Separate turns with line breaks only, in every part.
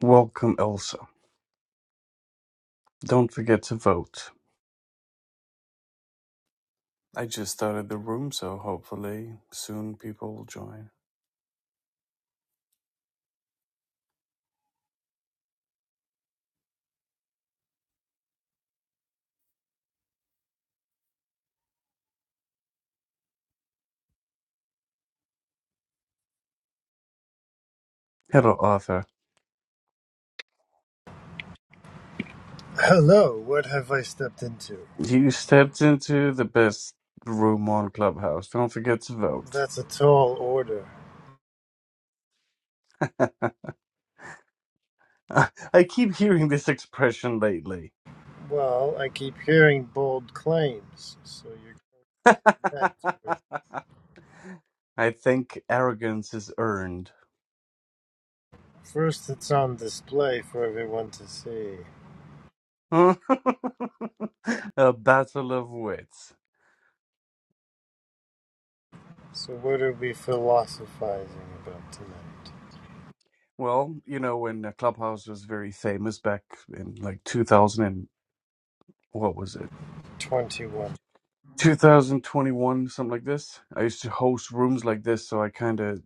Welcome, Elsa. Don't forget to vote. I just started the room, so hopefully soon people will join. Hello, Arthur.
Hello, what have I stepped into?
You stepped into the best room on Clubhouse. Don't forget to vote.
That's a tall order.
I keep hearing this expression lately.
Well, I keep hearing bold claims, so you're met with.
I think arrogance is earned.
First, it's on display for everyone to see.
A battle of wits.
So, what are we philosophizing about tonight?
Well, you know, when uh, Clubhouse was very famous back in like 2000 and what was it?
21.
2021, something like this. I used to host rooms like this, so I kind of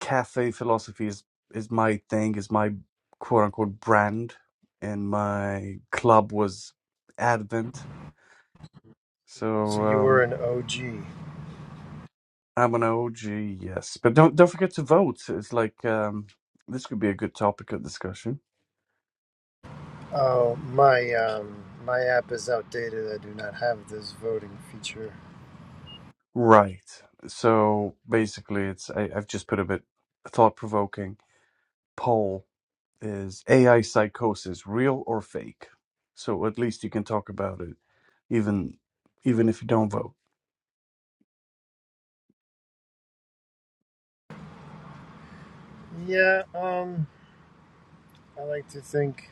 cafe philosophy is is my thing, is my quote unquote brand, and my club was Advent. So
So, you were
um,
an OG.
I'm an OG, yes, but don't don't forget to vote. It's like um, this could be a good topic of discussion,
Oh, my, um, my app is outdated. I do not have this voting feature.
right? So basically, it's I, I've just put a bit thought provoking poll is AI psychosis real or fake? So at least you can talk about it even even if you don't vote.
Yeah, um, I like to think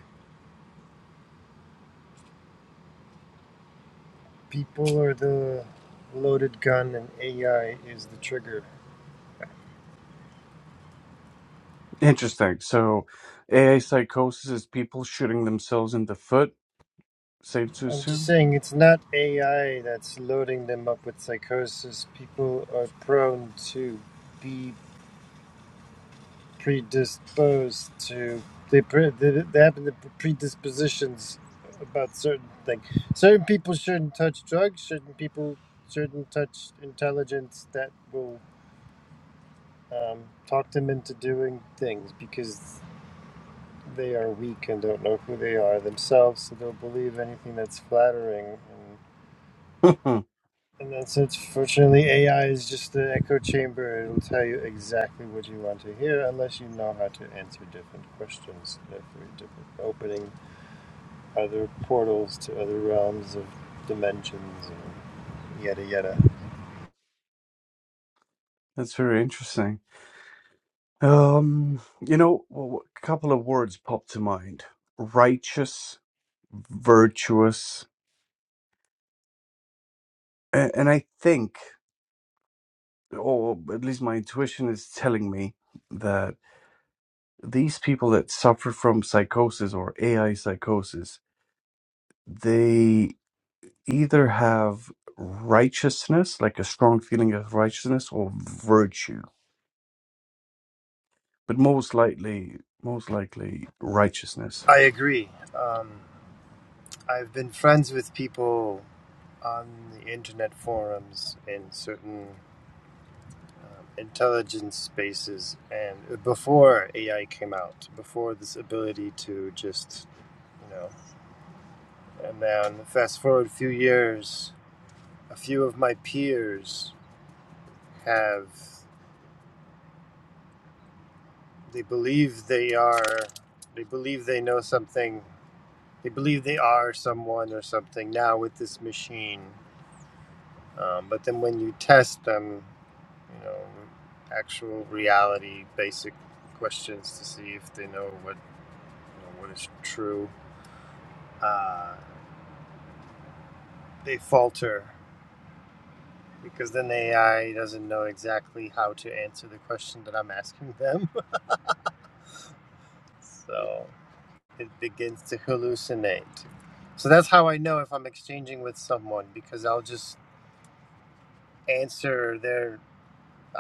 people are the loaded gun and AI is the trigger.
Interesting. So AI psychosis is people shooting themselves in the foot, safe to
I'm just
assume?
saying it's not AI that's loading them up with psychosis. People are prone to be predisposed to they pre- they they have the predispositions about certain things. Certain people shouldn't touch drugs. Certain people shouldn't touch intelligence that will um, talk them into doing things because they are weak and don't know who they are themselves, so they'll believe anything that's flattering. And, and that's it. Fortunately, AI is just an echo chamber. It'll tell you exactly what you want to hear, unless you know how to answer different questions. Therefore, different opening other portals to other realms of dimensions and yada yada.
That's very interesting. Um, you know, w- a couple of words pop to mind. Righteous, virtuous, a- and I think or at least my intuition is telling me that. these people that suffer from psychosis or AI psychosis, they either have righteousness, like a strong feeling of righteousness, or virtue. But most likely, most likely righteousness.
I agree. Uh, I've been friends with people on the internet forums in certain intelligence spaces and before AI came out, before this ability to just, you know, and then fast forward a few years, a few of my peers have, they believe they are, they believe they know something, they believe they are someone or something now with this machine. Um, but then when you test them, you know, actual reality, basic questions to see if they know what, you know, what is true uh, they falter because then the AI doesn't know exactly how to answer the question that I'm asking them. so it begins to hallucinate. So that's how I know if I'm exchanging with someone because I'll just answer their.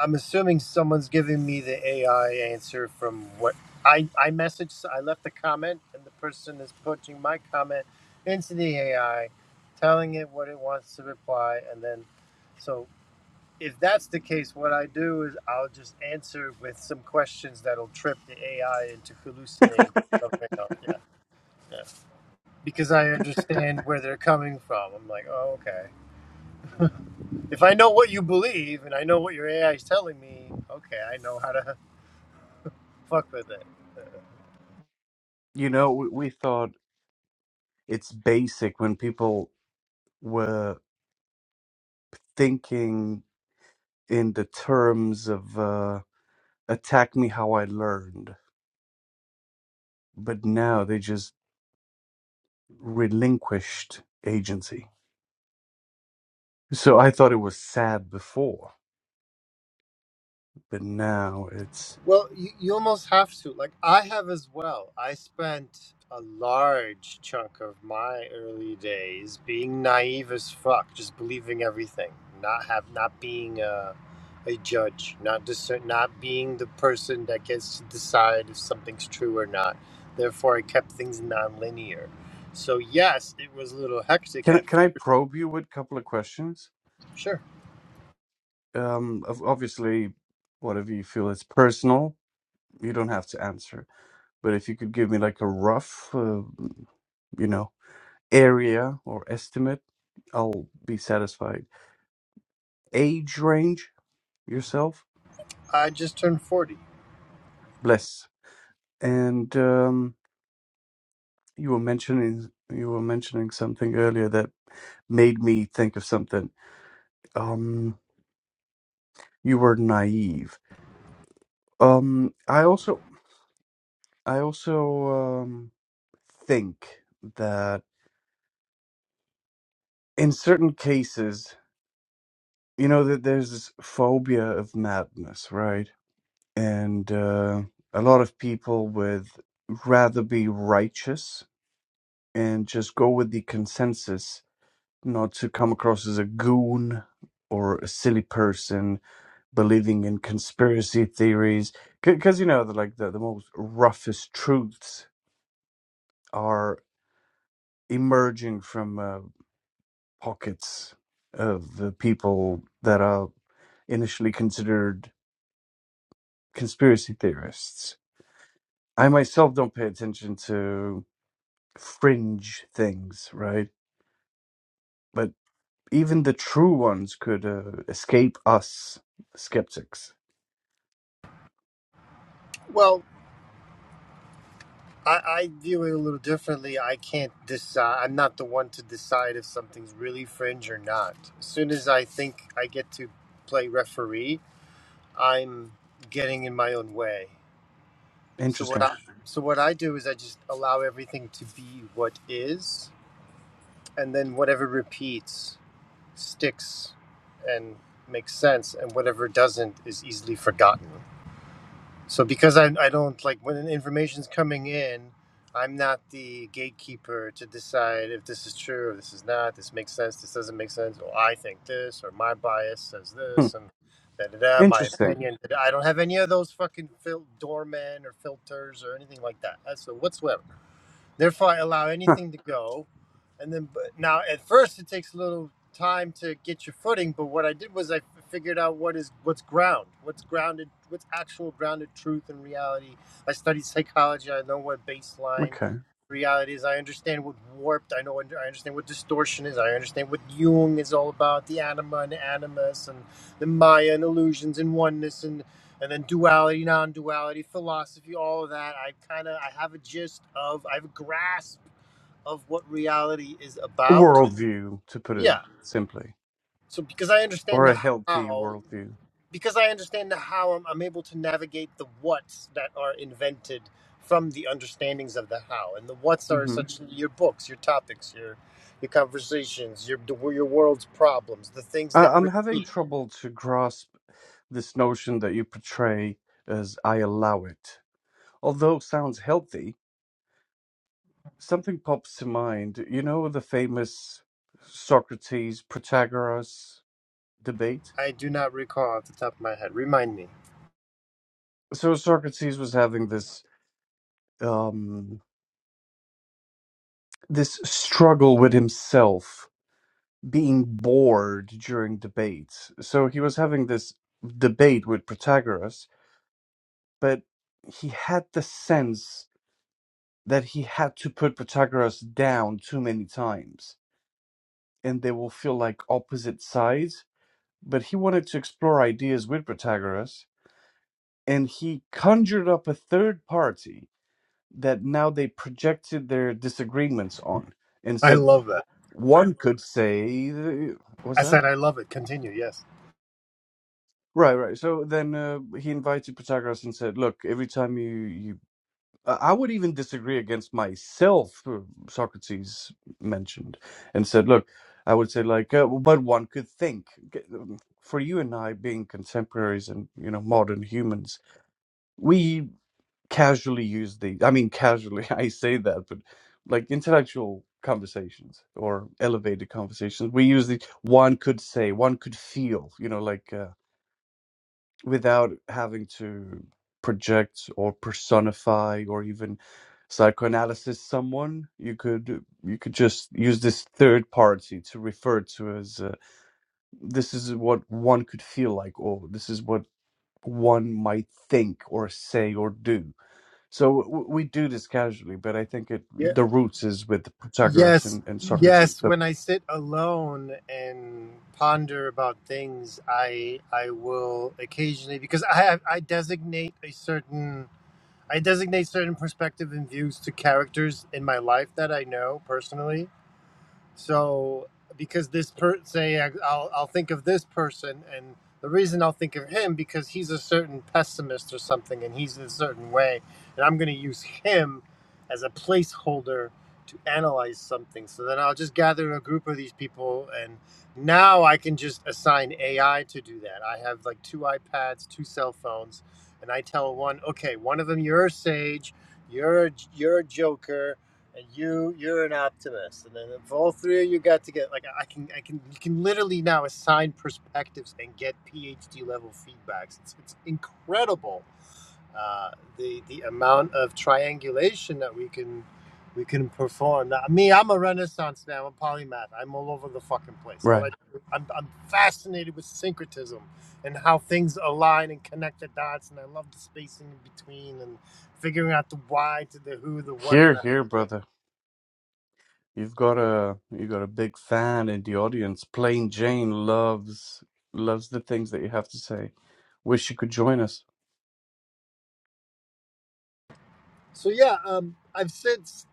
I'm assuming someone's giving me the AI answer from what I I messaged. I left a comment, and the person is putting my comment into the AI, telling it what it wants to reply, and then so if that's the case, what I do is I'll just answer with some questions that'll trip the AI into hallucinated something else. Yeah, yeah. Because I understand where they're coming from. I'm like, oh, okay. If I know what you believe and I know what your AI is telling me, okay, I know how to fuck with it.
You know, we, we thought it's basic when people were thinking in the terms of uh, attack me how I learned, but now they just relinquished agency. So I thought it was sad before But now it's
Well, you, you almost have to. Like I have as well. I spent a large chunk of my early days being naive as fuck, just believing everything, not have not being a, a judge, not discern, not being the person that gets to decide if something's true or not. Therefore, I kept things nonlinear. So yes, it was a little hectic
can I-
at
can I probe you with a couple of questions?
sure.
Um, of- obviously, whatever you feel is personal, you don't have to answer. But if you could give me like a rough, uh, you know. area or estimate, I'll be satisfied. Age range yourself,
I just turned forty.
bless. And um, you were mentioning you were mentioning something earlier that made me think of something. Um, you were naive. Um, I also I also um, think that in certain cases, you know, that there's this phobia of madness, right? and uh, a lot of people would rather be righteous and just go with the consensus, not to come across as a goon or a silly person believing in conspiracy theories, because you know, the, like the the most roughest truths are emerging from uh, pockets of the people that are initially considered conspiracy theorists. I myself don't pay attention to fringe things, right? But even the true ones could uh, escape us skeptics.
Well, I, I view it a little differently. I can't decide. I'm not the one to decide if something's really fringe or not. As soon as I think I get to play referee, I'm getting in my own way. So what
Interesting.
I, so what I do is I just allow everything to be what is, and then whatever repeats sticks and makes sense, and whatever doesn't is easily forgotten. So because I, I don't like when information's coming in, I'm not the gatekeeper to decide if this is true or this is not. This makes sense. This doesn't make sense. Or I think this, or my bias says
Hmm.
this, and da da da. My
Interesting.
opinion. I don't have any of those fucking fil- doormen or filters or anything like that. That's whatsoever. Therefore, I allow
Huh.
anything to go. And then, but now at first, it takes a little time to get your footing. But what I did was I figured out what is what's ground, what's grounded, what's actual grounded truth and reality. I studied psychology. I know what baseline
Okay.
reality is. I understand what warped. I know. I understand what distortion is. I understand what Jung is all about: the anima and animus, and the Maya and illusions and oneness. And and then duality, non-duality, philosophy, all of that. I kind of I have a gist of I have a grasp of what reality is
A
about.
worldview, to put it
Yeah.
simply,
So because I
or
understand the
a healthy
how,
worldview.
because I understand the how, I'm, I'm able to navigate the whats that are invented from the understandings of the how, and the whats are
hmm
such your books, your topics, your your conversations, your your world's problems, the things
I-
that
I'm having
repeat.
trouble to grasp this notion that you portray as I allow it. Although it sounds healthy, something pops to mind. You know the famous Socrates Protagoras debate.
I do not recall off the top of my head. Remind me.
So Socrates was having this um, this struggle with himself, being bored during debates. So he was having this debate with Protagoras, but he had the sense that he had to put Protagoras down too many times, and they will feel like opposite sides. But he wanted to explore ideas with Protagoras, and he conjured up a third party that now they projected their disagreements on and
I
said
love that.
one could say th- "What's
I
that
said I love it. Continue. Yes.
right right so then uh, he invited protagoras and said look every time you you i I would even disagree against myself uh, socrates mentioned and said look i would say like uh, but one could think G- um, for you and i being contemporaries and you know modern humans we casually use these. I mean, casually, I say that, but like intellectual conversations or elevated conversations, we use the one could say, one could feel, you know, like uh, without having to project or personify or even psychoanalysis someone you could you could just use this third party to refer to as uh, this is what one could feel like or this is what one might think or say or do so w- we do this casually, but I think it
Yeah.
the roots is with Pythagoras
Yes.
and, and Socrates.
Yes.
So,
When I sit alone and ponder about things, I I will occasionally because I have, I designate a certain I designate certain perspective and views to characters in my life that I know personally, So because this per say I- I'll I'll think of this person and the reason I'll think of him because he's a certain pessimist or something and he's a certain way and I'm going to use him as a placeholder to analyze something. So then I'll just gather a group of these people and now I can just assign AI to do that. I have like two iPads, two cell phones and I tell one, "Okay, one of them you're a sage, you're a, you're a joker, and you you're an optimist and then if all three of you got to get like i can i can you can literally now assign perspectives and get phd level feedbacks it's, it's incredible uh, the the amount of triangulation that we can we can perform now me i'm a renaissance man i'm a polymath i'm all over the fucking place all
right
I, do, I'm, I'm fascinated with syncretism and how things align and connect the dots and i love the spacing in between and figuring out the why to the who the what
here,
and
here,
the-
brother, you've got a you got a big fan in the audience. Plain Jane loves loves the things that you have to say. Wish you could join us.
So yeah, um, I've since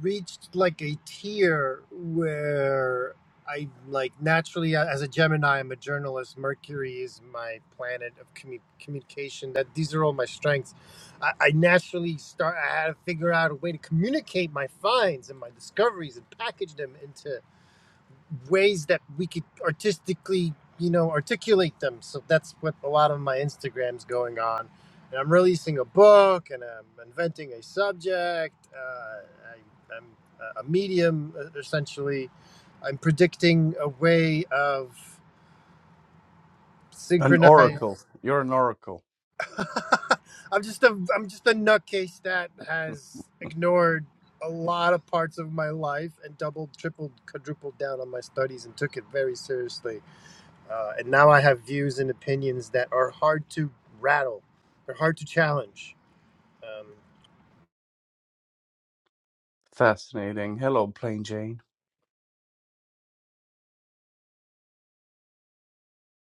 reached like a tier where I like naturally a- as a Gemini, I'm a journalist. Mercury is my planet of commu- communication. That these are all my strengths. I, I naturally start. I had to figure out a way to communicate my finds and my discoveries and package them into ways that we could artistically, you know, articulate them. So that's what a lot of my Instagram's going on. And I'm releasing a book and I'm inventing a subject. Uh, I, I'm a a medium, uh, essentially. I'm predicting a way of
An
synchronized.
oracle. You're an oracle.
I'm just a I'm just a nutcase that has ignored a lot of parts of my life and doubled, tripled, quadrupled down on my studies and took it very seriously Uh, and now I have views and opinions that are hard to rattle, they're hard to challenge. Um,
Fascinating. Hello, Plain Jane.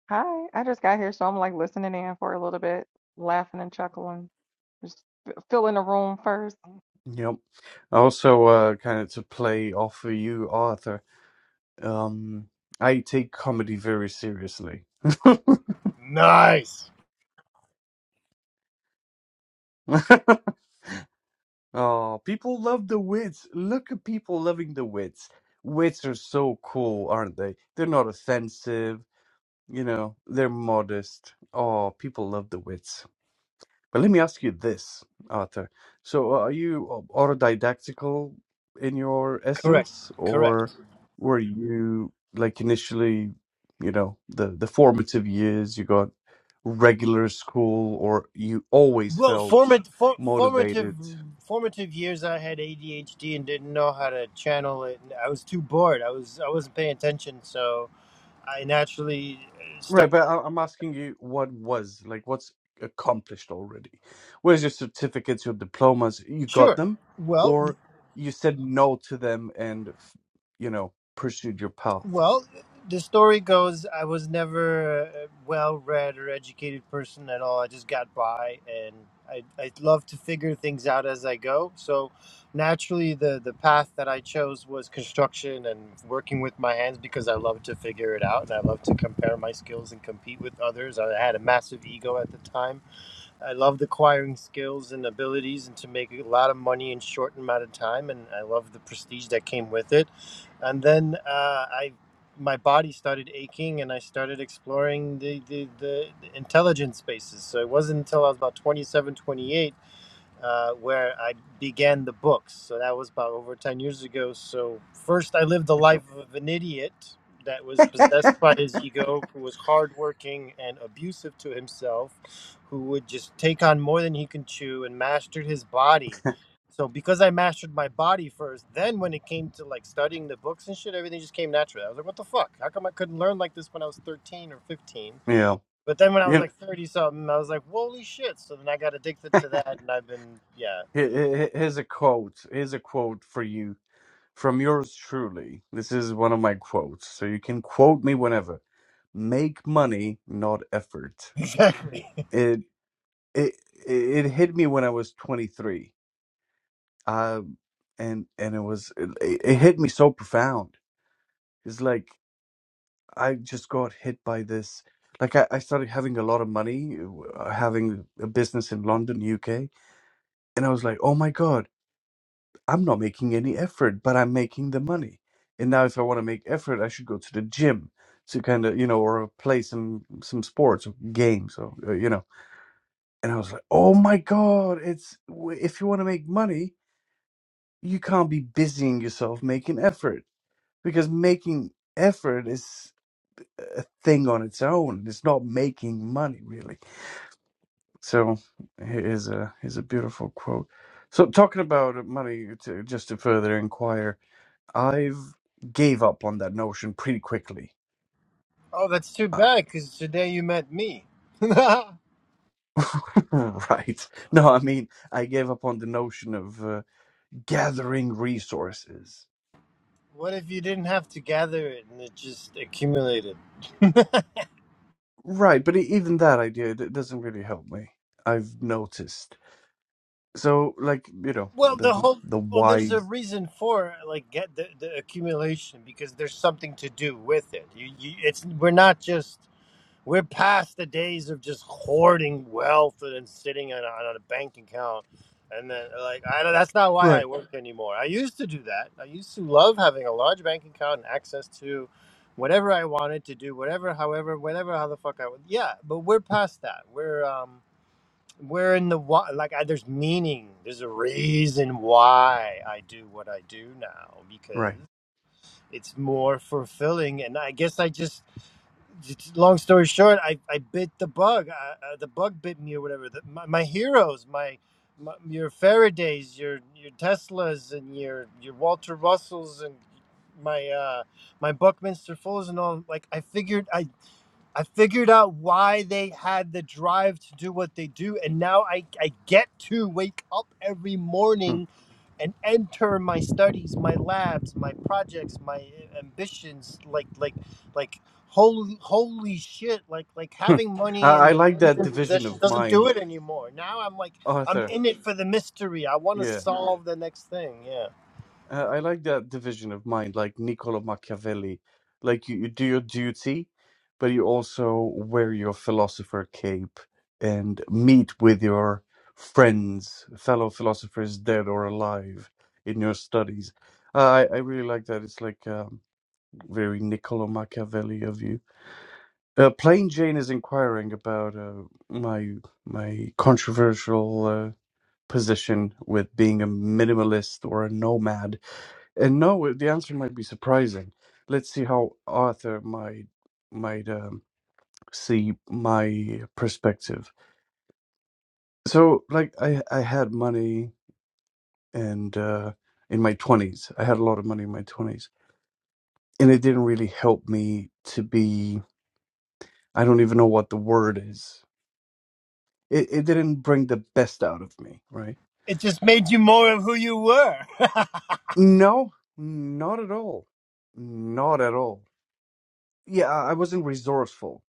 Hi, I just got here, so I'm like listening in for a little bit, laughing and chuckling, just f- filling the room first.
Yep. Also, uh, kind of to play off of you, Arthur. Um, I take comedy very seriously.
nice.
oh, people love the wits. Look at people loving the wits. Wits are so cool, aren't they? They're not offensive. You know, they're modest. Oh, people love the wits. But let me ask you this, Arthur. So, uh, are you autodidactical in your
Correct.
essence,
Correct.
or were you like initially, you know, the the formative years you got regular school, or you always
Well,
felt
formative, for, formative
motivated?
formative years, I had ADHD and didn't know how to channel it. I was too bored. I was I wasn't paying attention, so I naturally uh,
Right,
started.
but I- I'm asking you what was like what's accomplished already? Where's your certificates, your diplomas? You got
Sure.
them,
Well,
or you said no to them and, f- you know, pursued your path?
Well, the story goes I was never a well read or educated person at all. I just got by and I, I love to figure things out as I go. So naturally, the, the path that I chose was construction and working with my hands because I love to figure it out and I love to compare my skills and compete with others. I had a massive ego at the time I loved acquiring skills and abilities and to make a lot of money in short amount of time. And I love the prestige that came with it. And then uh, I, my body started aching and I started exploring the, the, the intelligence spaces. So it wasn't until I was about 27, 28 uh, where I began the books. So that was about over 10 years ago. So, first, I lived the life of an idiot that was possessed by his ego, who was hardworking and abusive to himself, who would just take on more than he can chew and mastered his body. So, because I mastered my body first, then when it came to like studying the books and shit, everything just came naturally. I was like, what the fuck? How come I couldn't learn like this when I was 13 or 15?
Yeah.
But then when I was
You know,
like 30 something, I was like, holy shit. So then I got addicted to that and I've been, yeah.
he- he- he- here's a quote. Here's a quote for you from yours truly. This is one of my quotes. So you can quote me whenever. Make money, not effort.
Exactly.
It it it hit me when I was 23. Um and and it was it, it hit me so profound. It's like I just got hit by this like I, I started having a lot of money, uh, having a business in London, UK, and I was like, "Oh my god, I'm not making any effort, but I'm making the money. And now, if I want to make effort, I should go to the gym to kind of, you know, or play some some sports or games, or uh, you know. And I was like, oh my god, it's w- if you want to make money, you can't be busying yourself making effort because making effort is a thing on its own. It's not making money really. So here's a here's a beautiful quote. So talking about money, to, just to further inquire. I've gave up on that notion pretty quickly.
Oh, that's too
Uh,
bad because today you met me. what
right. No, I mean, I gave up on the notion of uh, gathering resources.
if you didn't have to gather it and it just accumulated?
Right, but e- even that idea d- doesn't really help me. I've noticed. So, like, you know,
Well,
the
the whole,
the
well, there's a
wise.
reason for like get the, the accumulation because there's something to do with it. You, you, it's, we're not just We're past the days of just hoarding wealth and sitting on, on a bank account. And then, like, I don't, that's not why I
Right.
work anymore. I used to do that. I used to love having a large bank account and access to whatever I wanted to do, whatever, however, whatever, how the fuck I would. Yeah, but we're past that. We're, um, we're in the why, like, I, there's meaning. There's a reason why I do what I do now because
Right.
it's more fulfilling. And I guess I just, long story short, I, I bit the bug. Uh, uh, the bug bit me or whatever. The, my, my heroes, my, my your Faradays, your your Teslas, and your your Walter Russells, and my uh, my Buckminster Fulls, and all. Like I figured, I I figured out why they had the drive to do what they do, and now I, I get to wake up every
Hmm.
morning and enter my studies, my labs, my projects, my ambitions. Like like like holy holy shit! Like like
Hmm.
having
I,
money
I
and
like
things
that
in
division
possession
of
doesn't do
mind,
it anymore. Now I'm like I'm
Arthur.
in it for the mystery. I want to
Yeah.
solve the next thing. Yeah,
Uh, I like that division of mind, like Niccolo Machiavelli. Like you, you do your duty, but you also wear your philosopher cape and meet with your friends, fellow philosophers, dead or alive, in your studies. Uh, I I really like that. It's like um, very Niccolo Machiavelli of you. Uh, Plain Jane is inquiring about uh, my my controversial uh, position with being a minimalist or a nomad and no, the answer might be surprising. Let's see how Arthur might might um, see my perspective. So, like, I I had money and uh, in my twenties, I had a lot of money in my twenties, and it didn't really help me to be. I don't even know what the word is. It it didn't bring the best out of me, right?
it just made you more of who you were.
No, not at all, not at all. Yeah, I I wasn't resourceful.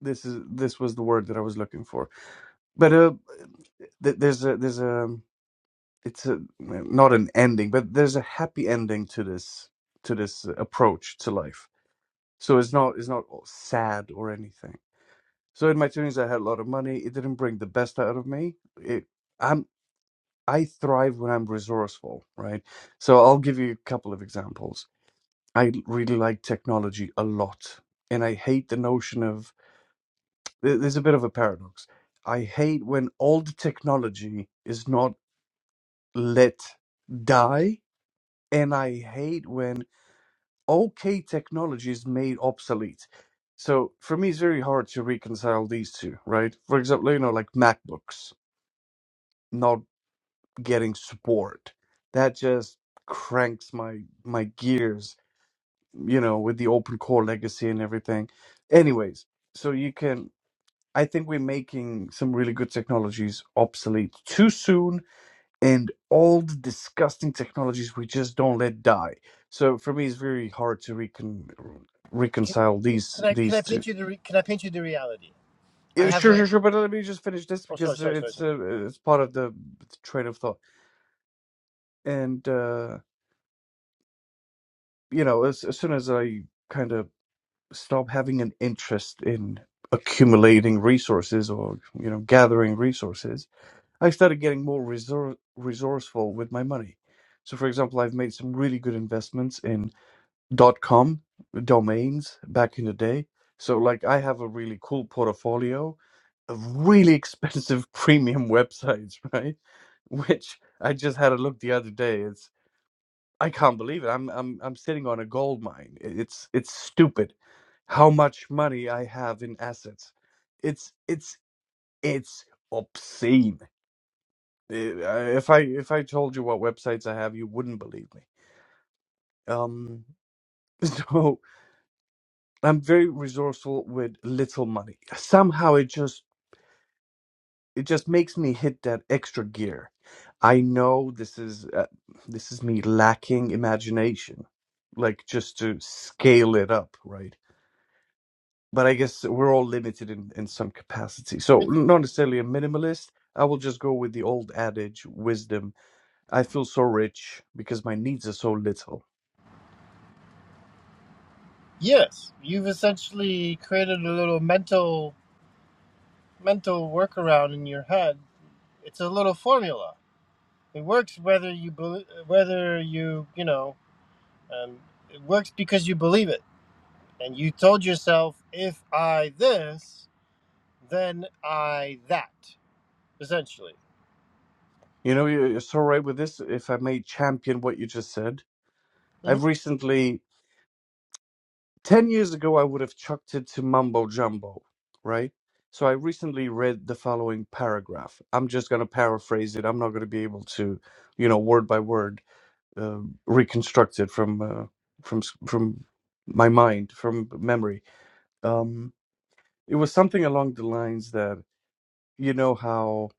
This is this was the word that I was looking for but uh, th- there's a there's a it's a not an ending, but there's a happy ending to this to this approach to life. So it's not it's not sad or anything. So in my twenties, I had a lot of money. It didn't bring the best out of me. It, I'm I thrive when I'm resourceful, right? So I'll give you a couple of examples. I really like technology a lot, and I hate the notion of there- there's a bit of a paradox. I hate when old technology is not let die. And I hate when okay technology is made obsolete. So for me, it's very hard to reconcile these two, right? For example, you know, like MacBooks not getting support. That just cranks my my gears, you know, with the open core legacy and everything. Anyways, so you can I think we're making some really good technologies obsolete too soon and all the disgusting technologies we just don't let die. So for me, it's very hard to recon-
can,
reconcile these
can I can I
these two.
paint you the re- can I paint you the reality? I
Yeah,
have
sure,
a.
sure, sure. But let me just finish this
Oh, sorry,
because uh,
sorry, sorry,
it's
sorry.
uh, it's part of the train of thought. And uh, you know, as, as soon as I kind of stop having an interest in accumulating resources or you know gathering resources, I started getting more resor- resourceful with my money. So, for example, I've made some really good investments in. dot com domains back in the day. So like I have a really cool portfolio of really expensive premium websites, right? Which I just had a look the other day. It's I can't believe it. I'm I'm I'm sitting on a gold mine. I- It's it's stupid how much money I have in assets. It's it's it's obscene. Uh, I- If I if I told you what websites I have, you wouldn't believe me. Um so I'm very resourceful with little money. Somehow it just it just makes me hit that extra gear. I know this is uh, this is me lacking imagination, like just to scale it up, right? But I guess we're all limited in in some capacity. So
It's,
not necessarily a minimalist. I will just go with the old adage, wisdom. I feel so rich because my needs are so little.
yes, you've essentially created a little mental mental workaround in your head. It's a little formula. It works whether you bel whether you you know um, it works because you believe it, and you told yourself, "If I this, then I that." Essentially,
You know, you're you're so right with this. If I may champion what you just said,
hmm
I've recently 10 years ago, I would have chucked it to mumbo jumbo, right? So I recently read the following paragraph. I'm just going to paraphrase it. I'm not going to be able to, you know, word by word, uh, reconstruct it from, uh, from, s- from my mind, from memory. Um, it was something along the lines that, you know, how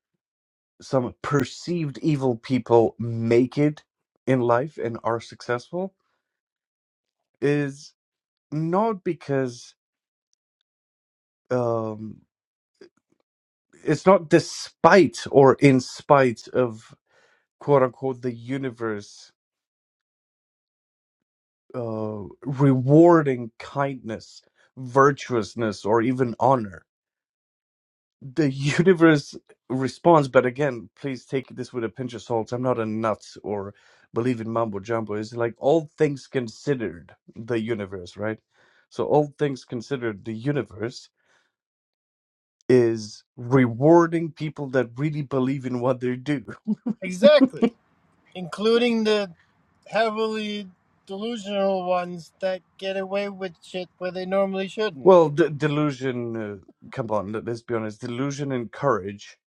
some perceived evil people make it in life and are successful is not because. Um, it's not despite or in spite of quote unquote the universe uh, rewarding kindness, virtuousness, or even honor. The universe responds, but again, please take this with a pinch of salt. I'm not a nut or believe in mambo jumbo. It's like all things considered, the universe, right? So, all things considered, the universe is rewarding people that really believe in what they do.
exactly, including the heavily delusional ones that get away with shit where they normally shouldn't.
Well, d- delusion. Uh, come on, let- let's be honest. Delusion and courage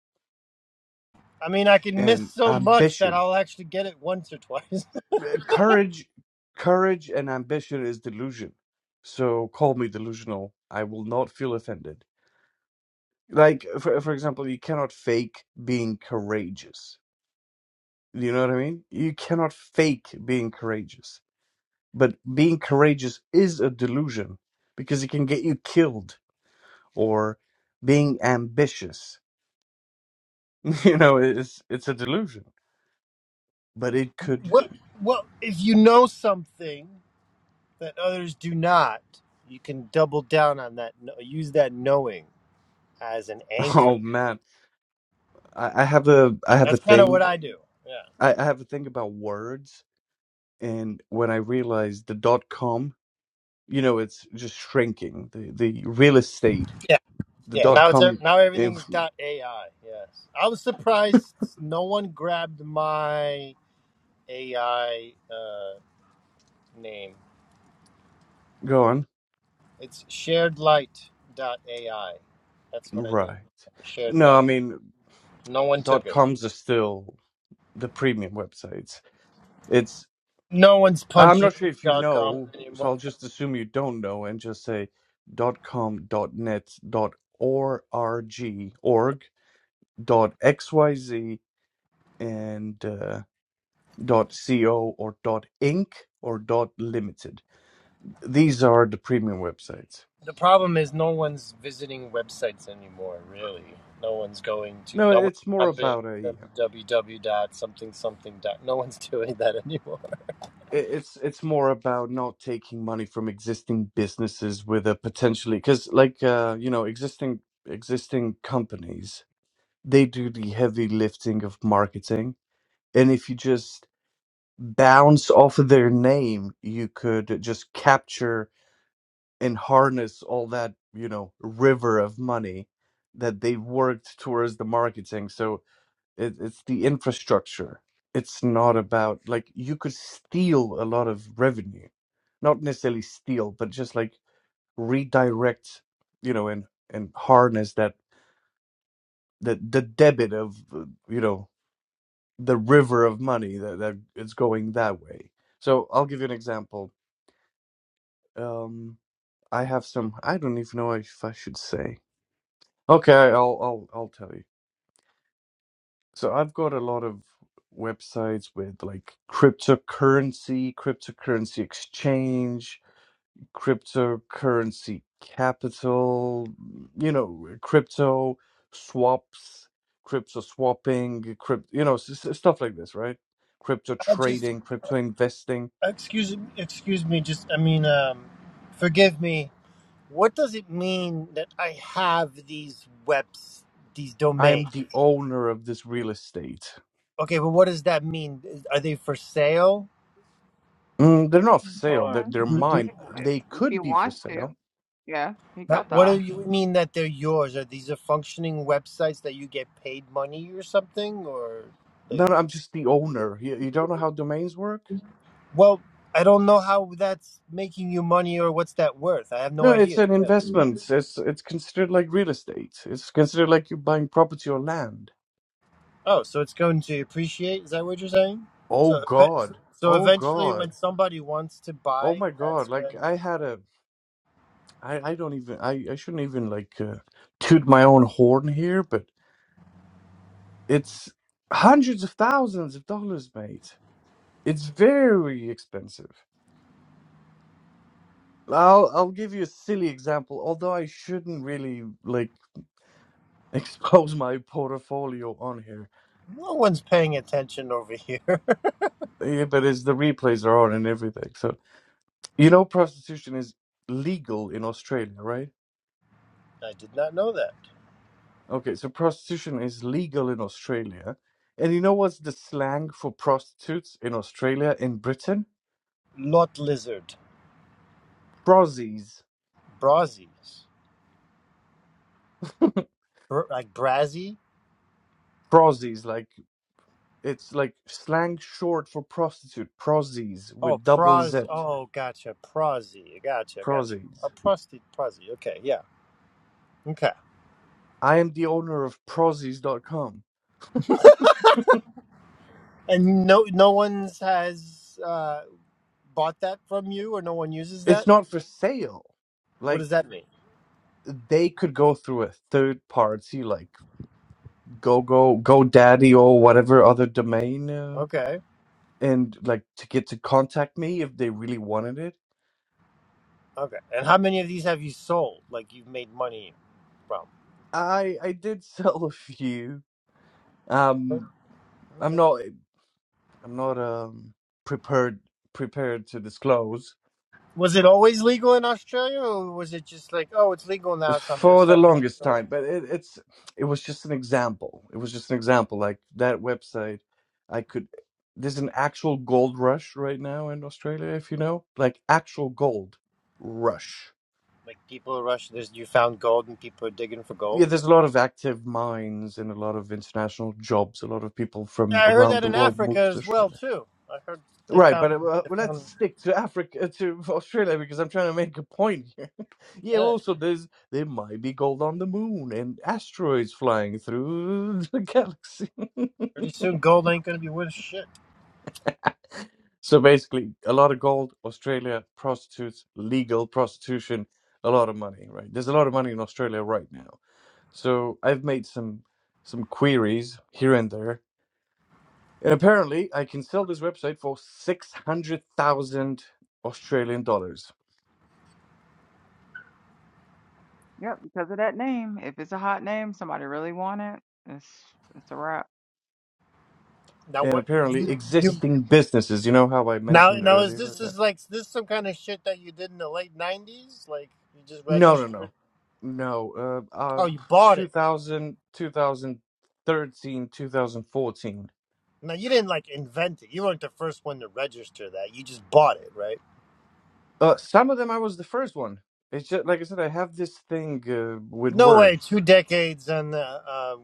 I mean, I can miss
and
so much that
ambition.
I'll actually get it once or twice.
Uh, Courage, courage and ambition is delusion. So call me delusional. I will not feel offended. Like for for example, you cannot fake being courageous. You know what I mean? You cannot fake being courageous. But being courageous is a delusion because it can get you killed. Or being ambitious, you know, it's it's a delusion. but it could
what? Well, if you know something that others do not, you can double down on that. kno- Use that knowing as an anchor.
oh man I, I have a i have a
That's kind of what
thing
I do. Yeah.
I, I have a thing about words and when i realized the dot com you know it's just shrinking the the real estate
Yeah.
the
Yeah.
dot
Now it's ev-
com
now
if,
everything's dot AI. Yes. I was surprised no one grabbed my AI uh, name.
go on
It's shared light dot AI. That's what I named.
right
it. Shared
no i
light.
mean
No one took
dot
it.
coms are still the premium websites it's
No one's
i'm
punching
not sure
in
if you
dot com
know so
anymore.
i'll just assume you don't know and just say dot com dot net dot org org dot xyz and uh, dot co or dot inc or dot limited these are the premium websites
The problem is no one's visiting websites anymore, really. No one's going to,
no
no one's
it's more
pumping
about a
www dot something something dot. No one's doing that anymore.
i- it's it's more about not taking money from existing businesses with a potentially because like uh you know existing existing companies they do the heavy lifting of marketing and if you just bounce off of their name you could just capture and harness all that you know river of money that they worked towards the marketing so it, it's the infrastructure it's not about like you could steal a lot of revenue not necessarily steal but just like redirect you know and and harness that the the debit of uh, you know the river of money that that it's going that way so i'll give you an example um i have some i don't even know if i should say Okay, I'll I'll I'll tell you. So I've got a lot of websites with like cryptocurrency, cryptocurrency exchange, cryptocurrency capital, you know, uh, crypto swaps, crypto swapping, crypt, you know, s- s- stuff like this, right? Crypto
I just,
trading, crypto investing.
excuse, excuse me, just, I mean, um, forgive me. What does it mean that I have these webs, these
I
domains?
am the owner of this real estate.
Okay, but what does that mean? Are they for sale
Mm, they're not for
You
sale.
or?
They're,
can,
they're
do, do,
if
mine.
you if
They
if
could
you
be for
want to.
sale
Yeah, you got
That,
the
what do
option.
you mean that they're yours? Are these are functioning websites that you get paid money or something? Or
No,
like,
no, I'm just the owner. You, you don't know how domains work?
well, I don't know how that's making you money or what's that worth. I have no
No, it's
idea.
an
Yes.
investment. It's it's considered like real estate. It's considered like you're buying property or land.
Oh, so it's going to appreciate? Is that what you're saying?
Oh
So, ev-
God.
so
Oh
eventually,
God.
when somebody wants to
Oh
buy,
my God.
that's when
Like I had a I I don't even I I shouldn't even like uh, toot my own horn here, but it's hundreds of thousands of dollars, mate. It's very expensive. I'll I'll give you a silly example, although I shouldn't really like expose my portfolio on here
no one's paying attention over here.
Yeah, but it's the replays are on and everything. So you know, prostitution is legal in Australia, right?
I did not know that.
Okay, so prostitution is legal in Australia, and you know what's the slang for prostitutes in Australia in Britain?
Lot lizard,
Prosies.
Brazies, Br- like Brazy.
Prosies, like it's like slang short for prostitute. Prosies
Oh,
with double Z.
pros. Oh, gotcha. Prosy. Gotcha. Gotcha.
Prosies.
A prosty prosy. Okay. Yeah. Okay.
I am the owner of prosies dot com.
And no, no one's has uh, bought that from you, or no one uses
It's
that.
not for sale.
What
Like
does that mean?
they could go through a third party, like. go go go daddy or whatever other domain uh,
Okay.
and like to get to contact me if they really wanted it
Okay. And how many of these have you sold? Like you've made money from?
i i did sell a few
Oh,
um i'm
Okay.
not i'm not um prepared prepared to disclose
Was it always legal in Australia, or was it just like, oh, it's legal now, so I'm gonna
for the
start making?
longest
money?
time but it, it's it was just an example it was just an example like that website i could there's an actual gold rush right now in australia if you know like actual gold rush
Like people rush. There's you found gold, and people are digging for gold.
yeah, there's a lot of active minds and a lot of international jobs. A lot of people from
Yeah, I heard
around
that
the
in
world
Africa
move to
as well
Australia.
too. I heard they
Right,
found
but uh, well,
they
let's
found
stick to Africa, uh, to Australia, because I'm trying to make a point here. yeah,
uh,
also there's there might be gold on the moon and asteroids flying through the galaxy.
pretty soon gold ain't gonna be worth shit.
So basically, a lot of gold, Australia, prostitutes, legal prostitution, a lot of money. Right, there's a lot of money in Australia right now. So I've made some some queries here and there And apparently, I can sell this website for 600,000 Australian dollars.
Yep, because of that name. If it's a hot name, somebody really want it. It's it's a wrap.
Now
And
what
apparently,
you
existing businesses, you know how I
now
mentioned
now is
earlier
this
that?
is like this some kind of shit that you did in the late nineties? Like you just
No, no,
registered?
no. No, uh, uh,
Oh, you bought it.
2000,
Now you didn't like invent it. You weren't the first one to register that. You just bought it, right?
Uh, some of them I was the first one. It's just, like I said, I have this thing uh, with
No way.
words.
Two decades on the um,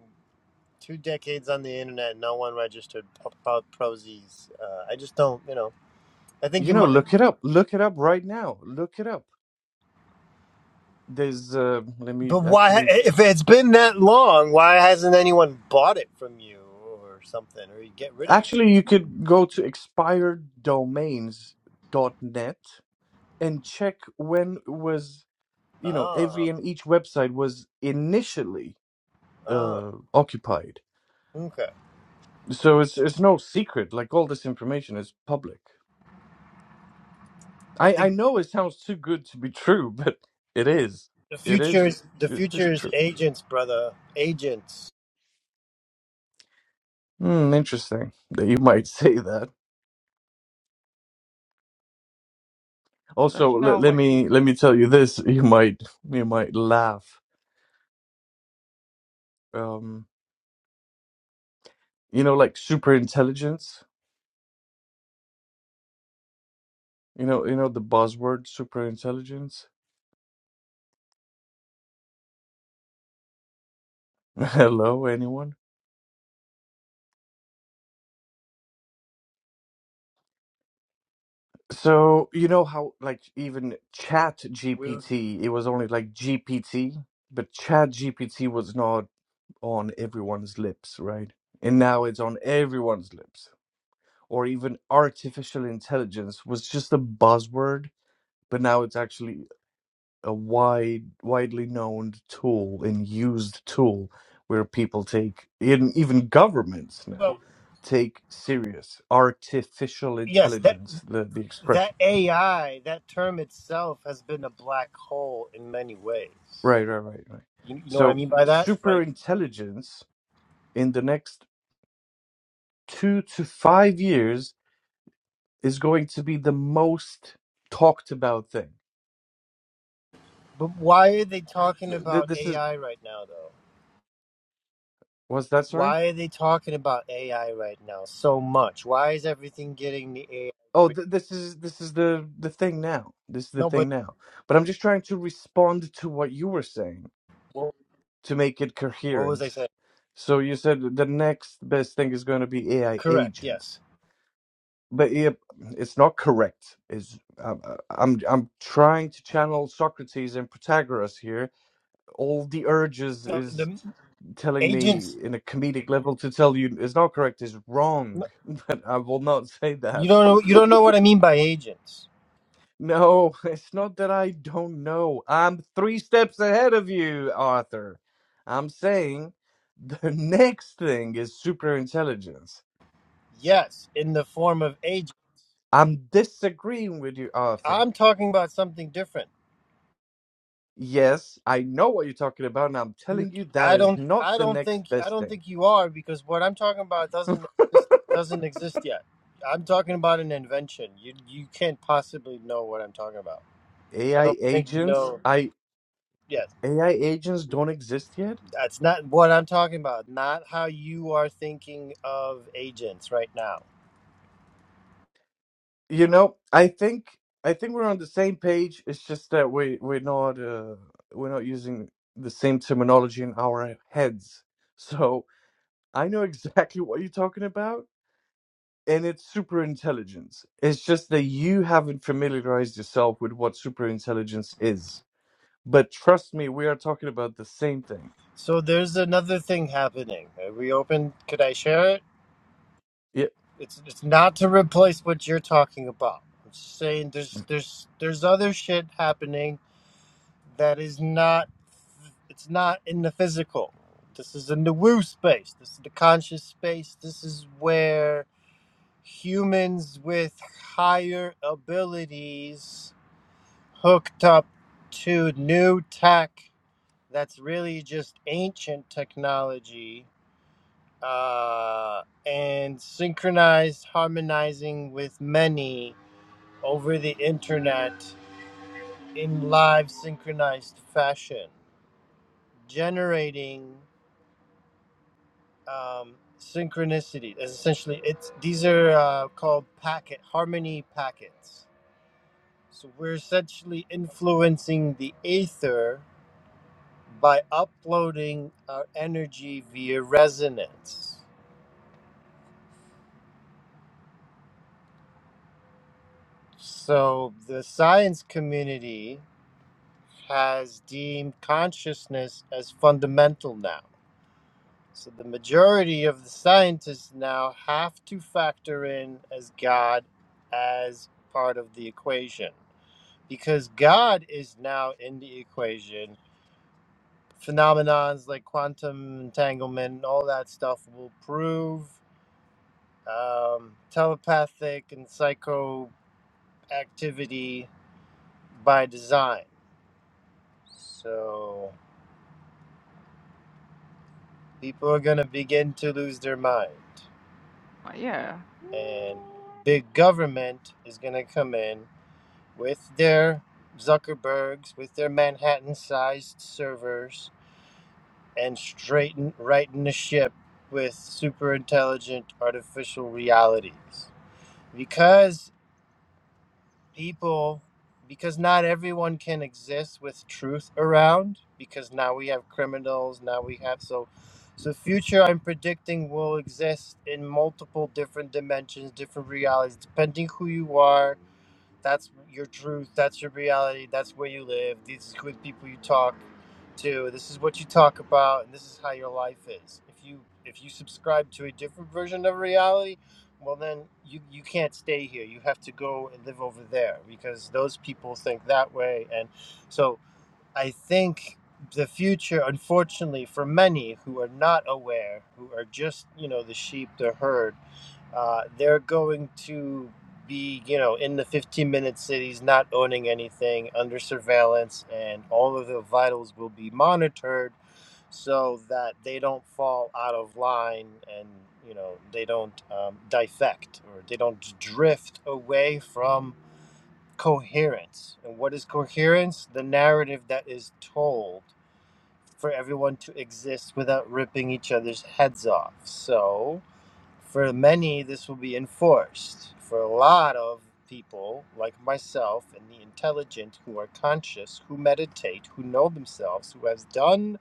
two decades on the internet. No one registered p- about Prozis. Uh, I just don't. You know. I think
You
you
know,
might.
look it up. Look it up right now. Look it up. There's, uh, let me
But why,
actually
if it's been that long, why hasn't anyone bought it from you or something, or you get rid of it?
Actually, you could go to expired domains dot net and check when was, you know,
Oh,
every and each website was initially
oh,
uh, occupied.
okay.
So it's it's no secret. Like all this information is public.
I
I I
think
know it sounds too good to be true, but it is.
the
It is.
future's the
It is
future's
true.
agents, brother, agents.
Hmm, interesting that you might say that.
Let
Also,
you
let,
know
let
what you.
me let me tell you this. You might you might laugh. Um, you know like super intelligence you know you know the buzzword super intelligence hello anyone so you know how like even chat
We,
gpt it was only like gpt but chat gpt was not on everyone's lips right and now it's on everyone's lips or even artificial intelligence was just a buzzword but now it's actually a wide, widely known tool and used tool where people take, in, even governments now,
well,
take serious artificial
yes, that
intelligence, the, the
that
expression.
AI, that term itself, has been a black hole in many ways.
Right, right, right, right.
You, you know what I
So,
mean by that?
super
Like,
intelligence in the next two to five years is going to be the most talked about thing.
but why are they talking
Th- th-
about
This is,
AI right now, though?
was that sorry?
Why are they talking about AI right now so much? Why is everything getting the AI
Oh,
treatment?
th- this is this is the the thing now. This is the
No, but
thing now. But I'm just trying to respond to what you were saying
what,
to make it
what was
coherent.
I saying?
So you said the next best thing is going to be AI
Correct.
agents,
Yes.
but it, it's not correct. Is I'm uh, I'm I'm trying to channel Socrates and Protagoras here. All the urges
No,
is
the
telling me
agents.
in a comedic level to tell you it's not correct is wrong,
no,
but I will not say
You
that
don't know. You don't know what I mean by agents.
No, it's not that I don't know. I'm three steps ahead of you, Arthur. I'm saying the next thing is superintelligence.
Yes, in the form of agent.
I'm disagreeing with you, Arthur.
I'm talking about something different.
Yes, I know what you're talking about, and I'm
You,
telling you that
I
is
don't.
not
I
the
don't
next
think. I
best
don't
thing.
think you are because what I'm talking about doesn't exist. Doesn't exist yet. I'm talking about an invention. You you can't possibly know what I'm talking about. I
AI
don't think you
agents,
know.
I
Yes.
AI agents don't exist yet?
That's not what I'm talking about, not how you are thinking of agents right now.
You know, I think I think we're on the same page. It's just that we we're not uh, we're not using the same terminology in our heads. So I know exactly what you're talking about, and it's super intelligence. It's just that you haven't familiarized yourself with what super intelligence is. But trust me, we are talking about the same thing.
So there's another thing happening. Are we open? Could I share it?
Yeah,
It's it's not to replace what you're talking about. I'm just saying there's there's there's other shit happening that is not it's not in the physical. This is in the woo space. This is the conscious space. This is where humans with higher abilities hooked up to new tech that's really just ancient technology uh, and synchronized, harmonizing with many over the internet in live synchronized fashion, generating um, synchronicity. That's Essentially, it's these are uh, called packet harmony packets. So we're essentially influencing the aether by uploading our energy via resonance. So the science community has deemed consciousness as fundamental now. So the majority of the scientists now have to factor in as God as part of the equation because God is now in the equation. Phenomenons like quantum entanglement and all that stuff will prove um, telepathic and psychoactivity by design. So people are going to begin to lose their mind.
Yeah,
And big government is going to come in with their Zuckerbergs, with their Manhattan sized servers, and straighten, righten the ship with super intelligent artificial realities. Because people because not everyone can exist with truth around because now we have criminals now we have so so future i'm predicting will exist in multiple different dimensions different realities depending who you are that's your truth that's your reality that's where you live these are the people you talk to this is what you talk about and this is how your life is if you if you subscribe to a different version of reality well then you you can't stay here you have to go and live over there because those people think that way and so i think the future unfortunately for many who are not aware who are just you know the sheep the herd uh, they're going to be, you know, in the 15 minute cities, not owning anything, under surveillance, and all of their vitals will be monitored so that they don't fall out of line and, you know, they don't um, defect or they don't drift away from coherence. And what is coherence? The narrative that is told for everyone to exist without ripping each other's heads off. So for many, this will be enforced. For a lot of people, like myself and the intelligent who are conscious, who meditate, who know themselves, who has done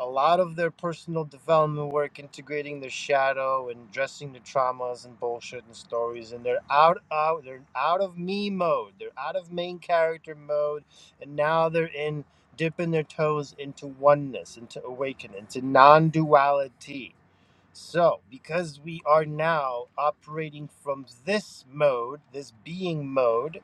a lot of their personal development work, integrating their shadow and dressing the traumas and bullshit and stories, and they're out, out, they're out of me mode. They're out of main character mode, and now they're in dipping their toes into oneness, into awakening, into non-duality so, because we are now operating from this mode, this being mode,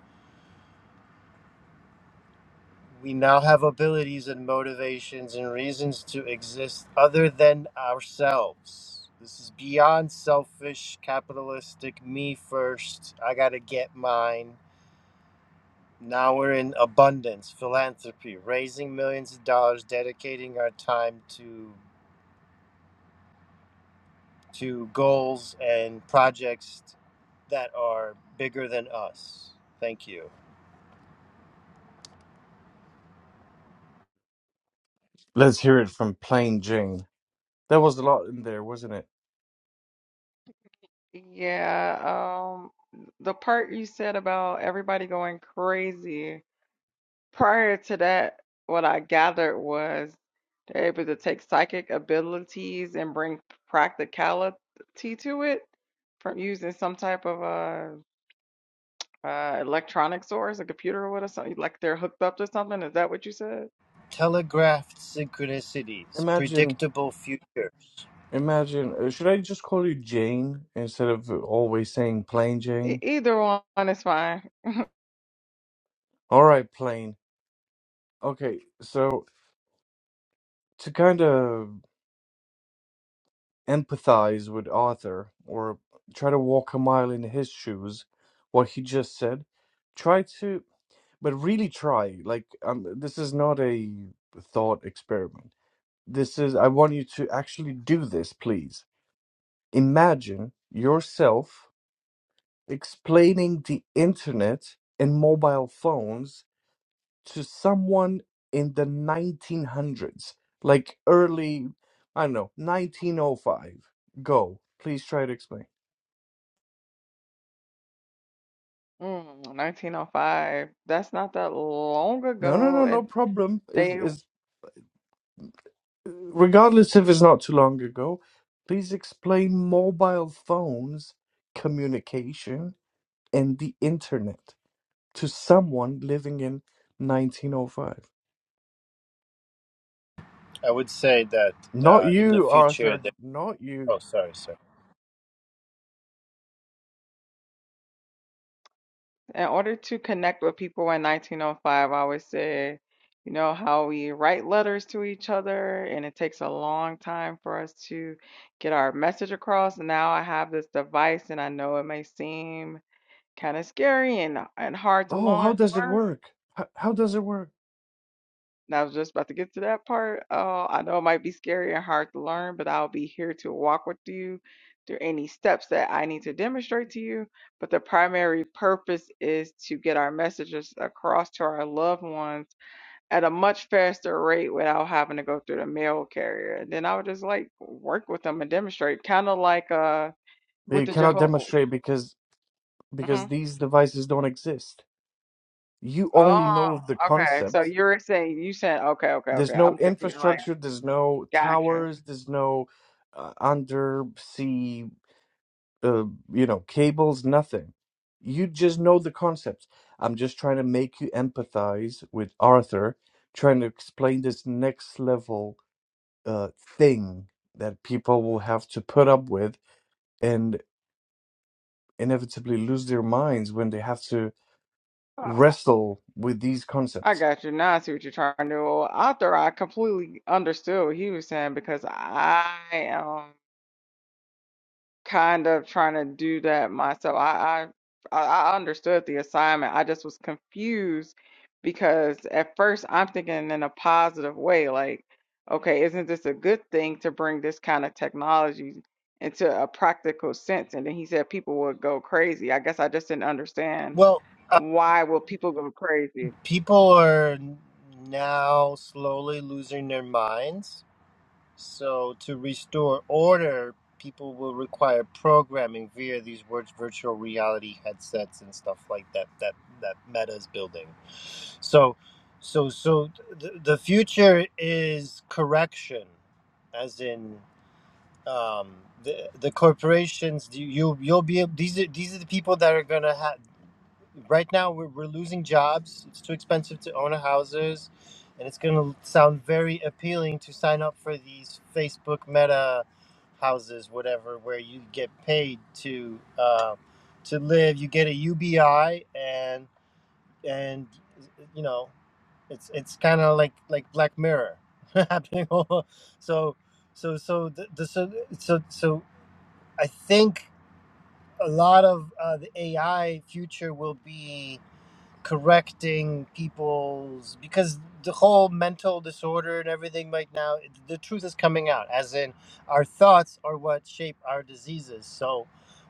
we now have abilities and motivations and reasons to exist other than ourselves. This is beyond selfish, capitalistic, me first, I gotta get mine. Now we're in abundance, philanthropy, raising millions of dollars, dedicating our time to to goals and projects that are bigger than us. Thank you.
let's hear it from Plain Jane. There was a lot in there, wasn't it?
Yeah, um, the part you said about everybody going crazy, prior to that, what I gathered was. They're able to take psychic abilities and bring practicality to it from using some type of uh, uh, electronic source, a computer or what whatever, something like they're hooked up to something. Is that what you said?
Telegraphed synchronicities,
Imagine
predictable futures.
Imagine, uh, should I just call you Jane instead of always saying plain
E-
Jane?
either one is fine.
All right, plain. Okay, so to kind of empathize with Arthur or try to walk a mile in his shoes, what he just said, try to, but really try. Like, um, this is not a thought experiment. This is, I want you to actually do this, please. Imagine yourself explaining the internet and mobile phones to someone in the 1900s, like early, I don't know, 1905. Go, please try to explain.
Mm, 1905. That's not that long
No, no,
ago,
no, no
and
problem. Is
they
is regardless if it's not too long ago. Please explain mobile phones, communication, and the internet to someone living in 1905.
I would say that
Not
uh, in the
you,
future,
Arthur.
there.
Not you.
Oh, sorry, sorry.
in order to connect with people in 1905, I always said, you know, how we write letters to each other and it takes a long time for us to get our message across. Now I have this device and I know it may seem kind of scary and, and hard to
Oh, how
learn,
does it work? How, how does it work?
and I was just about to get to that part. Oh, I know it might be scary and hard to learn, but I'll be here to walk with you through any steps that I need to demonstrate to you. But the primary purpose is to get our messages across to our loved ones at a much faster rate without having to go through the mail carrier. And then I would just like work with them and demonstrate, kind of like uh with
You
the
cannot
Jehovah.
demonstrate because
hmm
because these devices don't exist. You only
Oh,
know of the
okay. So
concept.
you're saying you said okay, okay,
There's
okay.
no
I'm thinking like,
infrastructure, there's no
gotcha.
towers, there's no uh, undersea, uh, you know, cables, nothing. You just know the concept. I'm just trying to make you empathize with Arthur, trying to explain this next level uh, thing that people will have to put up with and inevitably lose their minds when they have to
Oh.
wrestle with these
I
concepts.
got you. Now I see what you're trying to do. Well, After I completely understood what he was saying because I am kind of trying to do that myself. I I I I understood the assignment. I just was confused because at first I'm thinking in a positive way, like, okay, isn't this a good thing to bring this kind of technology into a practical sense? And then he said people would go crazy. I guess I just didn't understand
Well, uh,
why will people go crazy.
people are now slowly losing their minds So to restore order, people will require programming via these vir- virtual reality headsets and stuff like that. That that Meta's building. So, so so th- the future is correction, as in. Um, the, the corporations you you'll be ab- these are these are the people that are gonna have right now we're, we're losing jobs it's too expensive to own a houses and it's going to sound very appealing to sign up for these facebook meta houses whatever where you get paid to uh, to live you get a ubi and and you know it's it's kind of like like black mirror happening all so so so the, the so, so so i think a lot of uh, the ai future will be correcting people's because the whole mental disorder and everything right now the truth is coming out as in our thoughts are what shape our diseases so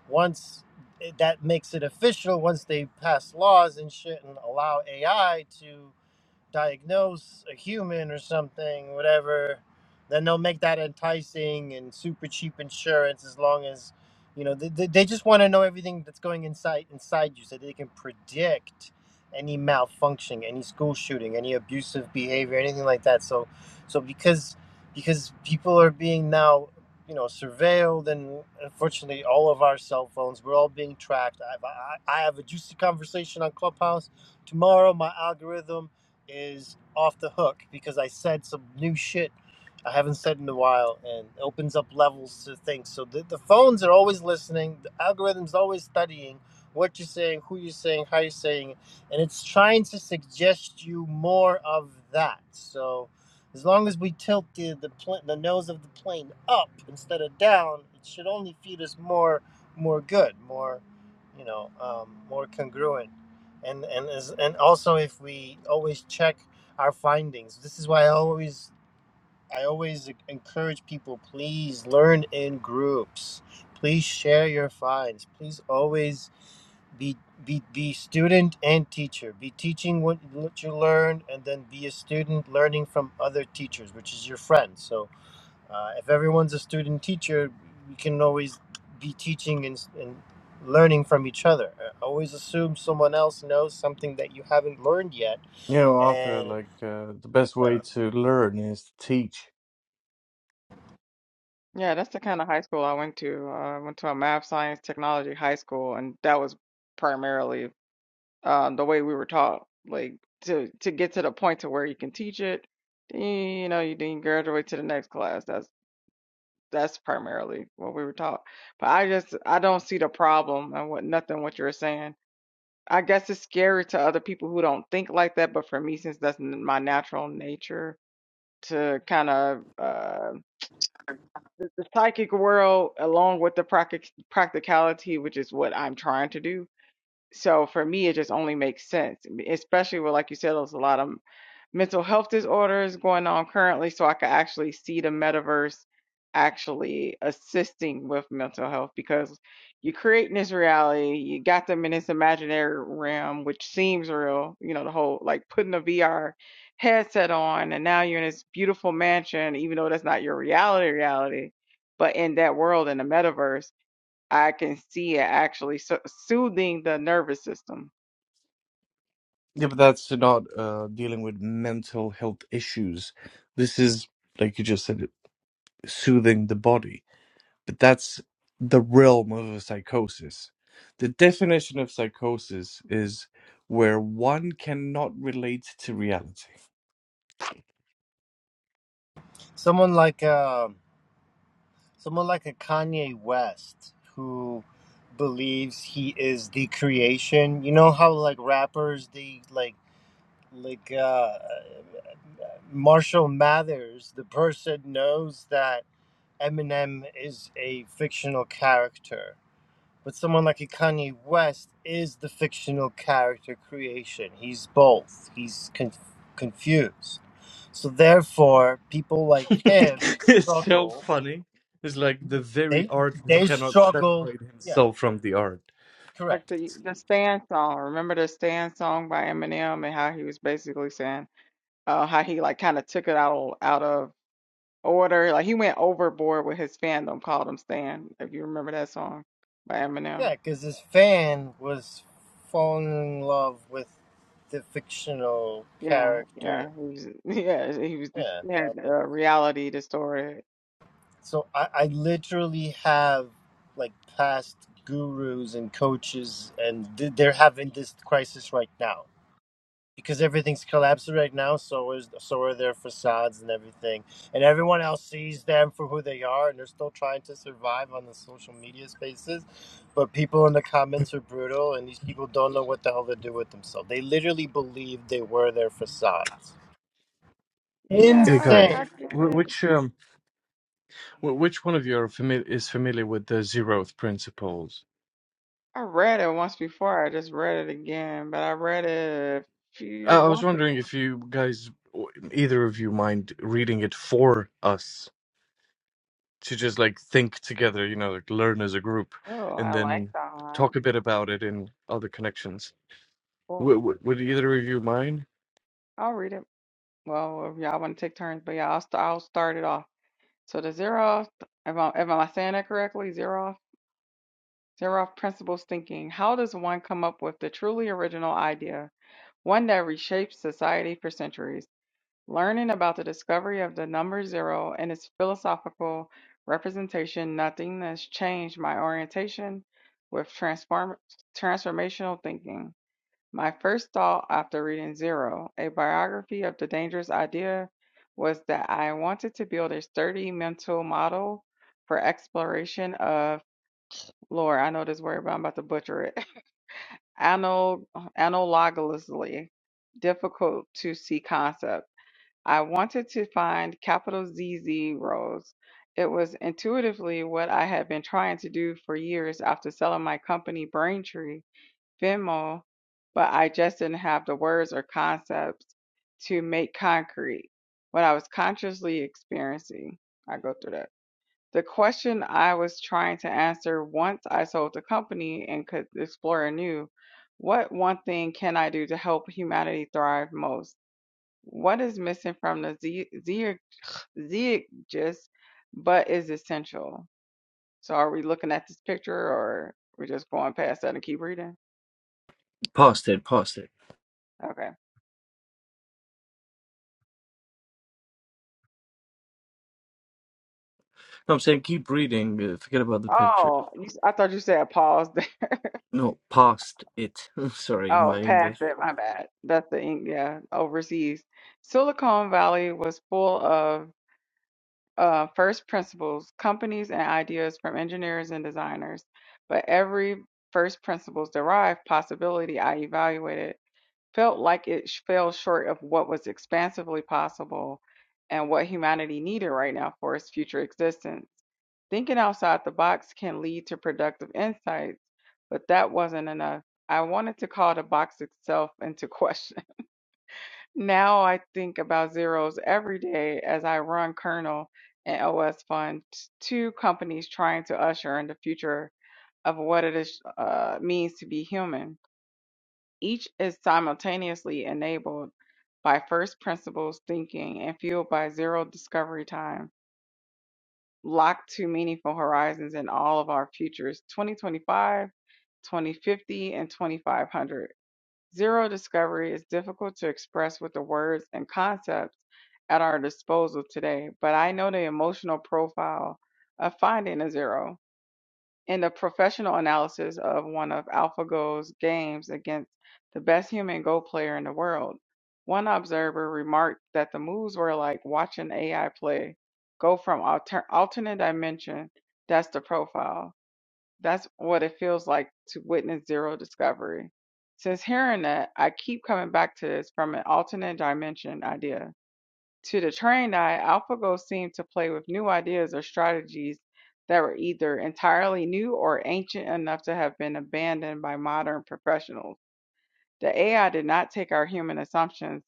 once eh, that makes it official once they pass laws and shit and allow ai to diagnose a human or something, whatever, then they'll make that enticing and super cheap insurance as long as, you know, they, they they just want to know everything that's going inside inside you so they can predict any malfunction, any school shooting, any abusive behavior, anything like that. So, so because because people are being now you know surveilled and unfortunately all of our cell phones we're all being tracked i i i have a juicy conversation on clubhouse tomorrow my algorithm is off the hook because I said some new shit I haven't said in a while and opens up levels to things. So the, the phones are always listening, the algorithm's always studying what you're saying, who you're saying, how you're saying it, and it's trying to suggest you more of that. So as long as we tilt the, the, pl- the nose of the plane up instead of down, it should only feed us more more good, more, you know, um, more congruent and and as, and also if we always check our findings this is why i always i always encourage people please learn in groups please share your finds please always be be be student and teacher be teaching what, what you learned and then be a student learning from other teachers which is your friend so uh, if everyone's a student teacher, we can always be teaching and, and learning from each other. Uh, Always assume someone else knows something that you haven't learned yet,
You know, Arthur,
and
like uh, the best way
uh,
to learn is to teach.
Yeah, that's the kind of high school I went to. Uh, I went to a math, science, technology high school, and that was primarily um, the way we were taught. Like to to get to the point to where you can teach it, then, you know, you then graduate to the next class. That's that's primarily what we were taught. But I just I don't see the problem and what nothing what you're saying. I guess it's scary to other people who don't think like that, but for me, since that's n- my natural nature to kind of uh the, the psychic world along with the practic- practicality which is what i'm trying to do so for me it just only makes sense especially with like you said there's a lot of mental health disorders going on currently so I could actually see the metaverse actually assisting with mental health because you're creating this reality, you got them in this imaginary realm which seems real, you know, the whole like putting a VR headset on and now you're in this beautiful mansion, even though that's not your reality reality, but in that world in the metaverse, I can see it actually so- soothing the nervous system
Yeah, but that's not uh, dealing with mental health issues. This is, like you just said, soothing the body. But that's the realm of a psychosis. The definition of psychosis is where one cannot relate to reality.
someone like uh, someone like a Kanye West who believes he is the creation. You know how like rappers they like like uh, Marshall Mathers, the person knows that Eminem is a fictional character But someone like a Kanye West is the fictional character creation. He's both. He's con- confused. So therefore, people like him
it's so
struggle.
funny. It's like the very
They
artist
they
cannot
struggle.
separate
Yeah,
himself from the art.
correct.
Like the the stand song. Remember the stand song by Eminem and how he was basically saying uh how he like kind of took it out of, out of order. Like he went overboard with his fandom, called him Stan, if you remember that song by Eminem.
Yeah, because his fan was falling in love with the fictional
Yeah, yeah.
character.
He was yeah, he was
Yeah,
he had
that was.
uh, reality distorted.
So I, I literally have like past gurus and coaches, and th- they're having this crisis right now because everything's collapsing right now. So is so are their facades and everything, and everyone else sees them for who they are, and they're still trying to survive on the social media spaces. But people in the comments are brutal, and these people don't know what the hell to do with themselves. They literally believe they were their facades.
Hey
Yeah,
guys,
I, I
Insane.
get
wh-
it.
which um, wh- which one of you are familiar is familiar with the zeroth principles?
I read it once before, I just read it again, but I read it a few
Uh, I was
once ago.
wondering if you guys, w- either of you, mind reading it for us to just like think together, you know, like learn as a group, and
I like
then
that one.
talk a bit about it in other connections.
Cool.
W- w- would either of you mind?
I'll read it. Well, if y'all want to take turns, but yeah, I'll, st- I'll start it off. So the Zeroff, if I, if am I saying that correctly, Zeroff, Zeroff principles thinking. How does one come up with the truly original idea, one that reshapes society for centuries? Learning about the discovery of the number zero and its philosophical representation, nothing has changed my orientation with transform transformational thinking. My first thought after reading Zero, a biography of the dangerous idea, was that I wanted to build a sturdy mental model for exploration of, Lord, I know this word, but I'm about to butcher it, anal- analogously difficult to see concept. I wanted to find capital Z zeros. It was intuitively what I had been trying to do for years after selling my company Braintree Venmo, but I just didn't have the words or concepts to make concrete what I was consciously experiencing. I go through that. The question I was trying to answer once I sold the company and could explore anew what one thing can I do to help humanity thrive most? What is missing from the zeitgeist but is essential? So, are we looking at this picture or we're just going past that and keep reading?
Past it, past it.
Okay.
No, I'm saying keep reading. Uh, forget about the picture.
Oh, you, s- I thought you said pause.
No, past it. Sorry,
Oh,
my
past
English.
it. My bad. That's the ink. Yeah, overseas. Silicon Valley was full of uh, first principles, companies, and ideas from engineers and designers. But every first principles derived possibility I evaluated felt like it sh- fell short of what was expansively possible and what humanity needed right now for its future existence. Thinking outside the box can lead to productive insights, but that wasn't enough. I wanted to call the box itself into question. Now I think about zeros every day as I run Kernel and OS Fund, t- two companies trying to usher in the future of what it is, uh, means to be human. Each is simultaneously enabled by first principles thinking and fueled by zero discovery time. lock to meaningful horizons in all of our futures 2025, 2050, and 2500. Zero discovery is difficult to express with the words and concepts at our disposal today, but I know the emotional profile of finding a zero in the professional analysis of one of AlphaGo's games against the best human Go player in the world. One observer remarked that the moves were like watching AI play go from alter- alternate dimension. That's the profile. That's what it feels like to witness zero discovery. Since hearing that, I keep coming back to this from an alternate dimension idea to the trained eye, AlphaGo seemed to play with new ideas or strategies that were either entirely new or ancient enough to have been abandoned by modern professionals. The AI did not take our human assumptions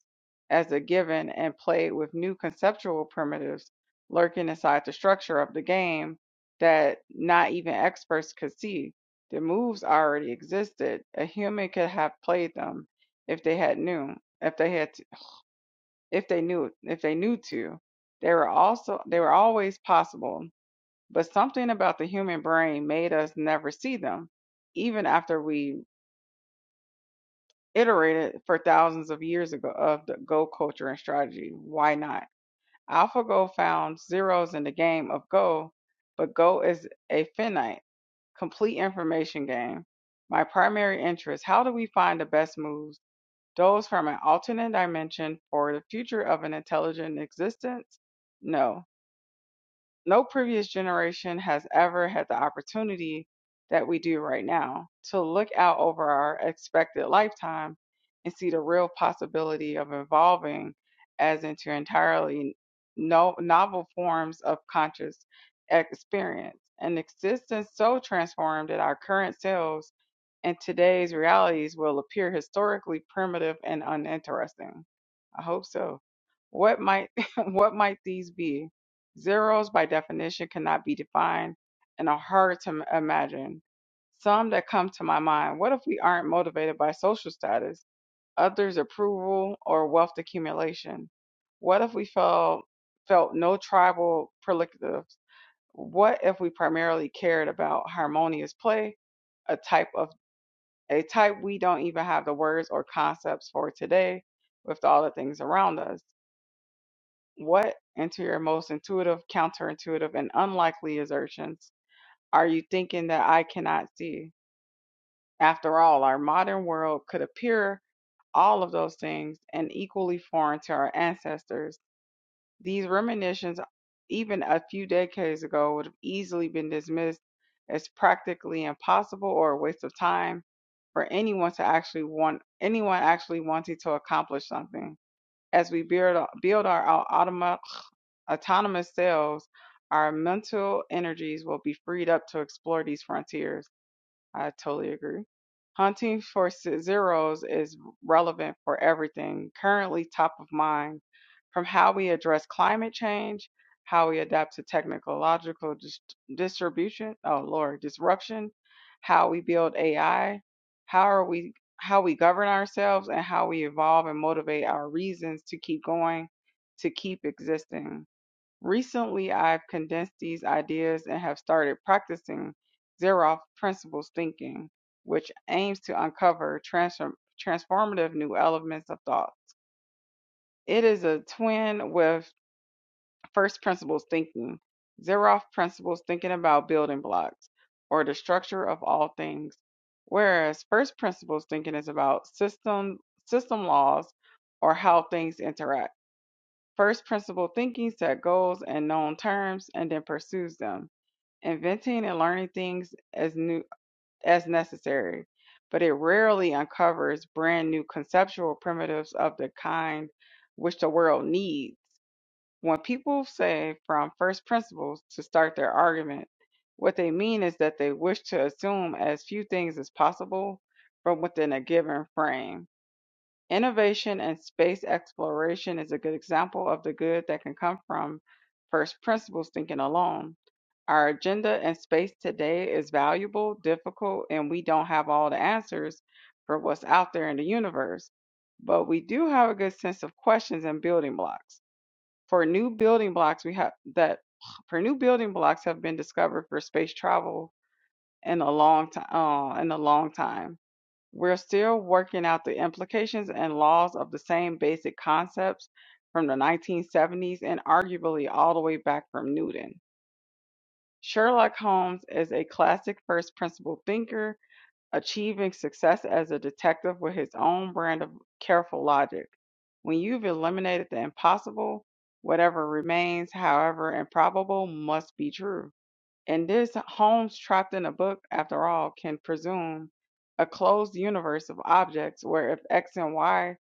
as a given and played with new conceptual primitives lurking inside the structure of the game that not even experts could see. The moves already existed. A human could have played them if they had knew, if they had if they knew if they knew to. They were also they were always possible, but something about the human brain made us never see them, even after we iterated for thousands of years ago of the Go culture and strategy. Why not? AlphaGo found zeros in the game of Go, but Go is a finite, complete information game. My primary interest: how do we find the best moves, those from an alternate dimension for the future of an intelligent existence? No. no previous generation has ever had the opportunity that we do right now to look out over our expected lifetime and see the real possibility of evolving as into entirely no, novel forms of conscious experience, an existence so transformed that our current selves and today's realities will appear historically primitive and uninteresting. I hope so. What might what might these be? Zeros, by definition, cannot be defined and are hard to imagine. Some that come to my mind what if we aren't motivated by social status, others' approval, or wealth accumulation? What if we felt, felt no tribal prerogatives? What if we primarily cared about harmonious play, a type of a type we don't even have the words or concepts for today with all the things around us? What, into your most intuitive, counterintuitive, and unlikely assertions, are you thinking that I cannot see? After all, our modern world could appear all of those things and equally foreign to our ancestors. These reminiscences, even a few decades ago, would have easily been dismissed as practically impossible or a waste of time for anyone to actually want anyone actually wanting to accomplish something. As we build, build our automa- autonomous selves, our mental energies will be freed up to explore these frontiers. I totally agree. Hunting for s- zeros is relevant for everything, currently top of mind, from how we address climate change, how we adapt to technological dis- distribution, oh Lord, disruption, how we build AI, how are we how we govern ourselves and how we evolve and motivate our reasons to keep going, to keep existing Recently, I've condensed these ideas and have started practicing Zeroff principles thinking, which aims to uncover transform- transformative new elements of thought. It is a twin with first principles thinking. Zeroff principles thinking about building blocks or the structure of all things, whereas first principles thinking is about system system laws or how things interact. First principle thinking set goals and known terms and then pursues them, inventing and learning things as new as necessary, but it rarely uncovers brand new conceptual primitives of the kind which the world needs. When people say from first principles to start their argument, what they mean is that they wish to assume as few things as possible from within a given frame Innovation in space exploration is a good example of the good that can come from first principles thinking alone. Our agenda in space today is valuable, difficult, and we don't have all the answers for what's out there in the universe. But we do have a good sense of questions and building blocks. For new building blocks we have that for new building blocks have been discovered for space travel in a long time uh, in a long time we're still working out the implications and laws of the same basic concepts from the 1970s and arguably all the way back from Newton. Sherlock Holmes is a classic first principle thinker, achieving success as a detective with his own brand of careful logic. When you've eliminated the impossible, whatever remains, however improbable, must be true. And this Holmes trapped in a book, after all, can presume a closed universe of objects where if X and Y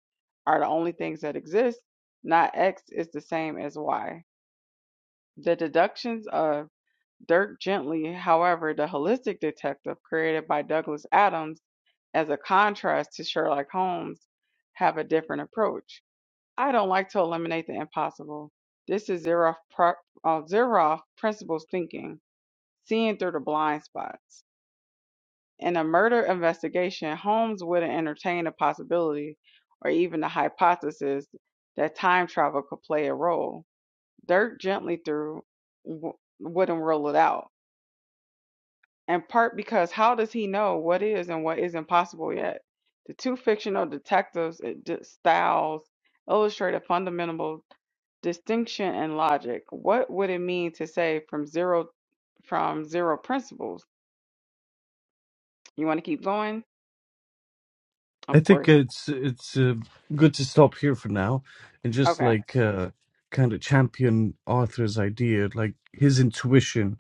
are the only things that exist, not X is the same as Y. The deductions of Dirk Gently, however, the holistic detective created by Douglas Adams as a contrast to Sherlock Holmes, have a different approach. I don't like to eliminate the impossible. This is Zeroff, uh, Zeroff principles thinking, seeing through the blind spots. In a murder investigation, Holmes wouldn't entertain the possibility or even the hypothesis that time travel could play a role. Dirk gently threw w- wouldn't rule it out, in part because how does he know what is and what isn't possible yet? The two fictional detectives' styles illustrate a fundamental distinction in logic. What would it mean to say from zero from zero principles? You want to keep going?
I
Of
think
course.
it's it's uh, good to stop here for now and just
Okay.
like uh, kind of champion Arthur's idea. Like his intuition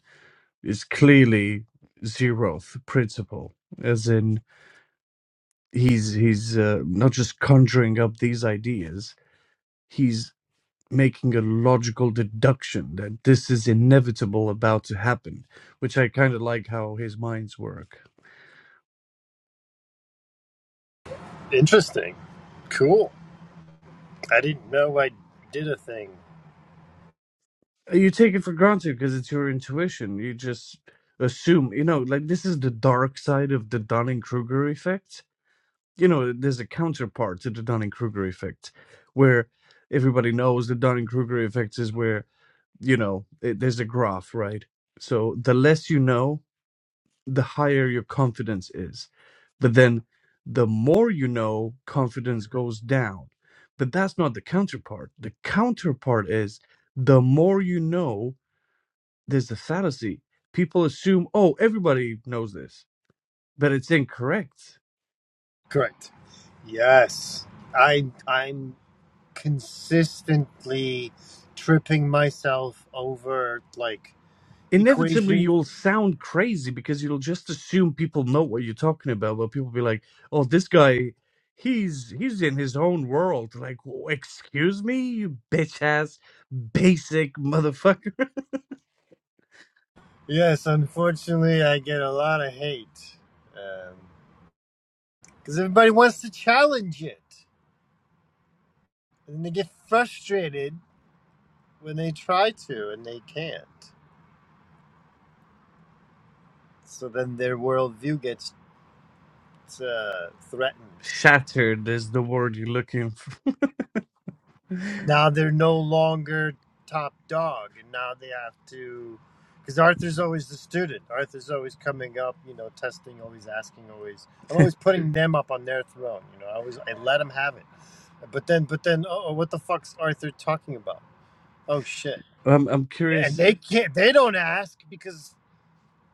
is clearly zeroth principle, as in he's he's uh, not just conjuring up these ideas. He's making a logical deduction that this is inevitable about to happen, which I kind of like how his minds work.
Interesting. Cool. I didn't know I did a thing.
you take it for granted because it's your intuition. You just assume, you know, like this is the dark side of the Dunning Kruger effect. You know, there's a counterpart to the Dunning Kruger effect where everybody knows the Dunning Kruger effect is where, you know, it, there's a graph, right? So the less you know, the higher your confidence is. But then the more you know, confidence goes down. But that's not the counterpart. The counterpart is the more you know, there's a fallacy. People assume, oh, everybody knows this, but it's incorrect.
Correct. Yes. I I'm consistently tripping myself over like
Inevitably,
equation.
you'll sound crazy because you'll just assume people know what you're talking about. But people be like, oh, this guy, he's he's in his own world. Like, "Oh, excuse me, you bitch ass, basic motherfucker.
Yes, unfortunately I get a lot of hate. Um cuz everybody wants to challenge it and they get frustrated when they try to and they can't. So then their worldview gets uh, threatened.
Shattered is the word you're looking for.
now they're no longer top dog and now they have to because arthur's always the student arthur's always coming up you know testing always asking always i'm always putting them up on their throne you know i always i let them have it but then but then oh what the fuck's arthur talking about oh shit
I'm I'm
and
curious.
they can't they don't ask because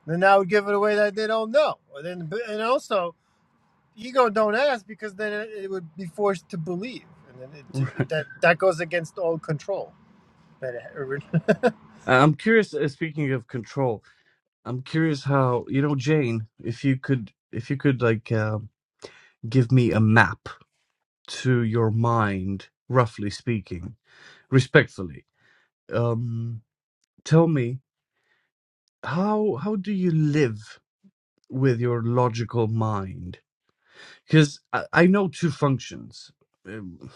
then i would give it away that they don't know and then but- and also ego don't ask because then it it would be forced to believe and then it, j- that that goes against all control but it-
I'm curious. Uh, speaking of control, I'm curious how you know Jane. If you could, if you could like. uh, give me a map to your mind, roughly speaking, respectfully. Um, tell me how how do you live with your logical mind? Because I, I know two functions. Um,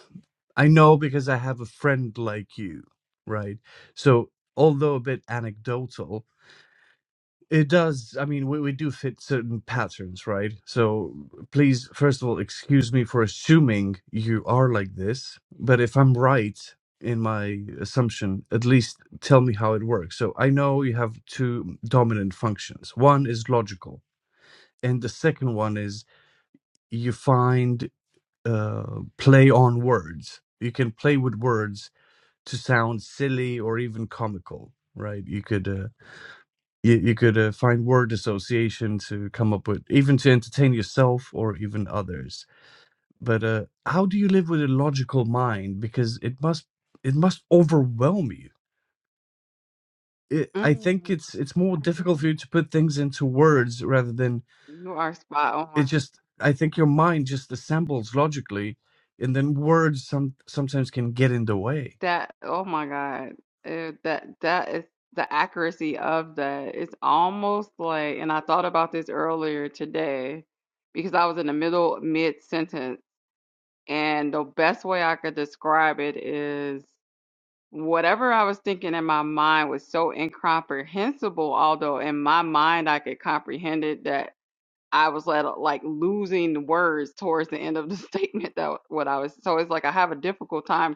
I know because I have a friend like you, right? So although a bit anecdotal, It does. I mean, we, we do fit certain patterns, right? So please, first of all, excuse me for assuming you are like this. But if I'm right in my assumption, at least tell me how it works. So I know you have two dominant functions. One is logical, and the second one is you find uh, play on words. You can play with words to sound silly or even comical, right? You could. Uh, you, you could uh, find word association to come up with, even to entertain yourself or even others. But uh, how do you live with a logical mind? Because it must it must overwhelm you. It, I think
Mm.
it's it's more difficult for you to put things into words rather than
You are spot
it
on.
just i think your mind just assembles logically and then words some sometimes can get in the way
That, oh my God. Eh, that that is the accuracy of that. It's almost like, and I thought about this earlier today because I was in the middle mid sentence, and the best way I could describe it is whatever I was thinking in my mind was so incomprehensible, although in my mind I could comprehend it, that. I was like, like losing words towards the end of the statement that what I was. So it's like I have a difficult time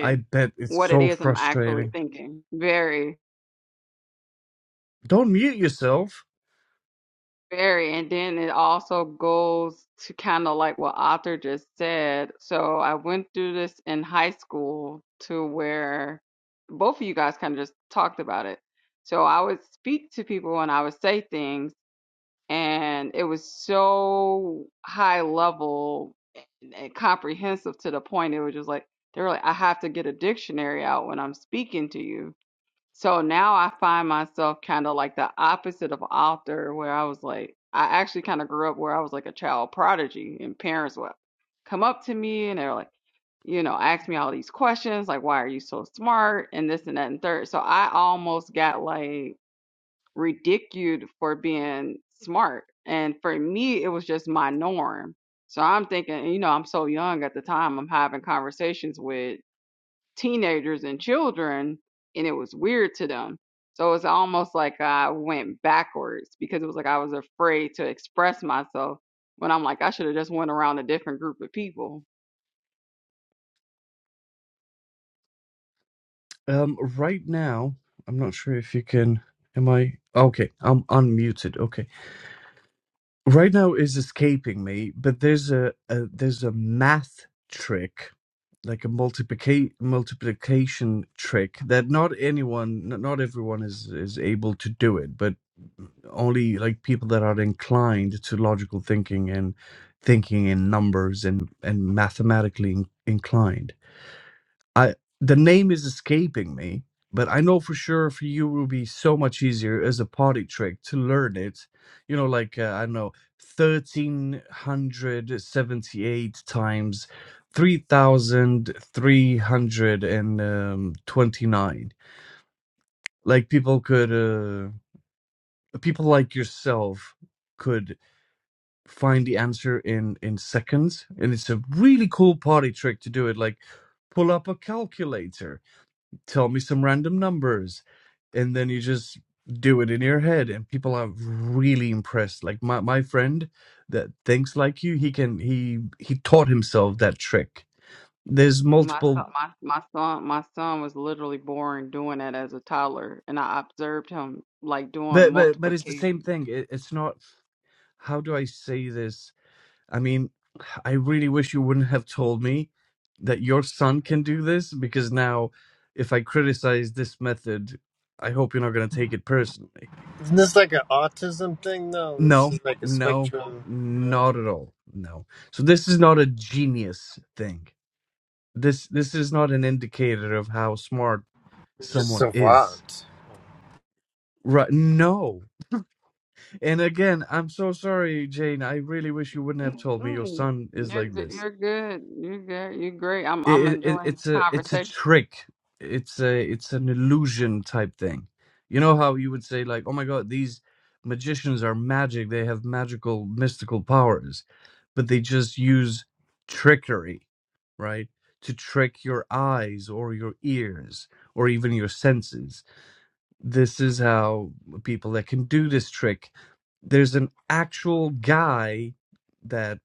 i bet it's
what it
so
is I'm actually
frustrating
thinking. Very,
don't mute yourself
very. And then it also goes to kind of like what Arthur just said. So I went through this in high school to where both of you guys kind of just talked about it. So I would speak to people and I would say things and it was so high level and comprehensive to the point it was just like they were like i have to get a dictionary out when i'm speaking to you so now i find myself kind of like the opposite of author where i was like i actually kind of grew up where i was like a child prodigy and parents would come up to me and they're like you know ask me all these questions like why are you so smart and this and that and third so i almost got like ridiculed for being smart. And for me, it was just my norm. So I'm thinking, you know, I'm so young at the time, I'm having conversations with teenagers and children, and it was weird to them. So it's almost like I went backwards because it was like I was afraid to express myself when I'm like, I should have just went around a different group of people.
um right now i'm not sure if you can am i okay i'm unmuted okay right now is escaping me, but there's a, a there's a math trick, like a multiplica- multiplication trick that not anyone, n- not everyone is is able to do it, but only like people that are inclined to logical thinking and thinking in numbers and and mathematically in- inclined. I the name is escaping me, but I know for sure for you will be so much easier as a party trick to learn it. You know, like uh, I don't know, thirteen hundred seventy-eight times three thousand three hundred and um, twenty-nine. Like people could, uh, people like yourself could find the answer in in seconds, and it's a really cool party trick to do it. Like pull up a calculator tell me some random numbers and then you just do it in your head and people are really impressed like my, my friend that thinks like you he can he he taught himself that trick there's
My
multiple
son, my my son, my son was literally born doing that as a toddler, and I observed him like doing
but but, but it's the same
multiplication.
thing it, it's not how do i say this i mean i really wish you wouldn't have told me that your son can do this because now if i criticize this method i hope you're not going to take it personally
isn't this like an autism thing? No, this
No,
is like a
no,
spectrum. No,
not at all. No. So this is not a genius thing. This this is not an indicator of how smart
you're just
someone is.
savant.
Right. No. And again, I'm so sorry, Jane. I really wish you wouldn't have told me your
Mm-mm.
son is
You're
like
good.
this.
You're good. You're good. You're great. I'm I'm
it, it,
enjoying
it's
the
a it's a
conversation.
trick. It's a it's an illusion type thing. You know how you would say like, "Oh my god, these magicians are magic. They have magical mystical powers." But they just use trickery, right? To trick your eyes or your ears or even your senses. This is how people that can do this trick there's an actual guy that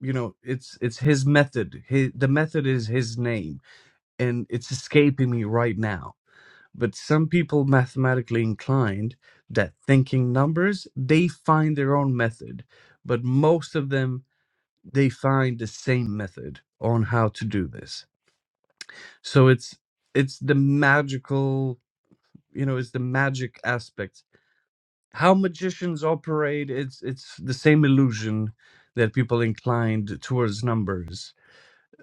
you know it's it's his method his, the method is his name and it's escaping me right now. But some people mathematically inclined that thinking numbers, they find their own method. But most of them, they find the same method on how to do this. So it's it's the magical, you know, it's the magic aspect. How magicians operate, it's it's the same illusion that people inclined towards numbers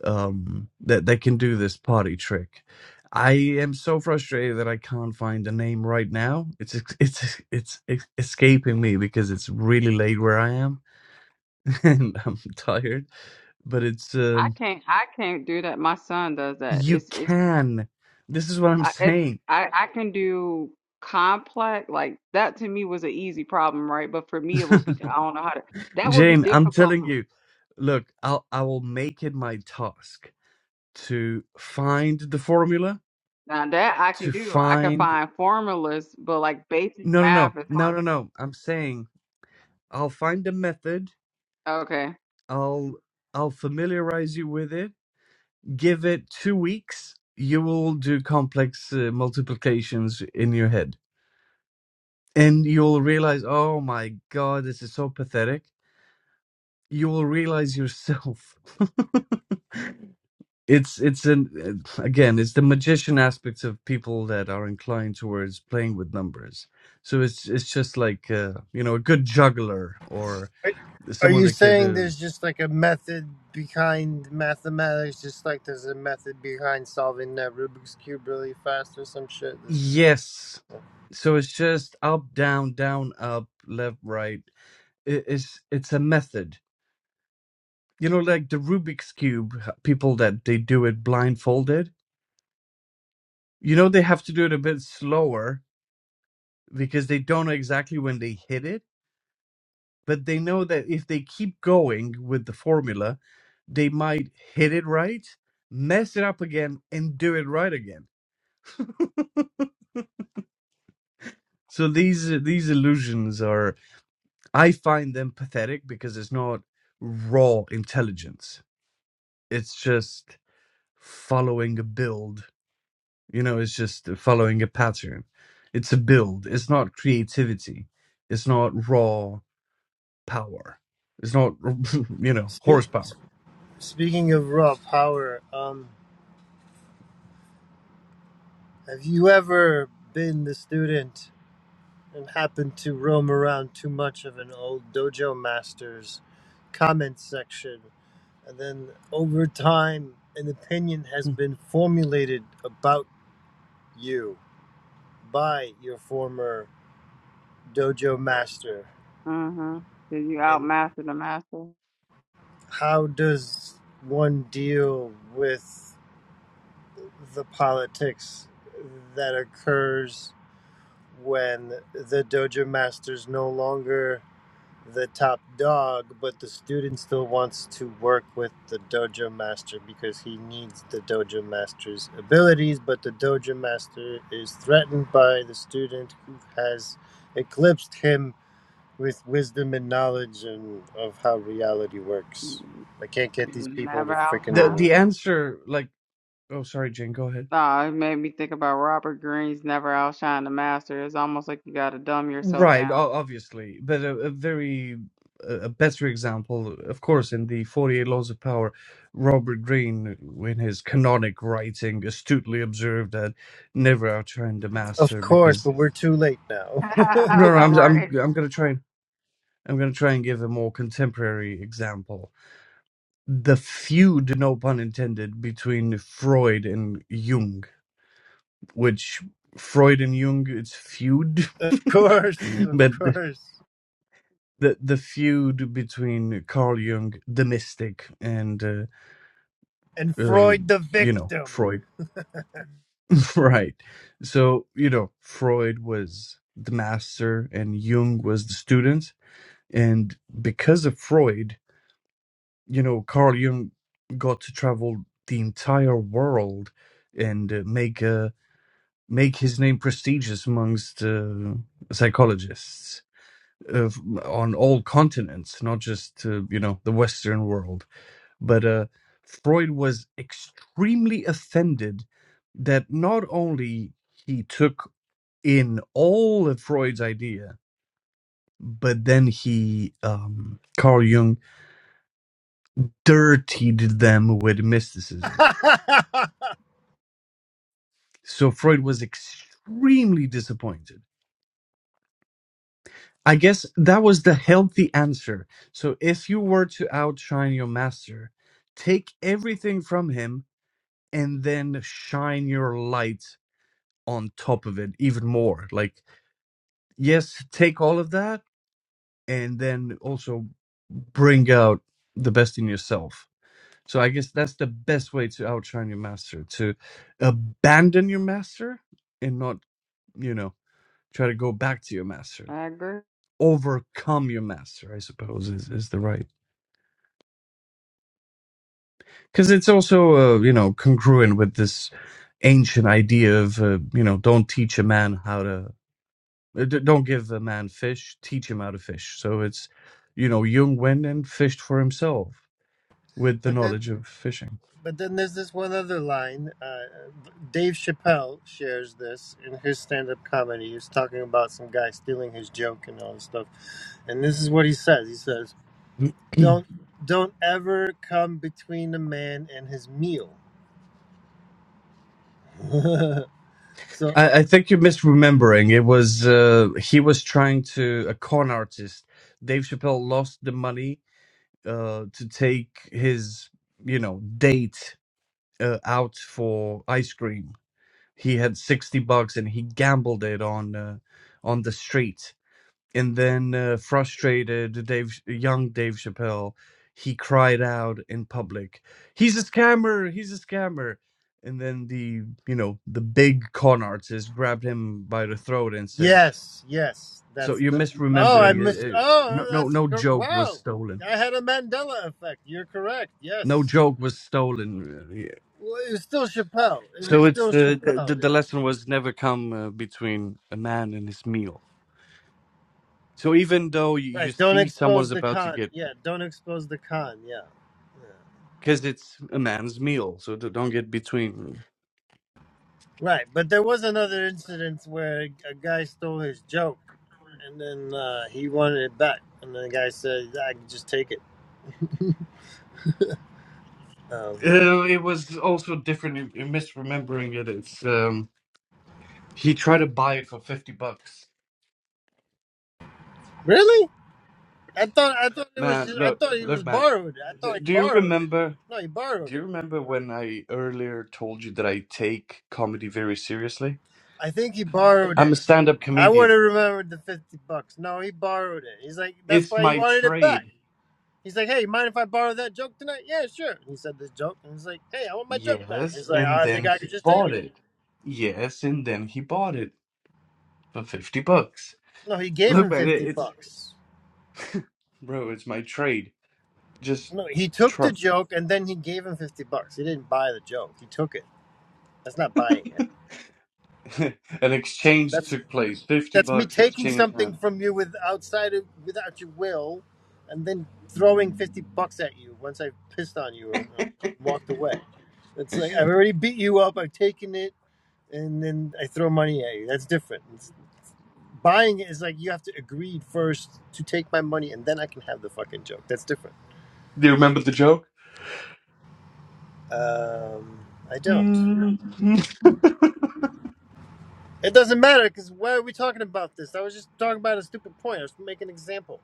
um, that that can do this potty trick. I am so frustrated that I can't find the name right now. It's ex- it's it's, it's escaping me because it's really late where I am and I'm tired. But it's
I
um,
can't I can't do that. My son does that.
you
It's it's
can. This is what I'm
I it,
saying,
I I can do complex like that to me was an easy problem, right? But for me it would be I don't know how to that would be
Jane. I'm
difficult.
telling
for-
you. Look, I'll I will make it my task to find the formula.
Now that I can
To
do. I can
find
find formulas, but like basic
no no no
math is
no
hard.
no no. I'm saying I'll find the method
Okay.
I'll I'll familiarize you with it. Give it two weeks. You will do complex uh, multiplications in your head, and you'll realize, oh my god, this is so pathetic. You will realize yourself. it's it's an uh, again, it's the magician aspects of people that are inclined towards playing with numbers. So it's it's just like uh, you know a good juggler or
Are are
someone
you
that could
saying
uh,
there's just like a method behind mathematics, just like there's a method behind solving that Rubik's cube really fast or some shit? There's just...
Yes. So it's just up, down, down, up, left, right. I- It's it's a method. You know, like the Rubik's cube, h- people that they do it blindfolded. You know, they have to do it a bit slower because they don't know exactly when they hit it, but they know that if they keep going with the formula, they might hit it right, mess it up again, and do it right again. So these these illusions are. I find them pathetic because it's not raw intelligence. It's just following a build. You know, it's just following a pattern. It's a build. It's not creativity. It's not raw power. It's not, you know,
Speak,
horsepower.
speaking of raw power, um, have you ever been the student and happened to roam around too much of an old dojo master's comment section And then over time, an opinion has
Hmm.
been formulated about you by your former dojo master.
Mm-hmm. Did you
And
outmaster the master?
how does one deal with the politics that occurs when the dojo master's no longer the top dog, but the student still wants to work with the dojo master because he needs the dojo master's abilities, but the dojo master is threatened by the student who has eclipsed him with wisdom and knowledge and of how reality works.
N-
I can't get these people to
Never
The
outshine.
freaking
the answer, like, oh, sorry, Jane, go ahead.
Nah, it made me think about Robert Greene's Never Outshine the Master. It's almost like you gotta dumb yourself
Right,
down.
o- obviously, but a, a very a a better example, of course, in the Forty Eight Laws of Power, Robert Greene, in his canonic writing, astutely observed that never outshine the
Of
master.
course,
Because
but we're too late now.
no, no, I'm I'm
Right.
I'm gonna try and I'm gonna try and give a more contemporary example. The feud, no pun intended, between Freud and Jung, which Freud and Jung, it's feud,
of course, of
but
course.
the the feud between Carl Jung, the mystic, and uh,
And
uh,
Freud the
you know
victim.
Freud, right? So you know Freud was the master, and Jung was the student, and because of Freud, you know Carl Jung got to travel the entire world and uh, make a make his name prestigious amongst uh, psychologists uh, on all continents, not just uh, you know the Western world But uh, Freud was extremely offended that not only he took in all of Freud's idea, but then he, um, Carl Jung, dirtied them with mysticism.
but
So Freud was extremely disappointed. I guess that was the healthy answer. So if you were to outshine your master, take everything from him and then shine your light on top of it even more. Like, yes, take all of that and then also bring out the best in yourself. So I guess that's the best way to outshine your master, to abandon your master and not, you know, try to go back to your master.
I agree.
Overcome your master, I suppose, is, is the right. Because it's also, uh, you know, congruent with this ancient idea of, uh, you know, don't teach a man how to Uh, d- Don't give a man fish, teach him how to fish. So it's, you know, Jung went and fished for himself with the
then
knowledge of fishing.
But then there's this one other line. Uh, Dave Chappelle shares this in his stand up comedy. He's talking about some guy stealing his joke and all this stuff. And this is what he says He says,
Mm,
Don't, don't ever come between a man and his meal. so,
I, I think you're misremembering. It was uh, he was trying to a con artist. Dave Chappelle lost the money uh, to take his you know date uh, out for ice cream. He had sixty bucks and he gambled it on uh, on the street. and then uh, frustrated dave young dave chappelle he cried out in public he's a scammer he's a scammer and then the you know the big con artist grabbed him by the throat and said
yes, yes,
so
that's
you're
the. Oh, I
misremembering it,
missed.
it- no
Oh,
no
that's.
no
cor-
joke was
Wow.
stolen
I had a Mandela effect. You're correct.
no
Yes.
joke was stolen Yeah.
Well, it was still Chappelle. It
so
was still
it's uh,
Chappelle.
the, the
Yeah.
lesson was never come uh, between a man and his meal so even though you you
Right. Don't
see
expose
someone's
the
about to
con.
get
Yeah. Don't expose the con. Yeah. yeah.
because it's a man's meal, so d- don't get between.
Right. But there was another incident where a guy stole his joke, and then uh, he wanted it back, and then the guy said, "I can just take it." Um,
Uh, it was also different. in in misremembering it. It's um, he tried to buy it for fifty bucks.
really? I thought I thought it was
Man,
just, I
look,
thought he was
look, man.
borrowed. I
D-
thought he
Do you
borrowed it.
remember?
No, he
Do
borrowed
you
it.
remember when I earlier told you that I take comedy very seriously?
I think he borrowed
I'm
it.
a stand-up
I would
comedian.
have remembered the fifty bucks. No, he borrowed it. He's like, that's
It's
why he
my
wanted it back.
trade.
He's like, hey, mind if I borrow that joke tonight? Yeah, sure. And He said this joke, and he's like, hey, I want my joke back.
Yes,
He's like,
and
I
then
think I
he
could just take
bought
it.
it. Yes, and then he bought it for fifty bucks.
No, he gave
Look,
him
man, it-
50
it's
bucks.
bro, it's my trade. just
No, he took
try.
the joke and then he gave him 50 bucks. He didn't buy the joke. He took it. That's not buying it.
An exchange
That's
took place. Fifty
that's me
bucks
taking
exchange.
something
Man,
from you with outside of without your will and then throwing 50 bucks at you once I've pissed on you and, and walked away. It's like I've already beat you up, I've taken it, and then I throw money at you. That's different. It's buying is like you have to agree first to take my money and then I can have the fucking joke. That's different.
do you remember the joke?
Um, I don't.
Mm,
It doesn't matter because why are we talking about this? I was just talking about a stupid point. I was making an example.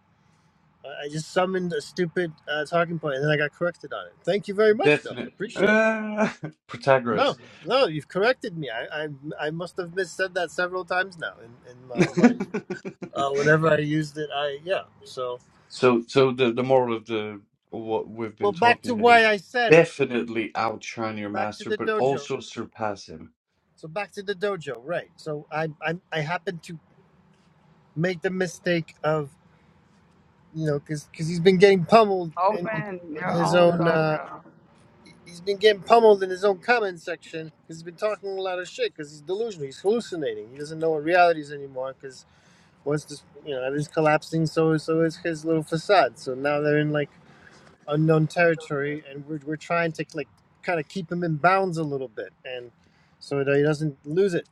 I I just summoned a stupid uh, talking point and then I got corrected on it. Thank you very much, though. I
Definite.
appreciate it.
Ah,
No,
Protagoras.
no, you've corrected me. I I, I must have mis said that several times now in, in my life. Uh, whenever I used it, I, yeah. So,
so, so the the moral of the what we've been
well, back to
talking here
why
is
I said it.
definitely outshine your
Back to
master,
the
but
dojo.
also surpass him.
So back to the dojo, right? So I I, I happened to make the mistake of you know because because he's been getting pummeled in,
Open
in
your
his
own
own uh,
dojo.
he's been getting pummeled in his own comment section because he's been talking a lot of shit because he's delusional, he's hallucinating, he doesn't know what reality is anymore because once this you know everything's collapsing, so so is his little facade. So now they're in like unknown territory, and we're, we're trying to like kind of keep him in bounds a little bit, and so that he doesn't lose it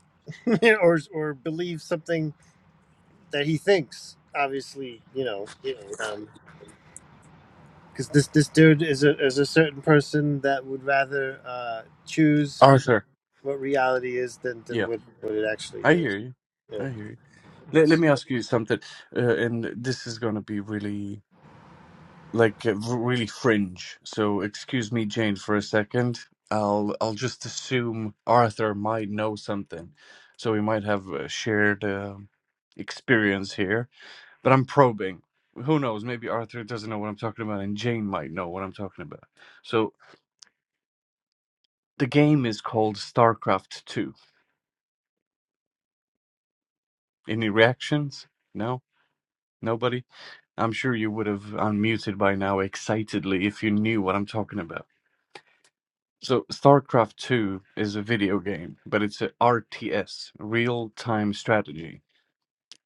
or or believe something that he thinks. Obviously, you know, because this this dude is a is a certain person that would rather uh, choose
Arthur,
what reality is than than
yeah,
what what it actually
I
is.
hear you.
Yeah.
I hear you. Let, let
It's-
me ask you something, uh, and this is going to be really like uh, v- really fringe. So excuse me, Jane, for a second. I'll I'll just assume Arthur might know something, so we might have a shared uh, experience here. But I'm probing. Who knows? Maybe Arthur doesn't know what I'm talking about, and Jane might know what I'm talking about. So the game is called StarCraft Two. Any reactions? No. Nobody? I'm sure you would have unmuted by now excitedly if you knew what I'm talking about. So StarCraft 2 is a video game, but it's a RTS, real-time strategy,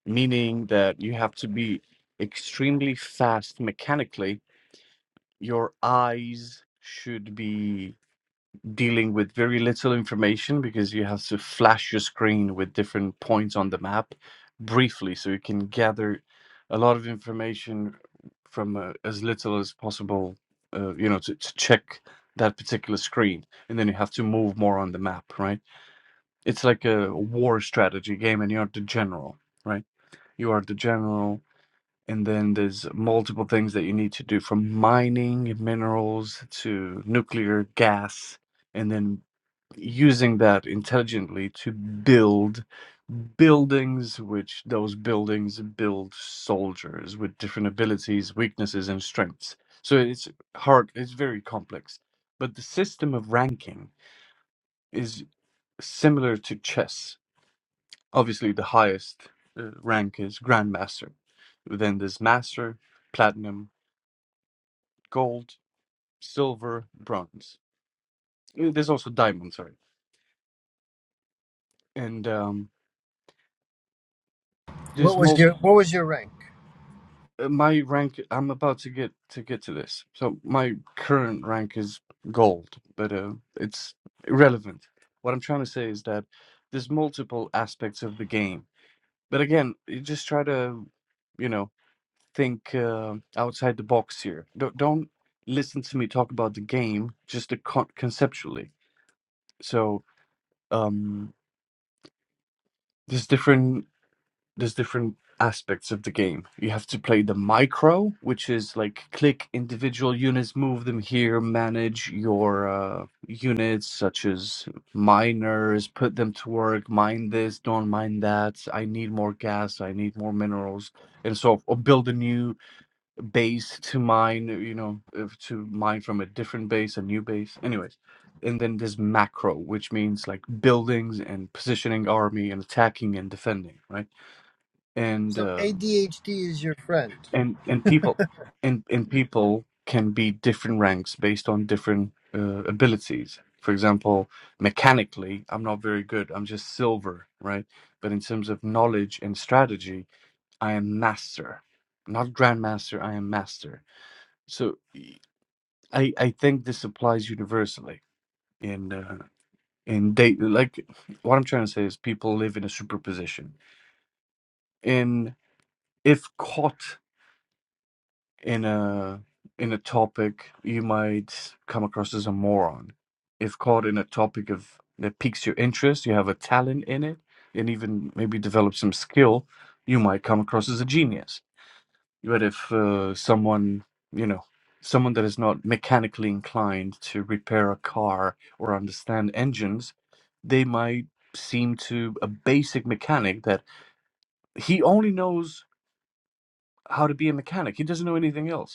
meaning that you have to be extremely fast mechanically. Your eyes should be dealing with very little information because you have to flash your screen with different points on the map briefly so you can gather a lot of information from uh, as little as possible uh, you know to, to check that particular screen and then you have to move more on the map right it's like a war strategy game and you're the general right you are the general and then there's multiple things that you need to do from mining minerals to nuclear gas, and then using that intelligently to build buildings, which those buildings build soldiers with different abilities, weaknesses, and strengths. So it's hard, it's very complex. But the system of ranking is similar to chess. Obviously, the highest uh, rank is grandmaster. Then there's master, platinum, gold, silver, bronze. Uh, There's also diamond, sorry. And um,
What
there's
was
mul
your What was your rank?
uh, my rank. I'm about to get to get to this. So my current rank is gold, but uh, it's irrelevant. What I'm trying to say is that there's multiple aspects of the game. But again, you just try to, you know, think uh, outside the box here. Don't, don't listen to me talk about the game, just the con- conceptually. So um, there's different there's different aspects of the game. You have to play the micro, which is like click individual units, move them here, manage your uh, units such as miners, put them to work, mine this, don't mine that. I need more gas, I need more minerals, and so or build a new base to mine. You know, if to mine from a different base, a new base. Anyways. And then there's macro, which means like buildings and positioning army and attacking and defending, right? and
So
uh,
ADHD is your friend.
and and people and and people can be different ranks based on different uh, abilities. For example, mechanically, I'm not very good. I'm just silver, right? But in terms of knowledge and strategy, I am master, not grandmaster. I am master. So y- I I think this applies universally in uh, in date. Like what I'm trying to say is people live in a superposition in if caught in a in a topic, you might come across as a moron. If caught in a topic of that piques your interest, you have a talent in it, and even maybe develop some skill, you might come across as a genius. But if uh, someone, you know, someone that is not mechanically inclined to repair a car or understand engines, they might seem to a basic mechanic that he only knows how to be a mechanic. He doesn't know anything else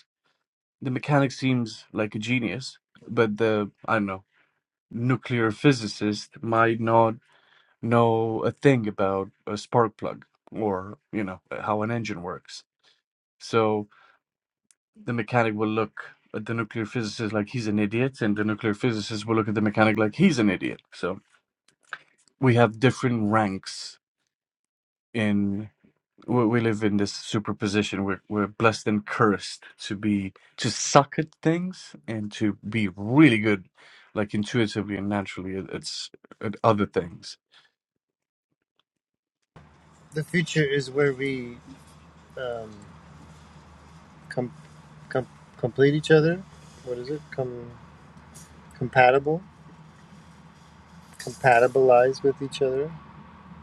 the mechanic seems like a genius, but the I don't know nuclear physicist might not know a thing about a spark plug or you know how an engine works. So the mechanic will look at the nuclear physicist like he's an idiot, and the nuclear physicist will look at the mechanic like he's an idiot. So we have different ranks in. we, we live in this superposition. We're we're blessed and cursed to be to suck at things and to be really good, like intuitively and naturally at, at, s- at other things.
The future is where we. Um, com- com- complete each other. What is it? Com- compatible, compatibilize with each other,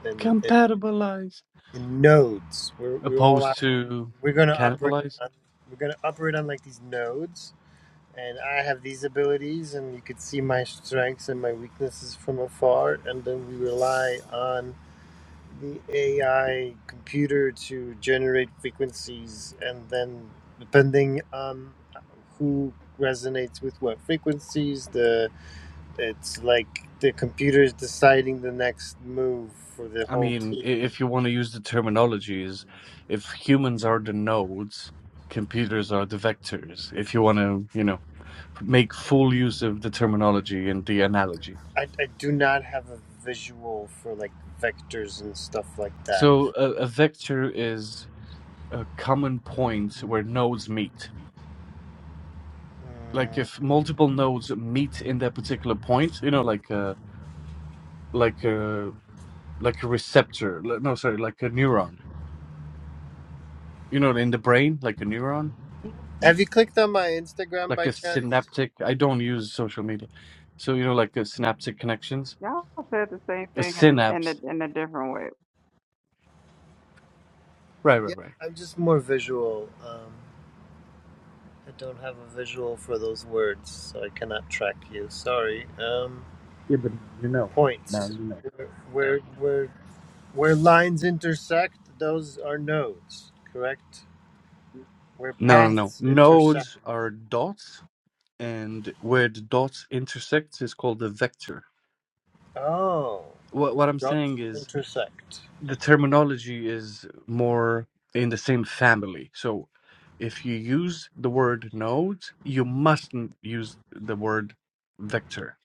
and it,
Compatibilize
in nodes. We're we all op-
opposed to
we're gonna operate.
cannibalize.
On, we're gonna operate on like these nodes, and I have these abilities, and you could see my strengths and my weaknesses from afar, and then we rely on the AI computer to generate frequencies, and then depending on who resonates with what frequencies, the it's like the computer is deciding the next move for the
I
whole
mean, i-
team.
if you want to use the terminologies, if humans are the nodes, computers are the vectors. If you want to, you know, make full use of the terminology and the analogy.
I, I do not have a visual for like vectors and stuff like that.
So a, a vector is a common point where nodes meet. Like
Mm.
if multiple nodes meet in that particular point, you know, like a like a like a receptor. li- No, sorry, like a neuron. You know, in the brain, like a neuron, m-
Have you clicked on my Instagram
like
by
a
chance?
synaptic. I don't use social media, so you know, like a synaptic connections,
Y'all said the same
a
thing in a, in
synapse.
a, in a different way.
Right,
Yeah,
right, right.
I'm just more visual. Um, I don't have a visual for those words, so I cannot track you. Sorry. Um,
Yeah, but now you know. Now
points.
you know.
Where, where, where, where lines intersect, those are nodes, correct? Where
No, no, no.
paths intersect.
Nodes are dots, and where the dots intersect is called a vector.
Oh,
What what I'm
dots
saying is
intersect.
the terminology is more in the same family. So if you use the word nodes, you mustn't use the word vector.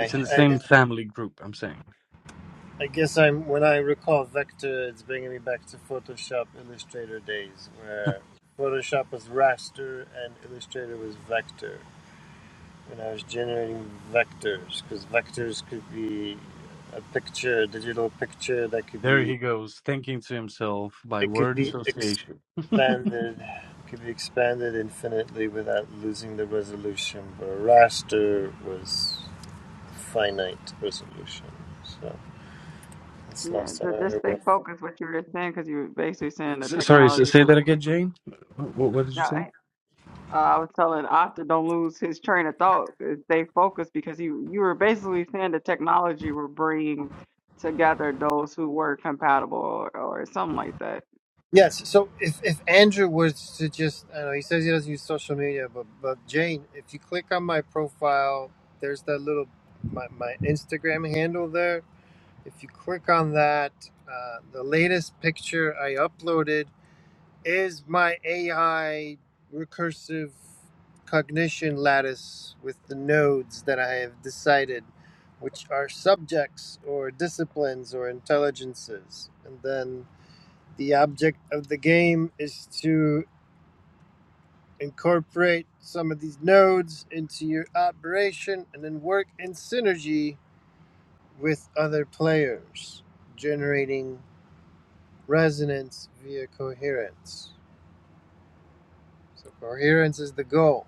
It's in the same
I,
family group, I'm saying.
I guess I'm when I recall vector, it's bringing me back to Photoshop Illustrator days, where Photoshop was raster and Illustrator was vector. when I was generating vectors, because vectors could be a picture, a digital picture that could
There
be
he goes, thinking to himself by
it could
word
be
association.
expanded, it could be expanded infinitely without losing the resolution. But a raster was finite resolution. So that's the
Yeah,
last time
so
I
just
heard
stay
of.
focused what you were saying because you were basically saying the
S- Sorry, s-
technology.
say
will-
that again, Jane. What, what did you
Now,
say?
I- uh, I was telling Octa don't lose his train of thought. uh, Stay focused because you you were basically saying the technology will bring together those who were compatible or, or something like that.
Yes. So if, if Andrew was to just, I know he says he doesn't use social media, but but Jane, if you click on my profile, there's that little my, my Instagram handle there. If you click on that, uh, the latest picture I uploaded is my AI recursive cognition lattice with the nodes that I have decided, which are subjects or disciplines or intelligences. And then the object of the game is to incorporate some of these nodes into your operation and then work in synergy with other players, generating resonance via coherence. So, coherence is the goal.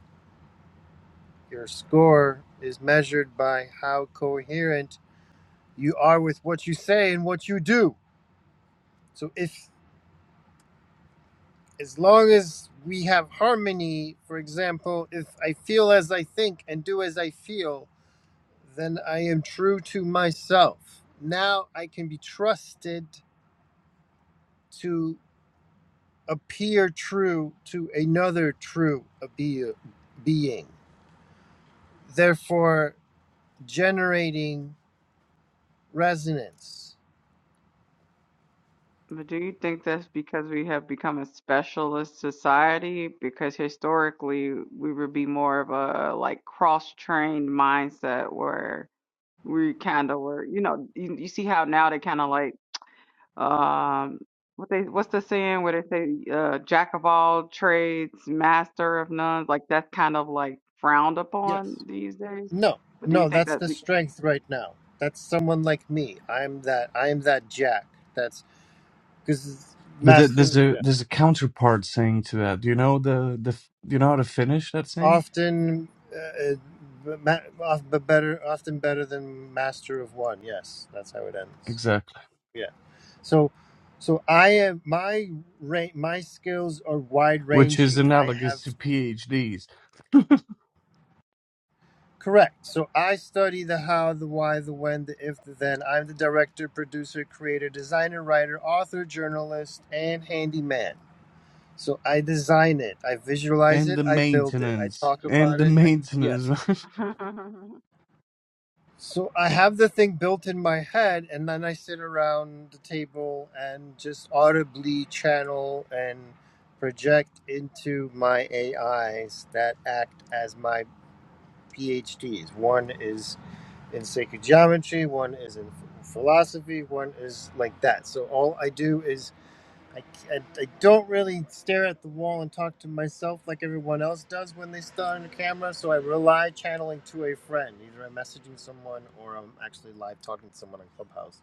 Your score is measured by how coherent you are with what you say and what you do. So, if as long as we have harmony, for example, if I feel as I think and do as I feel, then I am true to myself. Now I can be trusted to appear true to another true being. Therefore, generating resonance.
But do you think that's because we have become a specialist society? Because historically, we would be more of a like cross-trained mindset where we kind of were, you know, you, you see how now they kind of like um what they what's the saying where they say uh jack of all trades, master of none, like that's kind of like frowned
Yes.
upon these days.
No,
But do you
no,
think
that's
that
the strength right now. That's someone like me. I'm that. I'm that Jack. That's because
But th- there's
master
a
Yeah.
there's a counterpart saying to that. Do you know the the f- do you know how to finish that saying?
often, uh, uh, ma- of- but better often better than master of one. Yes, that's how it ends.
Exactly,
Yeah. So, so I am my ra- my skills are wide
which is
ranging. I have
analogous to PhDs.
Correct. So I study the how, the why, the when, the if, the then. I'm the director, producer, creator, designer, writer, author, journalist, and handyman. So I design it, I visualize
And
it,
the
I build it, I
maintenance.
talk
And
about
the
it. I,
maintenance.
yes.
man.
So I have the thing built in my head, and then I sit around the table and just audibly channel and project into my AIs that act as my PhDs. One is in sacred geometry, one is in philosophy, one is like that. So all I do is I, I, I don't really stare at the wall and talk to myself like everyone else does when they start on the camera. So I rely channeling to a friend. Either I'm messaging someone or I'm actually live talking to someone on Clubhouse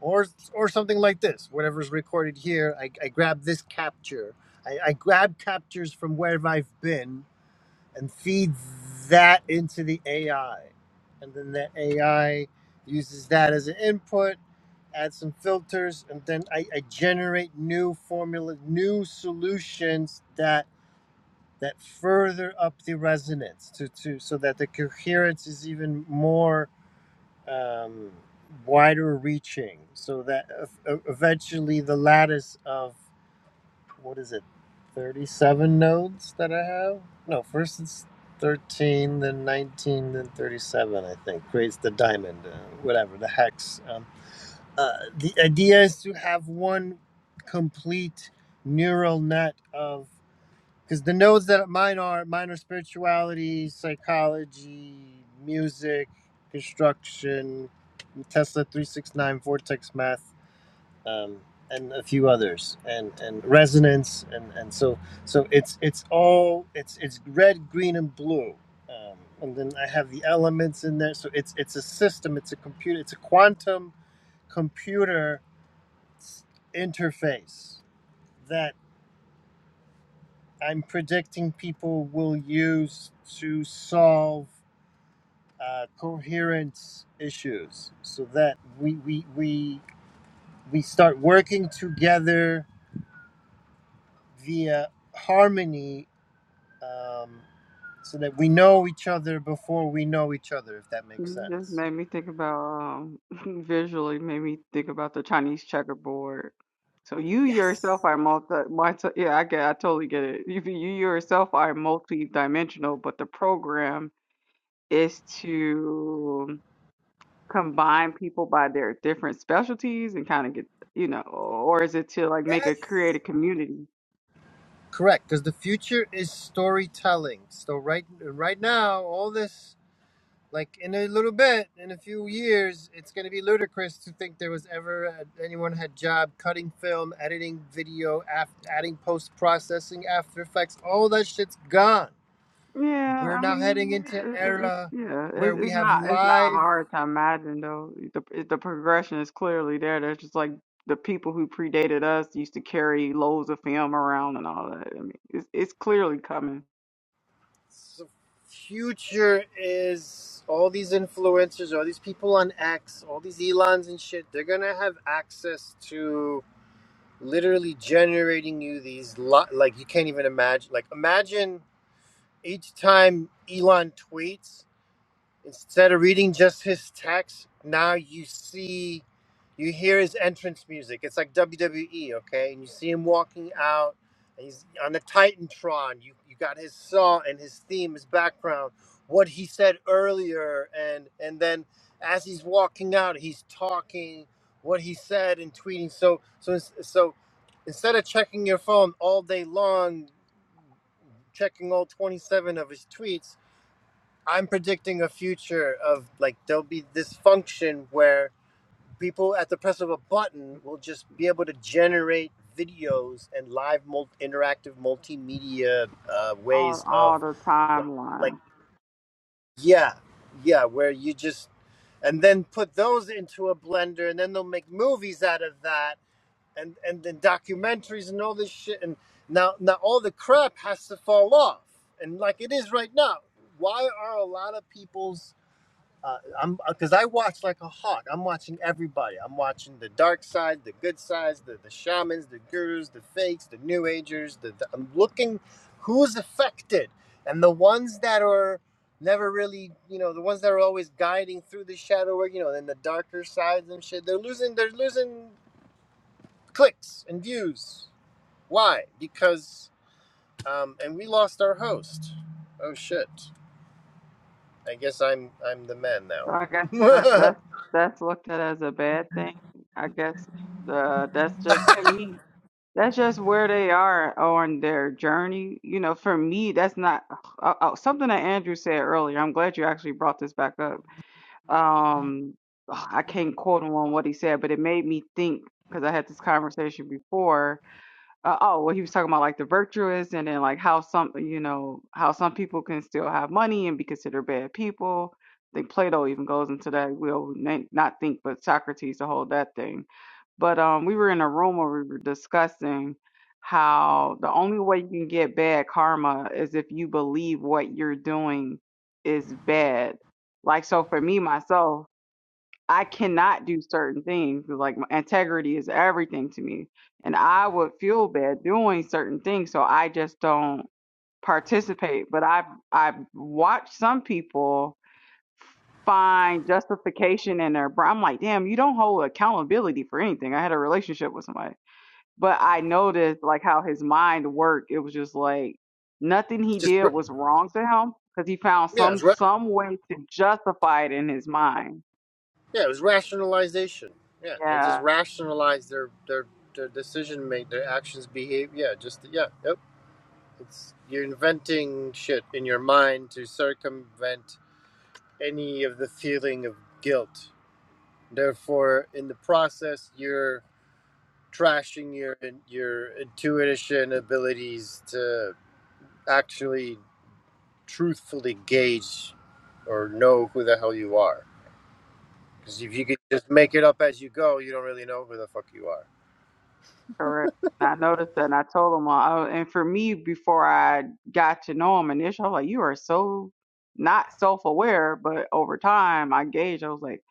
or or something like this. Whatever's recorded here, I, I grab this capture. I, I grab captures from where I've been and feeds that into the AI. And then the AI uses that as an input, add some filters, and then I, I generate new formula, new solutions that that further up the resonance to, to so that the coherence is even more um, wider reaching so that ev- ev- eventually the lattice of what is it, 37 nodes that I have? No, first it's 13, then 19, then 37, I think, creates the diamond, uh, whatever, the hex. Um, uh, the idea is to have one complete neural net of, because the nodes that mine are, mine are spirituality, psychology, music, construction, Tesla 369, vortex math um, and a few others, and and resonance, and and so so it's it's all it's it's red, green, and blue, um, and then I have the elements in there. So it's it's a system, it's a computer, it's a quantum computer interface that I'm predicting people will use to solve uh, coherence issues, so that we we we we start working together via harmony um, so that we know each other before we know each other, if that makes
You just
sense.
made me think about um visually made me think about the Chinese checkerboard. So you yourself
Yes.
are multi, multi yeah, I get I totally get it. You you yourself are multi-dimensional, but the program is to combine people by their different specialties and kind of get, you know, or is it to like make a
Yes.
create a community?
Correct, because the future is storytelling. So right, right now, all this, like in a little bit, in a few years, it's going to be ludicrous to think there was ever anyone had job cutting film, editing video, af- adding post processing, After Effects. All that shit's gone.
Yeah,
We're
I
now
mean,
heading into
yeah, it, it, it-
era
yeah, it,
where we
it's
have
not it's not
live
hard to imagine though. The it- the progression is clearly there. There's just like the people who predated us used to carry loads of film around and all that. I mean, it's it's clearly coming
So future is all these influencers, all these people on X, all these Elons and shit. They're gonna have access to literally generating you these lo- like you can't even imagine. Like imagine each time Elon tweets. Instead of reading just his text, now you see, you hear his entrance music. It's like WWE, okay? And you see him walking out, and he's on the Titantron. You you got his song and his theme, his background, what he said earlier, and and then as he's walking out, he's talking what he said and tweeting. So so so instead of checking your phone all day long, checking all 27 of his tweets I'm predicting a future of like there'll be this function where people at the press of a button will just be able to generate videos and live mul- interactive multimedia uh,
all
ways
all
of
the
like like
timeline.
yeah yeah where you just and then put those into a blender and then they'll make movies out of that and and then documentaries and all this shit and now now all the crap has to fall off and like it is right now why are a lot of people's uh, I'm because I watch like a hawk. I'm watching everybody. I'm watching the dark side, the good sides, the, the shamans, the gurus, the fakes, the new agers. The, the, I'm looking who's affected, and the ones that are never really, you know, the ones that are always guiding through the shadow work, you know, then the darker sides and shit. They're losing. They're losing clicks and views. Why? Because um, and we lost our host. Oh shit. I guess I'm I'm the man
So I guess that
now.
that's that's looked at as a bad thing. I guess the that's just to me That's just where they are on their journey. You know, for me, that's not uh, uh, something that Andrew said earlier. I'm glad you actually brought this back up. Um, I can't quote him on what he said, but it made me think because I had this conversation before uh, oh, well, he was talking about like the virtuous, and then like how some, you know, how some people can still have money and be considered bad people. I think Plato even goes into that. We'll na- not think, but Socrates to hold that thing. But um, we were in a room where we were discussing how the only way you can get bad karma is if you believe what you're doing is bad. Like so, for me myself, I cannot do certain things. Like my integrity is everything to me, and I would feel bad doing certain things, so I just don't participate. But I've I've watched some people find justification in their. bra- I'm like, damn, you don't hold accountability for anything. I had a relationship with somebody, but I noticed like how his mind worked. It was just like nothing he
just
did was wrong to him because he found
Yeah, it
some
was ra-
some way to justify it in his mind.
yeah, it was rationalization. Yeah, they
Yeah.
just rationalized their their their decision make their actions behave. Yeah, just yeah, yep. It's you're inventing shit in your mind to circumvent any of the feeling of guilt. Therefore, in the process, you're trashing your your intuition abilities to actually truthfully gauge or know who the hell you are. Because if you could just make it up as you go, you don't really know who the fuck you are.
Correct. And I noticed that and I told him, uh, oh, and for me, before I got to know him initially, I was like, you are so not self aware. But over time, I gauged, I was like,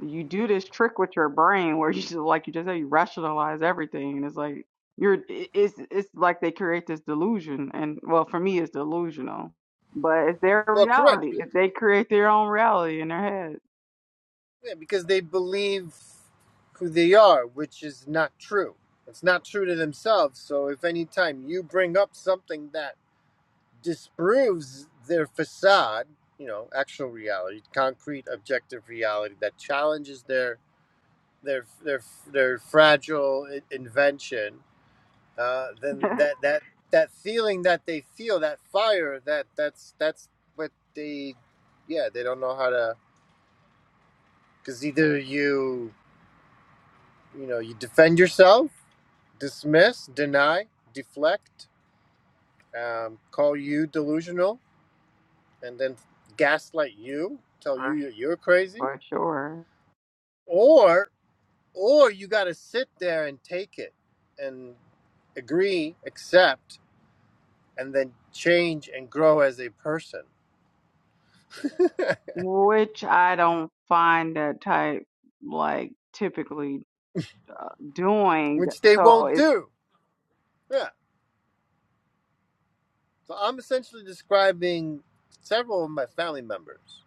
you do this trick with your brain where you just, like you just said, you rationalize everything. And it's like, you're, i- it's, it's like they create this delusion. And well, for me, it's delusional, but it's their
Well, correct.
reality.
be-
If they create their own reality in their head.
yeah, because they believe who they are, which is not true. It's not true to themselves. So if any time you bring up something that disproves their facade, you know, actual reality, concrete, objective reality that challenges their their their their fragile i- invention, uh, then that that that feeling that they feel that fire that that's that's what they yeah they don't know how to because either you you know you defend yourself dismiss deny deflect um, call you delusional and then gaslight you tell
for,
you that you're crazy
for sure.
or or you got to sit there and take it and agree accept and then change and grow as a person
which I don't find that type like typically uh, doing.
which they
So
won't
it's
do. Yeah. So I'm essentially describing several of my family members.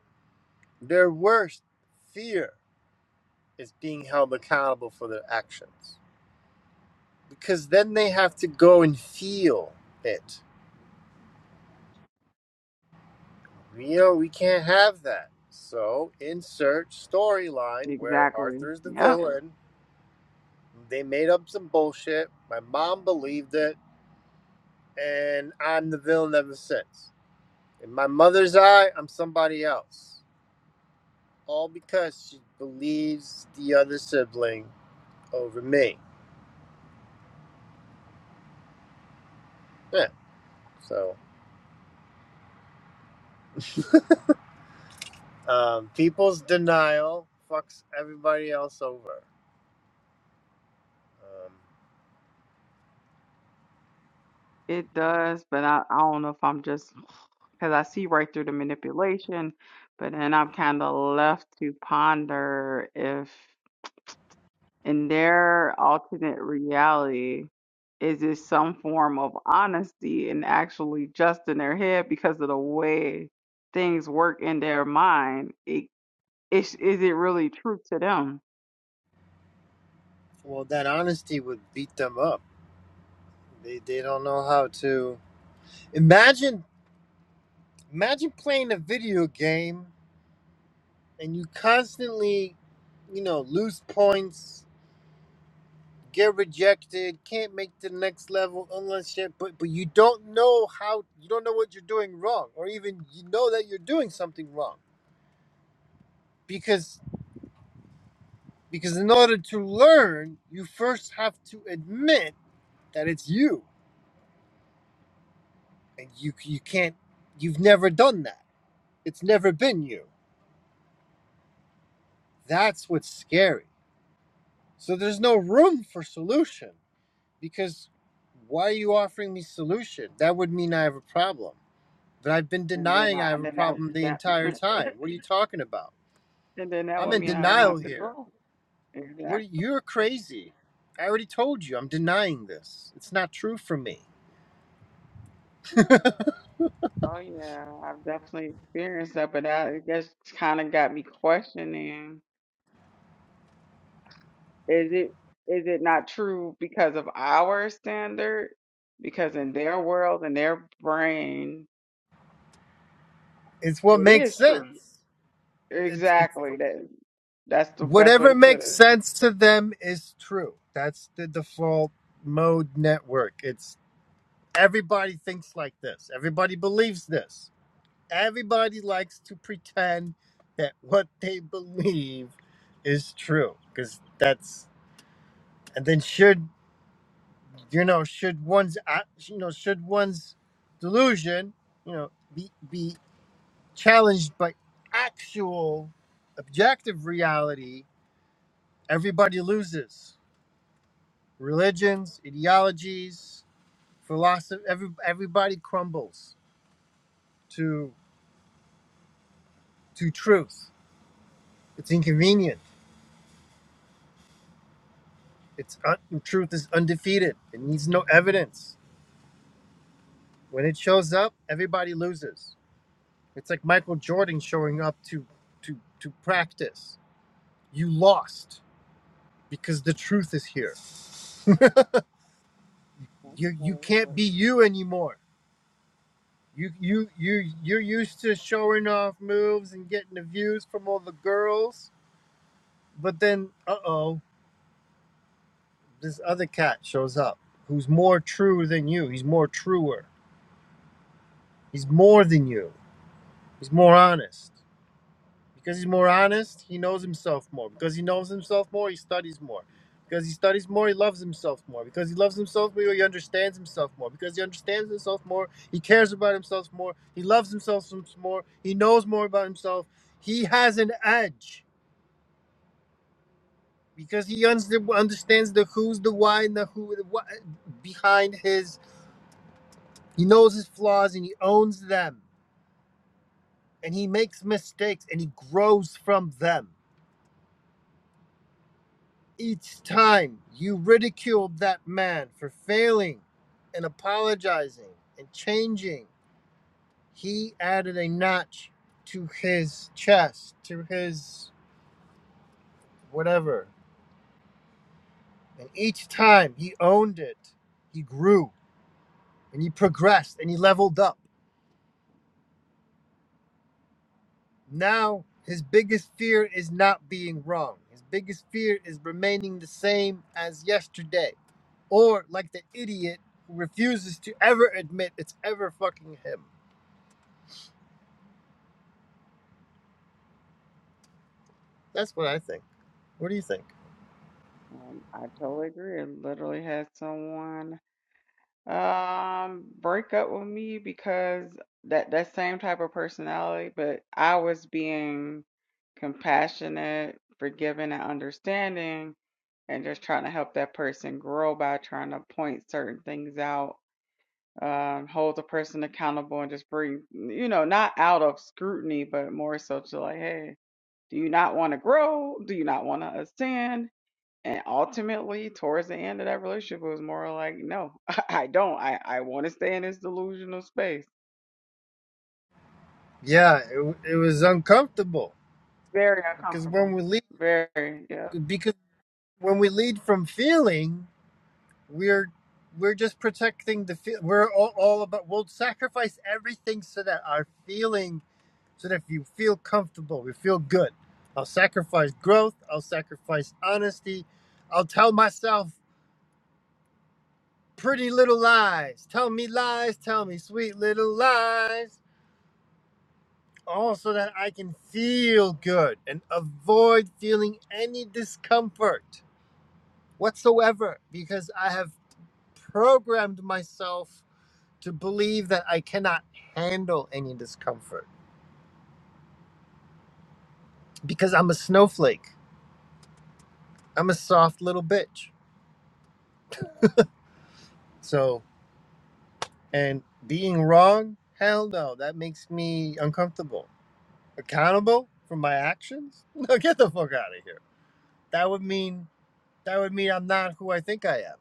Their worst fear is being held accountable for their actions because then they have to go and feel it. You know, we can't have that. So insert storyline where
exactly,
Arthur is the
yep,
villain. They made up some bullshit. My mom believed it, and I'm the villain ever since. In my mother's eye, I'm somebody else. all because she believes the other sibling over me. Yeah. So um, people's denial fucks everybody else over. Um,
it does. But I, I don't know if I'm just because I see right through the manipulation, but then I'm kind of left to ponder if in their alternate reality. Is it some form of honesty and actually just in their head because of the way things work in their mind? It is is it really true to them?
well, that honesty would beat them up. They they don't know how to imagine imagine playing a video game and you constantly, you know, lose points get rejected, can't make the next level unless you but but you don't know how you don't know what you're doing wrong or even you know that you're doing something wrong because because in order to learn, you first have to admit that it's you and you you can't you've never done that. It's never been you. That's what's scary. So there's no room for solution because why are you offering me solution? That would mean I have a problem. But I've been
And then
denying
I
I have a
then that
problem the
that
entire time. What are you talking about?
and then that
I'm
would
in
mean I would
denial
have to
here.
grow. Exactly.
What are- you're crazy. I already told you I'm denying this. It's not true for me.
oh yeah, I've definitely experienced that, but that I guess kind of got me questioning: is it is it not true because of our standard? Because in their world, in their brain,
It's what
it
makes
is true.
sense. It's it's
Exactly. That that's the best way
whatever
to put
makes
it.
sense to them is true. That's the default mode network. It's everybody thinks like this. Everybody believes this. Everybody likes to pretend that what they believe is true because that's and then should you know should one's uh, you know should one's delusion you know be be challenged by actual objective reality everybody loses religions ideologies philosophy every, everybody crumbles to to truth it's inconvenient it's un, truth is undefeated it needs no evidence when it shows up everybody loses It's like Michael Jordan showing up to to to practice. You lost because the truth is here. you you can't
Totally.
be you anymore. You you you you're used to showing off moves and getting the views from all the girls, but then uh oh, this other cat shows up who's more true than you. He's more truer. He's more than you. He's more honest. Because he's more honest, he knows himself more. Because he knows himself more, he studies more. Because he studies more, he loves himself more. Because he loves himself more, he understands himself more. Because he understands himself more, he cares about himself more. He loves himself more. He knows more about himself. He has an edge because he uns- understands the who's, the why, and the who the what behind his. He knows his flaws and he owns them. And he makes mistakes and he grows from them Each time you ridiculed that man for failing and apologizing and changing, he added a notch to his chest, to his whatever. And each time he owned it, he grew and he progressed and he leveled up. Now his biggest fear is not being wrong. His biggest fear is remaining the same as yesterday. Or like the idiot who refuses to ever admit it's ever fucking him. That's what I think. What do you think?
Um, I totally agree. I literally had someone. Um, break up with me because that that same type of personality, but I was being compassionate, forgiving, and understanding, and just trying to help that person grow by trying to point certain things out, um, hold the person accountable, and just bring, you know, not out of scrutiny, but more so to like, hey, do you not want to grow? Do you not want to ascend? And ultimately, towards the end of that relationship, it was more like, no, I don't. I, I want to stay in this delusional space.
Yeah, it, it was uncomfortable
Very
because
uncomfortable.
when we lead,
Very, yep,
because when we lead from feeling, we're we're just protecting the feel. We're all, all about. We'll sacrifice everything so that our feeling, so that if you feel comfortable, we feel good. I'll sacrifice growth. I'll sacrifice honesty. I'll tell myself pretty little lies. Tell me lies. Tell me sweet little lies. also that I can feel good and avoid feeling any discomfort whatsoever because I have programmed myself to believe that I cannot handle any discomfort because I'm a snowflake. I'm a soft little bitch. So, and being wrong, hell no, that makes me uncomfortable. Accountable for my actions? No, get the fuck out of here. That would mean that would mean I'm not who I think I am.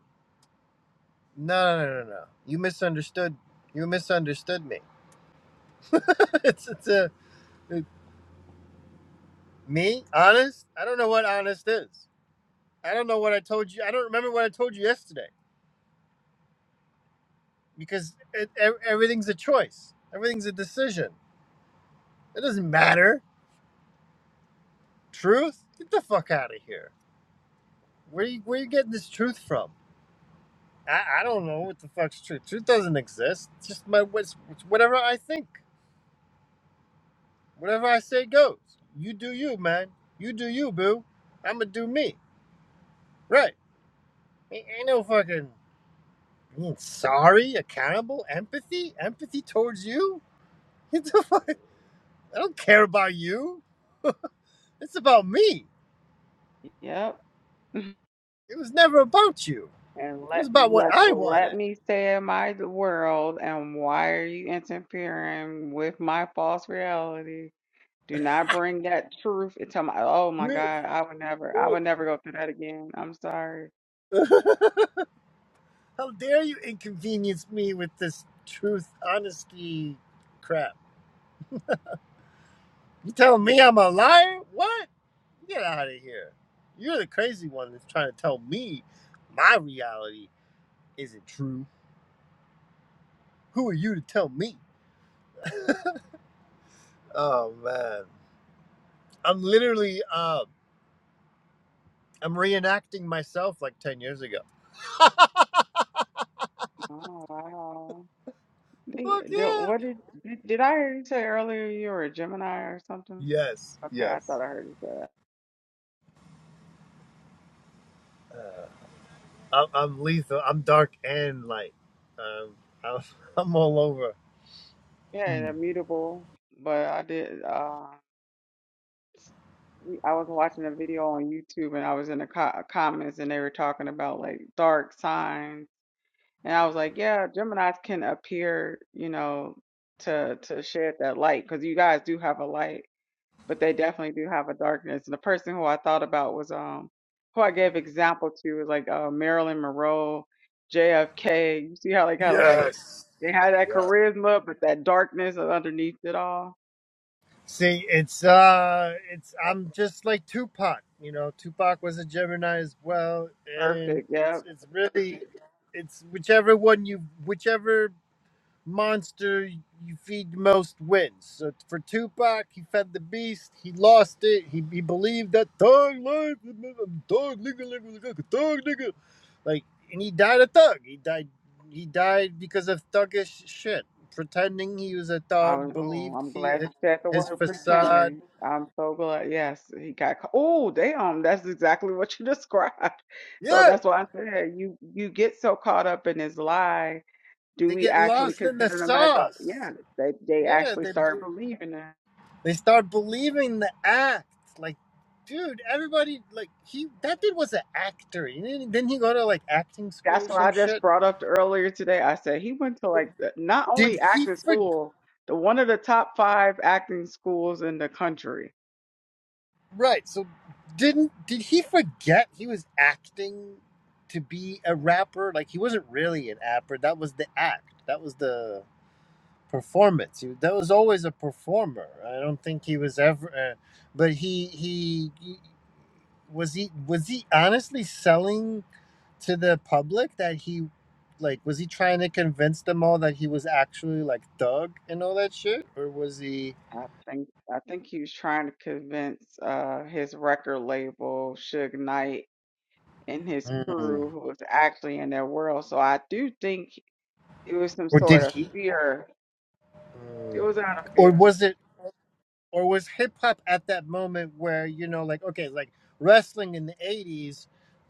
No, no, no, no, no. You misunderstood. You misunderstood me. it's it's a me honest. I don't know what honest is. I don't know what I told you. I don't remember what I told you yesterday because it, ev- everything's a choice. Everything's a decision. It doesn't matter. Truth. Get the fuck out of here. Where you where you getting this truth from? I, I don't know what the fuck's truth. Truth doesn't exist. It's just my what's it's whatever I think. Whatever I say goes. You do you, man. You do you, boo. I'ma do me. Right. Ain't, ain't no fucking being sorry, accountable, empathy, empathy towards you. What the fuck? I don't care about you. It's about me.
yep.
It was never about you.
And
It was
let
about what
let
I
let
wanted.
me stay in my d- world. And why are you interfering with my false reality? Do not bring that truth into my. Oh my God, I would never, I
You-
would never go through that again. I'm sorry.
How dare you inconvenience me with this truth, honesty crap? You telling me I'm a liar? What? Get out of here. You're the crazy one that's trying to tell me my reality isn't true. Who are you to tell me? Oh man, I'm literally um I'm reenacting myself like ten years ago. Fuck
Oh wow. They, the-
yeah!
what did, did did I hear you say earlier you were a Gemini or something?
Yes,
Okay, I
yes.
thought I heard you say that.
I'm, I'm lethal. I'm dark and light. Um, I'm, I'm all over. Mm.
Yeah, immutable, but I did. Uh, we- I was watching a video on YouTube and I was in the co comments and they were talking about like dark signs, and I was like, yeah, Geminis can appear, you know, to to shed that light because you guys do have a light. but they definitely do have a darkness. And the person who I thought about was um who I gave example to was like uh, Marilyn Monroe, JFK. You see how they kind of like
Yes.
they had that
Yeah.
charisma, but that darkness underneath it all.
See, it's uh, it's I'm just like Tupac. You know, Tupac was a Gemini as well, and
Perfect.
it's
Yep.
it's really, it's whichever one you, whichever monster you feed the most wins. So for Tupac, he fed the beast. He lost it. He, he believed that thug life, thug nigga, nigga, nigga, thug nigga, like, and he died a thug. He died. He died because of thuggish shit, pretending he was a
I was,
thug,
oh,
believed
I'm
he
glad you said the
his
word
facade.
pretending. I'm so glad. Yes, he got. ca- Oh, damn, that's exactly what you described. So
Yeah,
that's why I said you you get so caught up in this lie do
they
we
get
actually
lost in the
consider them as a
sauce.
yeah they, they
Yeah,
actually
they.
start believing that
They start believing the act. Like, dude, everybody like he that dude was an actor. Didn't, didn't he go to like acting school
that's
or
what
some
i just
shit?
brought up earlier today i said he went to like the- not
Did
only
he
acting
for
school the one of the top five acting schools in the country
right? So didn't did he forget he was acting to be a rapper? Like he wasn't really an rapper. That was the act. That was the performance. He, that was always a performer. I don't think he was ever. Uh, but he he. he was he was he honestly selling to the public that he like was he trying to convince them all that he was actually like Doug and all that shit or was he
i think i think he was trying to convince uh his record label Suge knight and his
Mm.
crew who was actually in their world so i do think it was some
or did
sort of
he
fear it
Mm.
was out of
or
fear
was it or was hip hop at that moment where you know like okay like wrestling in the 80s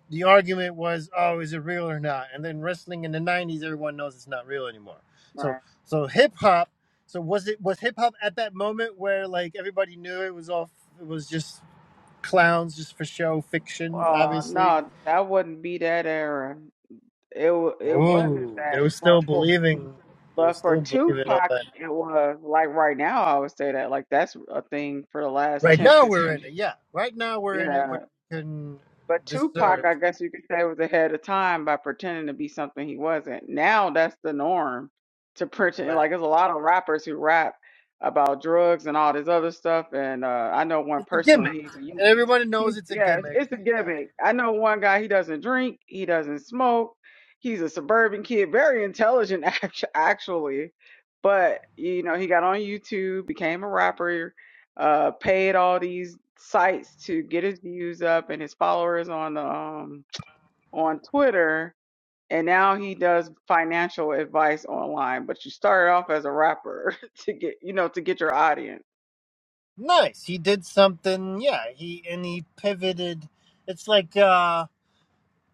the argument was oh is it real or not and then wrestling in the 90s everyone knows it's not real anymore
right
so so hip hop so was it was hip hop at that moment where like everybody knew it was all it was just clowns just for show fiction,
Uh,
obviously.
no, that wouldn't be that era. It wa- it wasn't
Oh, they
that,
were still
but for
believing. They were
but for
still believing all
Tupac,
that.
it was like right now. I would say that like that's a thing for the last
Right
ten
now we're
fifteen.
in it. Yeah, right now
15.
we're in it.
Yeah,
We can
but Tupac,
discern.
I guess you could say, was ahead of time by pretending to be something he wasn't. Now that's the norm to pretend.
Right.
Like there's a lot of rappers who rap about drugs and all this other stuff, and uh, I know one
It's a
personally.
gimmick,
He's a
and everybody knows
He's,
it's a
yes,
gimmick.
it's a
Yeah.
gimmick. I know one guy, he doesn't drink, he doesn't smoke. He's a suburban kid, very intelligent act- actually. But, you know, he got on YouTube, became a rapper, uh paid all these sites to get his views up and his followers on the um on Twitter, and now he does financial advice online, but you started off as a rapper to get, you know, to get your audience.
Nice. He did something. Yeah. He and he pivoted. It's like uh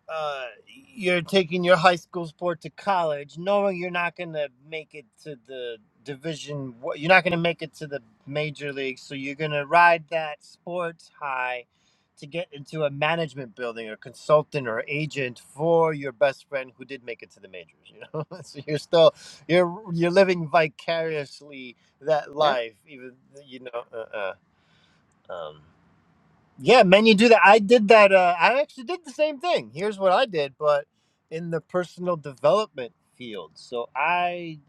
uh, you're taking your high school sport to college, knowing you're not going to make it to the division, one- you're not going to make it to the major league, so you're going to ride that sports high to get into a management building or consultant or agent for your best friend who did make it to the majors you know so you're still you're you're living vicariously that life even you know uh, uh, um yeah, men, you do that. I did that. Uh, I actually did the same thing. Here's what I did, but in the personal development field. So I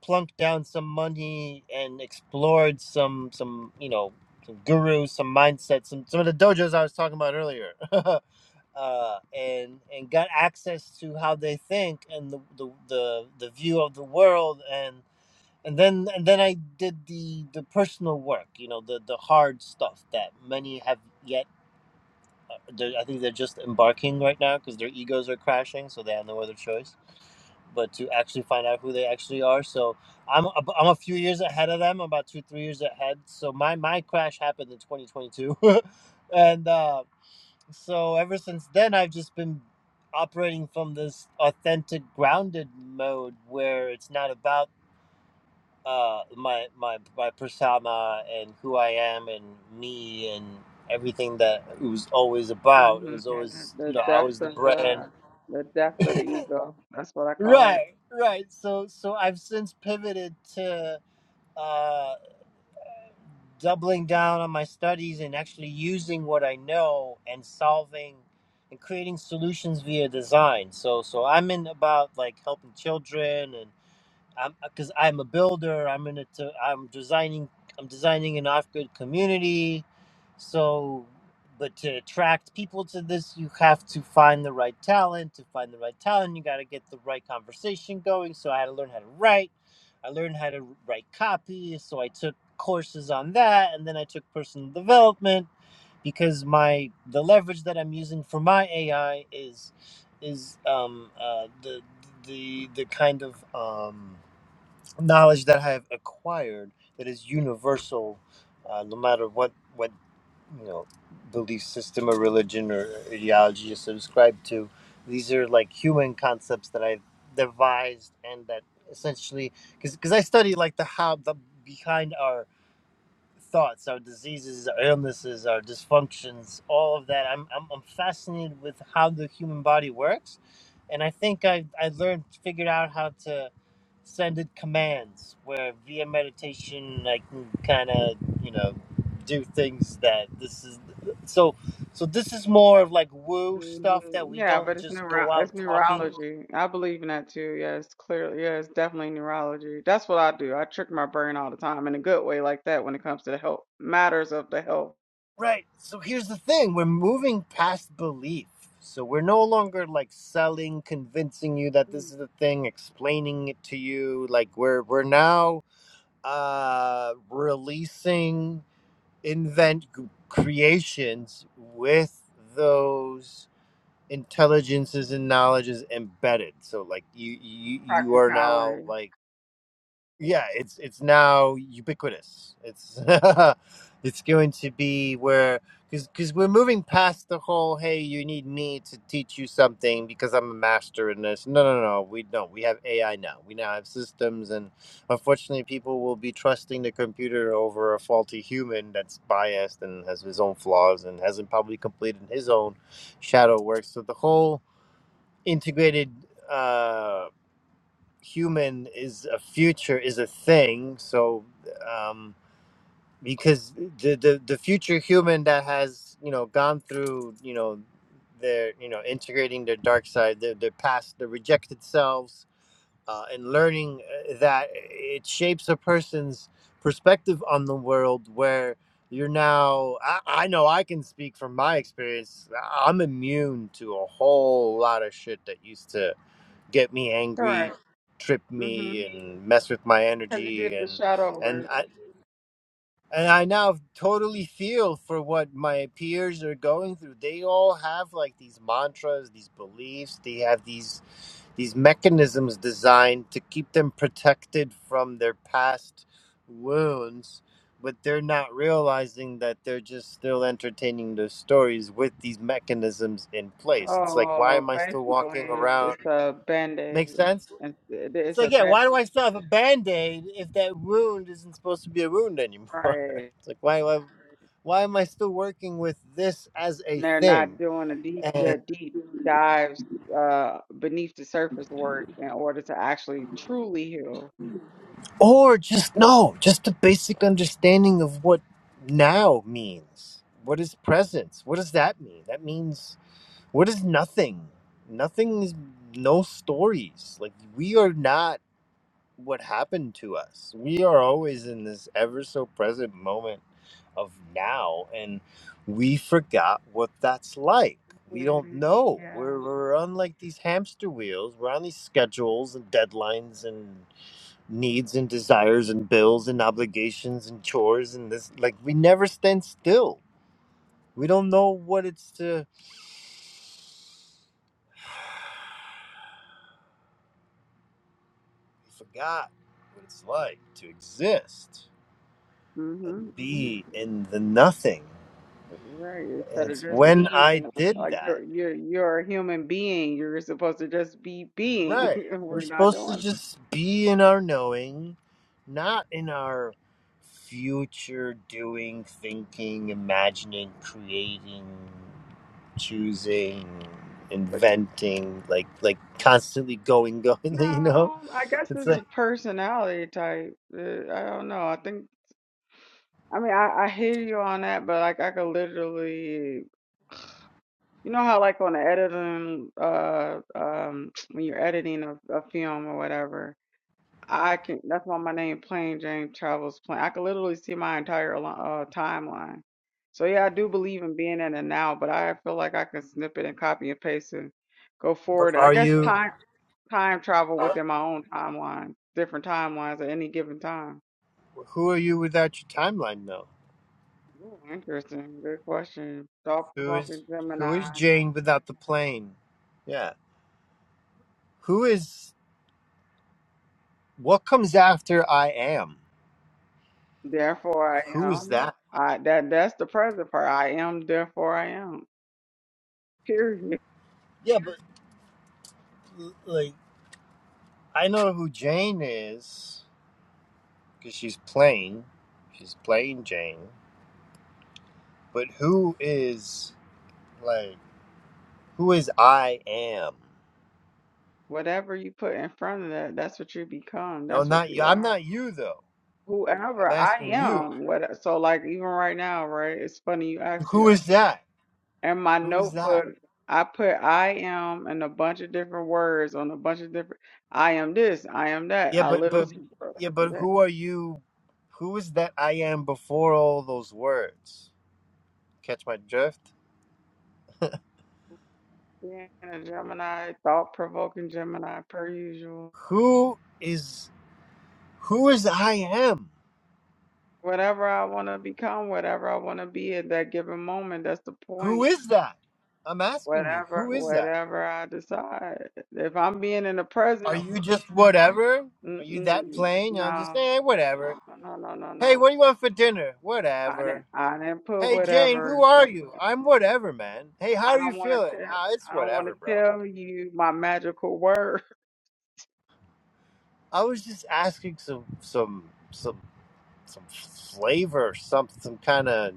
plunked down some money and explored some, some you know, some gurus, some mindsets, some, some of the dojos I was talking about earlier. uh, and and got access to how they think and the, the, the, the view of the world and and then and then I did the the personal work you know the the hard stuff that many have yet They're, I think they're just embarking right now because their egos are crashing, so they have no other choice but to actually find out who they actually are. So I'm ab- I'm a few years ahead of them, about two three years ahead. So my my crash happened in 2022, and uh, so ever since then I've just been operating from this authentic grounded mode where it's not about uh, my my my persona and who I am and me and everything that it was always about. It
hmm
was
And
always
the
you know I
death
was the
of
brand,
the the death of the ego. That's what I call it.
right? Right. So so I've since pivoted to uh, doubling down on my studies and actually using what I know and solving and creating solutions via design. So so I'm in about like helping children and I'm because I'm a builder. I'm in it. I'm designing. I'm designing an off-grid community. So, but to attract people to this, you have to find the right talent. To find the right talent, you got to get the right conversation going. So I had to learn how to write. I learned how to write copy. So I took courses on that, and then I took personal development because my the leverage that I'm using for my AI is is um, uh, the the the kind of um, knowledge that I have acquired that is universal, uh, no matter what what you know belief system or religion or ideology you subscribe to. These are like human concepts that I devised and that essentially because because I study like the how the behind our thoughts, our diseases, our illnesses, our dysfunctions, all of that. I'm, I'm, I'm fascinated with how the human body works. And I think I, I learned, figured out how to send it commands where via meditation I can kind of, you know, do things that this is so so this is more of like woo
hmm
stuff that we
Yeah, but
don't
it's
just
neuro
go out
it's
talking
neurology. I believe in that too. Yeah, it's clearly yeah, it's definitely neurology. That's what I do. I trick my brain all the time in a good way like that when it comes to the health matters of the health
Right. So here's the thing we're moving past belief. So we're no longer like selling, convincing you that
Mm.
this is the thing, explaining it to you. Like we're we're now uh releasing invent g- creations with those intelligences and knowledges embedded. So like you you you are now
practicality.
like yeah, it's it's now ubiquitous. It's it's going to be where because because we're moving past the whole hey you need me to teach you something because I'm a master in this. No, no, no, we don't. We have AI now. We now have systems, and unfortunately, people will be trusting the computer over a faulty human that's biased and has his own flaws and hasn't probably completed his own shadow work. So the whole integrated. Uh, human is a future is a thing so um because the, the the future human that has you know gone through you know their you know integrating their dark side their, their past their rejected selves uh, and learning uh, that it shapes a person's perspective on the world where you're now I, I know i can speak from my experience I- i'm immune to a whole lot of shit that used to get me angry,
Correct.
trip
hmm
me, and mess with my
Because you
energy,
did the
and
shadow
and
work.
I and I now totally feel for what my peers are going through. They all have like these mantras, these beliefs. They have these these mechanisms designed to keep them protected from their past wounds. But they're not realizing that they're just still entertaining those stories with these mechanisms in place. It's like, why
Oh,
am I still
basically,
walking
it's,
around?
it's a
Make
band-aid.
sense?
It's,
It's
it's a
like, yeah,
band,
why do I still have a band aid if that wound isn't supposed to be a wound anymore?
right?
It's like, why, why, why am I still working with this as a
and they're not
thing?
doing a deep
And,
the deep dives uh beneath the surface work in order to actually truly heal.
or just no, just a basic understanding of what now means. What is presence? What does that mean? That means what is nothing? Nothing is no stories. Like we are not. what happened to us. We are always in this ever so present moment of now, and we forgot what that's like. We don't
Mhm,
know. We're,
Yeah.
we're on like these hamster wheels. We're on these schedules and deadlines and needs and desires and bills and obligations and chores and this. Like, we never stand still. We don't know what it's to. We forgot what it's like to exist
hmm
and be in the nothing.
Right.
And
Instead of
it's
just
when I
being
did
like you're
that.
you're you're a human being, you're supposed to just be being.
Right. We're
We're not
supposed to
doing.
just be in our knowing, not in our future doing, thinking, imagining, creating, choosing,
But
inventing, like like constantly going, going,
no,
you
I,
know?
don't- I guess
It's
it's a
like
personality type. Uh, I don't know. I think. I mean, I, I hear you on that, but like I could literally You know how like on the editing uh um when you're editing a, a film or whatever, I can that's why my name Plain Jane Travels Plain. I can literally see my entire li- uh timeline. So yeah, I do believe in being in the now, but I feel like I can snip it and copy and paste and go
but
forward. I
are
guess
you
time time travel
are,
within my own timeline, different timelines at any given time.
who are you without your timeline though?
Ooh, interesting. Good question. Thought
Who
provoking
is who is
Gemini.
Jane without the plane? Yeah. Who is what comes after I am?
Therefore I
Who is
am.
that?
I that that's the present part. I am, therefore I am. Period.
Yeah, but l- like I know who Jane is because she's plain. She's plain Jane. But who is like who is I am?
Whatever you put in front of that, that's what you become.
No,
That's what
not you.
you
I'm
are.
not you though.
Whoever
I'm
I
asking you.
am, what so like even right now, right? It's funny you asked me
Who
that.
is that?
In my
Who is that?
notebook, I put I am and a bunch of different words on a bunch of different I am this, I am that.
Yeah,
I
but but
literally wrote
yeah,
it
but
today.
who are you? Who is that I am before all those words? Catch my drift?
Being a Gemini, thought provoking Gemini per usual.
Who is? Who is I am?
whatever I want to become, whatever I want to be at that given moment. That's the
Who
point.
is that? I'm asking you,
Whatever,
who is that?
whatever I decide. If I'm being in the present,
Are you just whatever? Are you that
mm-mm,
plain? I'm just,
no,
eh, whatever.
no, no, no, no, no,
Hey,
no.
what do you want for dinner?
I didn't,
Whatever.
I didn't put
Hey, Jane,
whatever
who
in
are
front.
you?
of it.
I'm whatever, man. Hey, how
I
are you
don't want
feeling?
to tell.
Ah, it's
I don't want
whatever,
to
bro.
tell you my magical word.
I was just asking some, some, some, some flavor, some, some kind of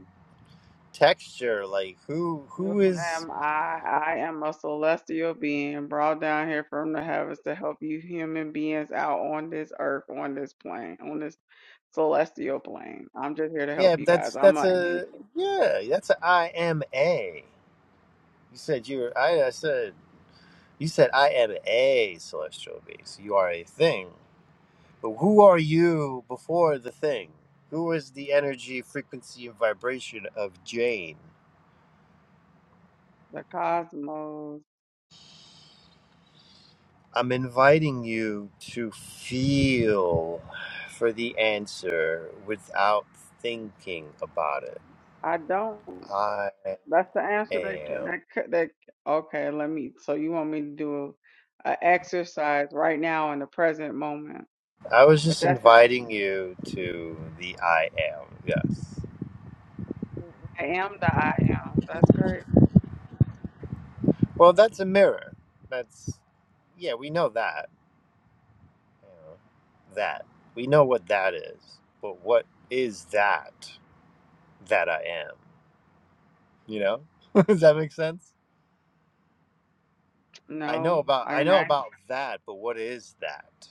texture. Like, who,
You
who is?
am I. I am a celestial being brought down here from the heavens to help you human beings out on this earth, on this plane, on this celestial plane. I'm just here to
Yeah,
help you guys.
that's
I'm
that's
a
a
angel.
yeah, that's a I M A. You said you were. I, I said you said I am a celestial being. So you are a thing. But who are you before the thing? Who is the energy, frequency, and vibration of Jane?
The cosmos.
I'm inviting you to feel for the answer without thinking about it.
I don't.
I
That's the answer that
am.
that c- that. Okay, let me. So you want me to do a exercise right now in the present moment?
I was
But
just
that's the.
inviting you to the I am. Yes.
I am the I am. That's crazy.
Well, that's a mirror. That's yeah, we know that you know, that. We know what that is, but what is that that I am? You know? Does that make sense? I know
No,
about
I
I know
can.
about that, but what is that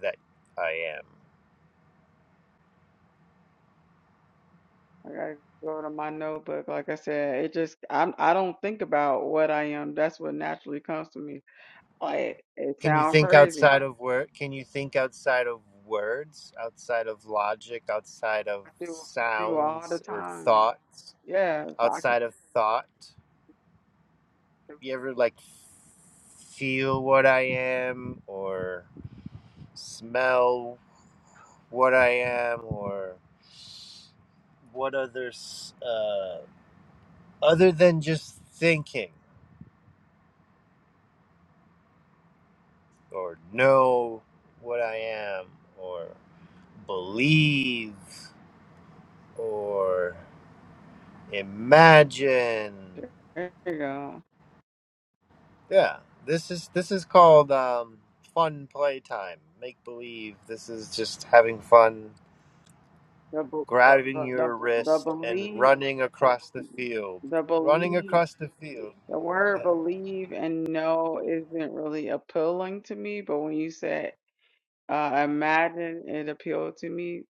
that I am?
I gotta go to my notebook. Like I said, it just I'm I don't think about what I am. That's what naturally comes to me. Like it
Can you
sounds
think
crazy. I,
outside of word can you think outside of words, outside of logic, outside of
I do I do all the
sounds or
time.
thoughts,
Yeah, so I can,
outside of thought? You ever like feel what I am or smell what I am or what others uh, other than just thinking or know what I am or believe or imagine.
there you go.
Yeah, this is this is called um, fun playtime, make believe. This is just having fun,
The, b- the
grabbing
the the
your
the
wrist and
believe
running across the field,
the
running
believe
across the field.
the word
Yeah.
believe and know isn't really appealing to me. But when you said uh, imagine, it appealed to me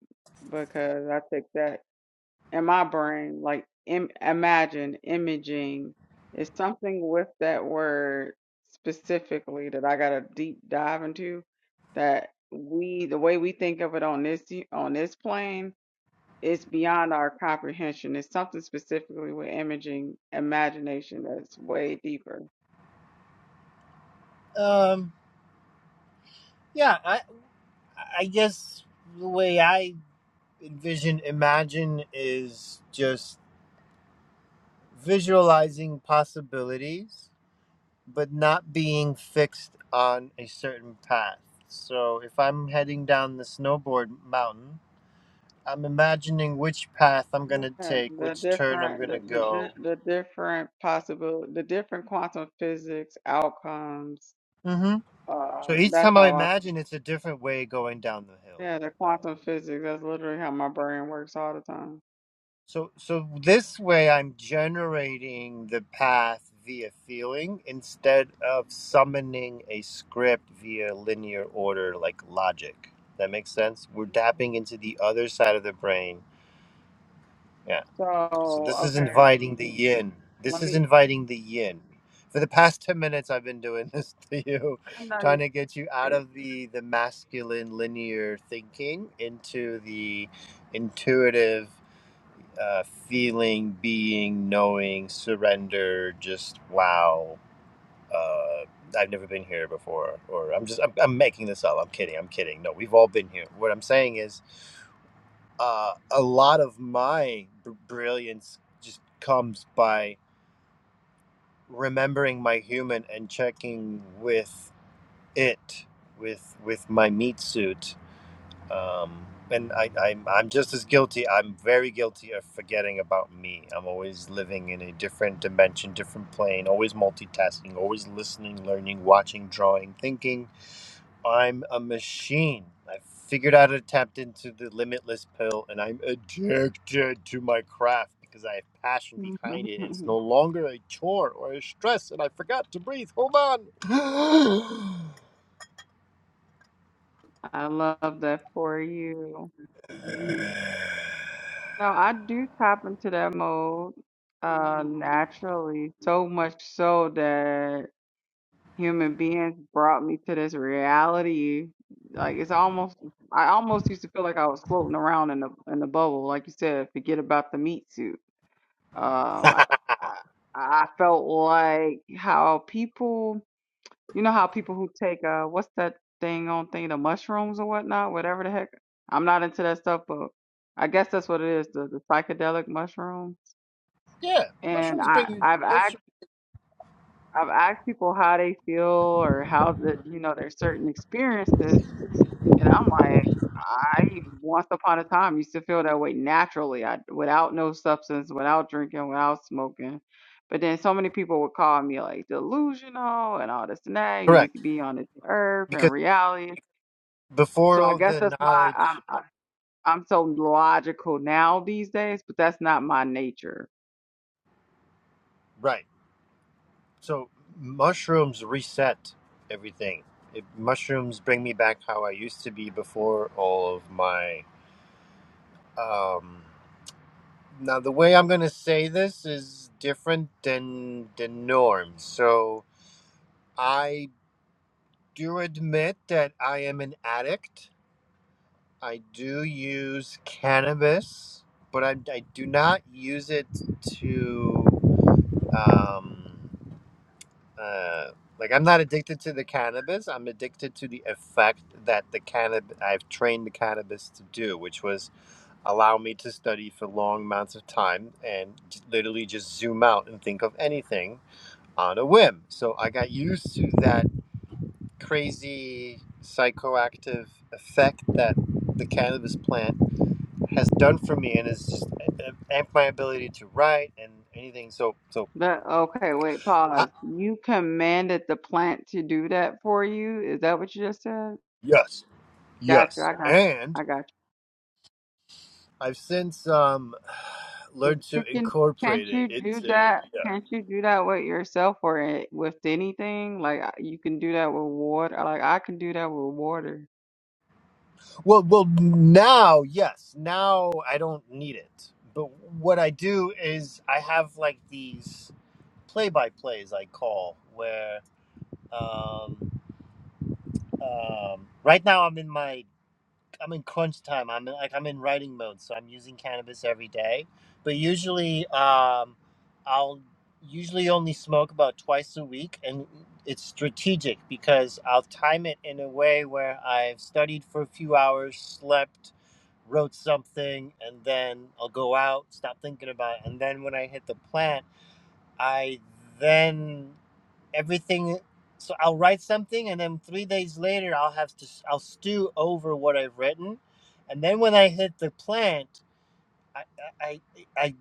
because I take that. in my brain, like Im- imagine, imaging is something with that word specifically that I got to deep dive into. That we, the way we think of it on this on this plane, is beyond our comprehension. It's something specifically with imaging, imagination that's way deeper.
Um, Yeah, I, I guess the way I envision imagine is just visualizing possibilities, but not being fixed on a certain path. So if I'm heading down the snowboard mountain, I'm imagining which path I'm going to
Yeah,
take,
the
which turn I'm
different,
going to
the, the,
go.
di- the different possible, the different quantum physics outcomes.
hmm
Uh,
So each
that's
time I
how I
imagine, it's a different way going down the hill.
Yeah, the quantum physics. That's literally how my brain works all the time.
So, so this way I'm generating the path via feeling instead of summoning a script via linear order like logic. That makes sense? We're tapping into the other side of the brain. Yeah.
So,
So this is
okay,
inviting the yin. This
let
is
me.
inviting the yin. For the past 10 minutes I've been doing this to you,
I know
trying
you.
to get you out of the the masculine linear thinking into the intuitive uh, feeling, being, knowing, surrender, just wow. Uh, I've never been here before, or I'm just I'm, I'm making this up. I'm kidding. I'm kidding. No, we've all been here. What I'm saying is, uh, a lot of my br- brilliance just comes by remembering my human and checking with it, with with my meat suit um, and I, I'm I'm just as guilty. I'm very guilty of forgetting about me. I'm always living in a different dimension, different plane. Always multitasking. Always listening, learning, watching, drawing, thinking. I'm a machine. I figured out how to tap into the limitless pill, and I'm addicted to my craft because I have passion behind it, and it's no longer a chore or a stress. And I forgot to breathe. Hold on.
I love that for you. No, I do tap into that mode uh naturally, so much so that human beings brought me to this reality. Like it's almost I almost used to feel like I was floating around in the in the bubble, like you said, forget about the meat suit. Um, I, I I felt like how people, you know, how people who take uh, what's that thing on thing, the mushrooms or whatnot, whatever the heck. I'm not into that stuff, but I guess that's what it is, the, the psychedelic mushroom.
yeah,
And
mushrooms
I
bring you.
I've asked I've asked people how they feel or how that you know their certain experiences, And I'm like, I once upon a time used to feel that way naturally, I, without no substance, without drinking, without smoking. But then so many people would call me like delusional and all this and that. You need to
Correct
be on this earth
because.
and reality.
before
So I
all
guess
the
that's why I'm
knowledge
I, I'm so logical now these days. But that's not my nature.
right so mushrooms reset everything it, mushrooms bring me back how i used to be before all of my um now the way i'm going to say this is different than the norm so i do admit that i am an addict i do use cannabis but i, I do not use it to um uh, like I'm not addicted to the cannabis. I'm addicted to the effect that the cannabis I've trained the cannabis to do, which was allow me to study for long amounts of time and j- literally just zoom out and think of anything on a whim. So I got used to that crazy psychoactive effect that the cannabis plant has done for me and has just a- amped my ability to write and anything. So so
That okay? Wait,
I,
pause. You commanded the plant to do that for you. Is that what you just said?
yes,
Gotcha.
yes,
I got.
and.
I got.
I've since um,
But
learned
you
to
can, can't
incorporate
you
it
do
into
that?
yeah.
Can't you do that with yourself or it- with anything? Like I- you can do that with water. Like I can do that with water.
Well, well, now yes, now I don't need it. But what I do is I have like these play-by-plays I call where um, um, right now I'm in my I'm in crunch time. I'm in, like I'm in writing mode, so I'm using cannabis every day. But usually, um, I'll usually only smoke about twice a week, and it's strategic because I'll time it in a way where I've studied for a few hours, slept, wrote something, and then I'll go out, stop thinking about it, and then when I hit the plant, I then everything so i'll write something and then three days later i'll have to i i'll stew over what i've written and then when i hit the plant i i, I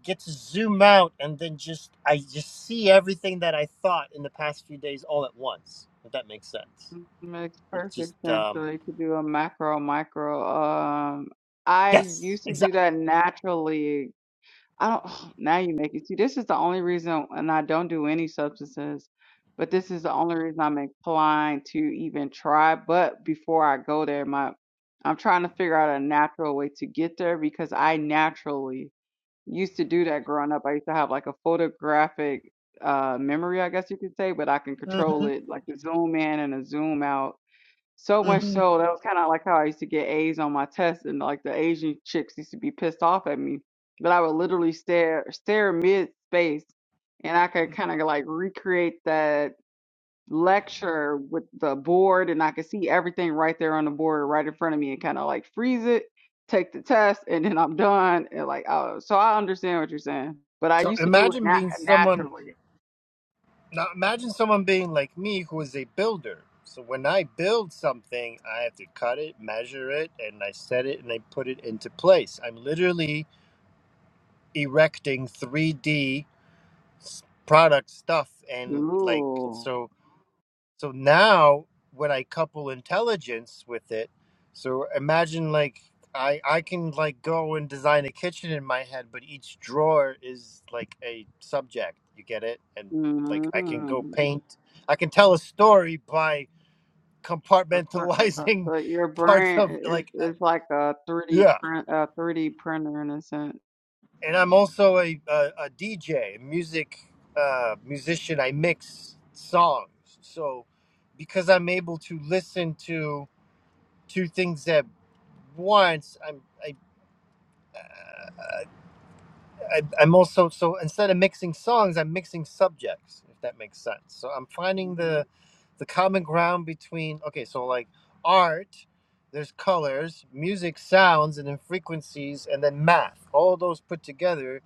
get to zoom out and then just i just see everything that i thought in the past few days all at once if that makes sense
Mm, Makes
it
perfect
just
sense. So
um
you could do a macro, micro. Um, I
yes
used to do
exactly
that naturally I don't, now you make it. See, this is the only reason, and I don't do any substances, but this is the only reason I'm inclined to even try. But before I go there, my I'm trying to figure out a natural way to get there because I naturally used to do that growing up. I used to have like a photographic uh memory, I guess you could say, but I can control
hmm
it, like a zoom in and a zoom out so much
hmm
so that was kind of like how I used to get A's on my tests, and like the Asian chicks used to be pissed off at me. But I would literally stare stare mid space, and I could kind of like recreate that lecture with the board, and I could see everything right there on the board, right in front of me, and kind of like freeze it, take the test, and then I'm done. And like, oh, so I understand what you're saying, but I
so
used to do it
imagine
nat
being someone
naturally.
Now imagine someone being like me who is a builder. So when I build something, I have to cut it, measure it, and I set it and I put it into place. I'm literally erecting 3D s- product stuff and like
Ooh.
so so now when I couple intelligence with it, so imagine like I I can like go and design a kitchen in my head, but each drawer is like a subject. You get it? And like I can go paint. I can tell a story by
That's uh,
compartmentalizing
So your
parts
brain
of like
i-
I-
is like a 3D
yeah.
print, a 3D printer in a sense.
And I'm also a a, DJ, music uh, musician. I mix songs. So because I'm able to listen to two things at once. I'm I, I I'm also so instead of mixing songs, I'm mixing subjects. If that makes sense. So I'm finding
hmm
the the common ground between okay, so like art, there's colors, music, sounds, and then frequencies, and then math. All those put together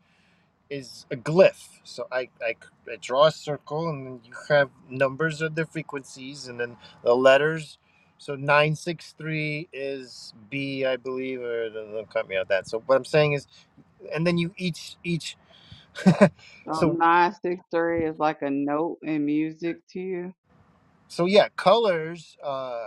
is a glyph. So I I I draw a circle, and then you have numbers of the frequencies, and then the letters. So nine six three is B, I believe, or don't cut me out that. So what I'm saying is, and then you each each.
So
so
nine six three is like a note in music to you.
so yeah, colors. Uh,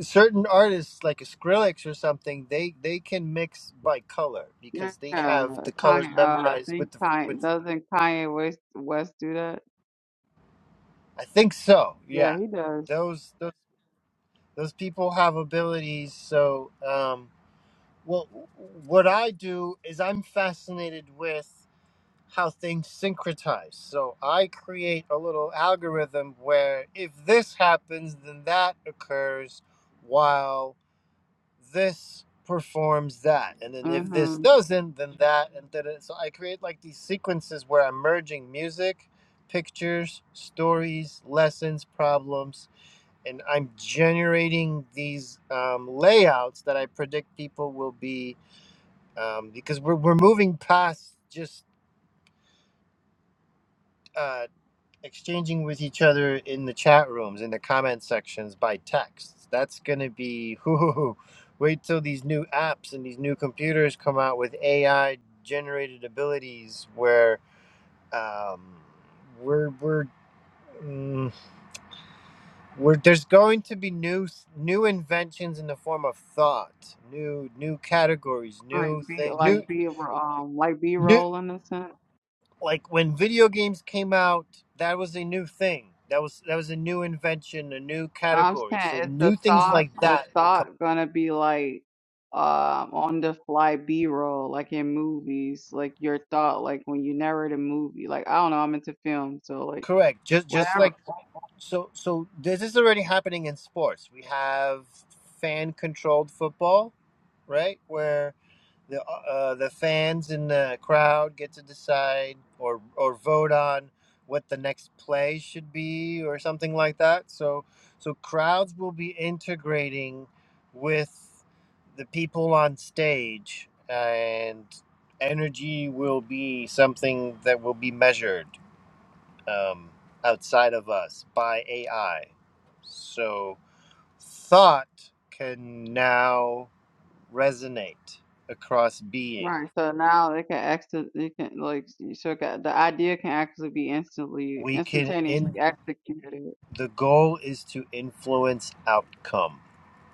certain artists like a Skrillex or something, they they can mix by color
Yeah,
because they have the colors
Kanye. Uh, I
memorized
think
with the
Kanye
frequency.
doesn't Kanye West West do that?
I think so.
Yeah,
Yeah,
he does.
those those. those people have abilities so um, well what i do is i'm fascinated with how things syncretize so i create a little algorithm where if this happens then that occurs while this performs that and then if this
Mm-hmm.
doesn't then that and then it- so i create like these sequences where i'm merging music pictures stories lessons problems and I'm generating these um, layouts that I predict people will be um, because we're, we're moving past just uh, exchanging with each other in the chat rooms in the comment sections by text. That's gonna be whoo. Wait till these new apps and these new computers come out with AI generated abilities where um, we're we're. mm, We're, there's going to be new new inventions in the form of thought, new new categories,
Like
new
B,
thing, new
like B, um, like B
new
roll in a sense.
like when video games came out, that was a new thing. That was that was a new invention, a new
I'm
category. So
saying is the
new things
thought
like
the
that will come.
thought gonna be like um on the fly B roll, like in movies, like your thought, like when you narrate a movie. Like I don't know, I'm into film, so like
Correct. Just just
whatever.
like so so this is already happening in sports. We have fan controlled football, right? Where the uh, the fans in the crowd get to decide or or vote on what the next play should be or something like that. So so crowds will be integrating with the people on stage and energy will be something that will be measured um, outside of us by AI. So thought can now resonate across being
Right. So now it can exit it can like so it can, the idea can actually be instantly
we can
instantaneously
in
executed.
the goal is to influence outcome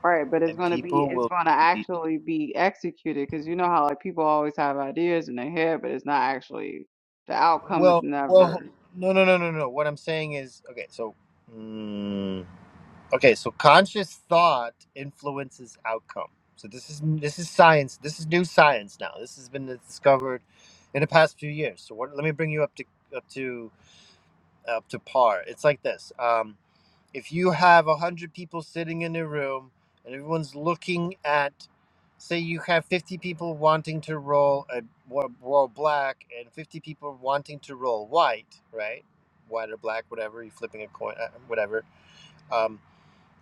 Right, but it's
and
gonna be
people
it's
will
gonna
be
actually be executed because you know how like people always have ideas in their head, but it's not actually the outcome is
well
never.
well no no no no no what i'm saying is okay so mm, okay so conscious thought influences outcome so this is this is science this is new science now this has been discovered in the past few years so what, let me bring you up to up to up to par it's like this um if you have a 100 people sitting in a room and everyone's looking at say you have 50 people wanting to roll a wa- roll black and 50 people wanting to roll white right white or black whatever you're flipping a coin uh, whatever um,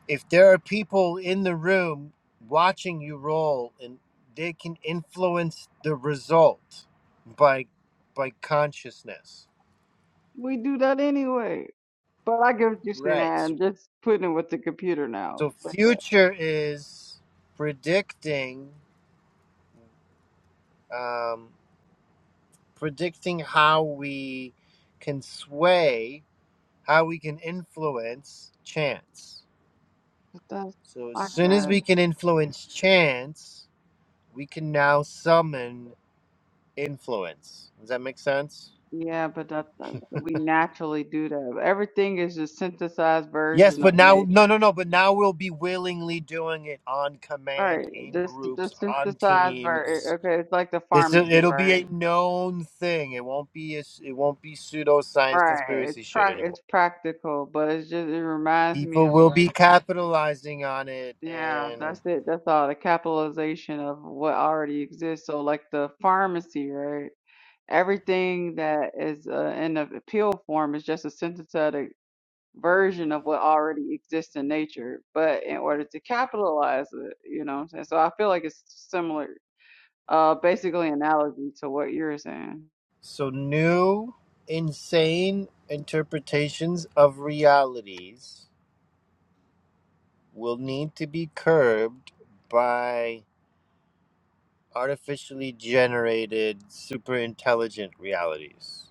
if there are people in the room watching you roll and they can influence the result by by consciousness
We do that anyway. But I get what you're
right so,
saying. Just putting it with the computer now.
so
But yeah,
future is predicting um, predicting how we can sway, how we can influence chance.
but that's
So, as
like
soon as
that.
we can influence chance, we can now summon influence. Does that make sense?
Yeah, but that, that we naturally do that. Everything is a synthesized
Yes,
version of
but now,
nature,
no, no, no, but now we'll be willingly doing it on
right?
command, in
This the
groups, on
synthesized version.
teams.
Okay, it's like the
This
pharmacy,
it'll be
right?
a known thing. It won't be a, it won't be pseudoscience
Right. It's
conspiracy shit
prac
anymore.
it's practical, but it's just it reminds me
people
of
will be
like
capitalizing on it
yeah,
and
that's it. That's all the capitalization of what already exists. So like the pharmacy, right? Everything that is uh, in the pill form is just a synthetic version of what already exists in nature, but in order to capitalize it, you know what I'm saying? So I feel like it's similar, uh, basically analogy to what you're saying.
so new insane interpretations of realities will need to be curbed by artificially generated super intelligent realities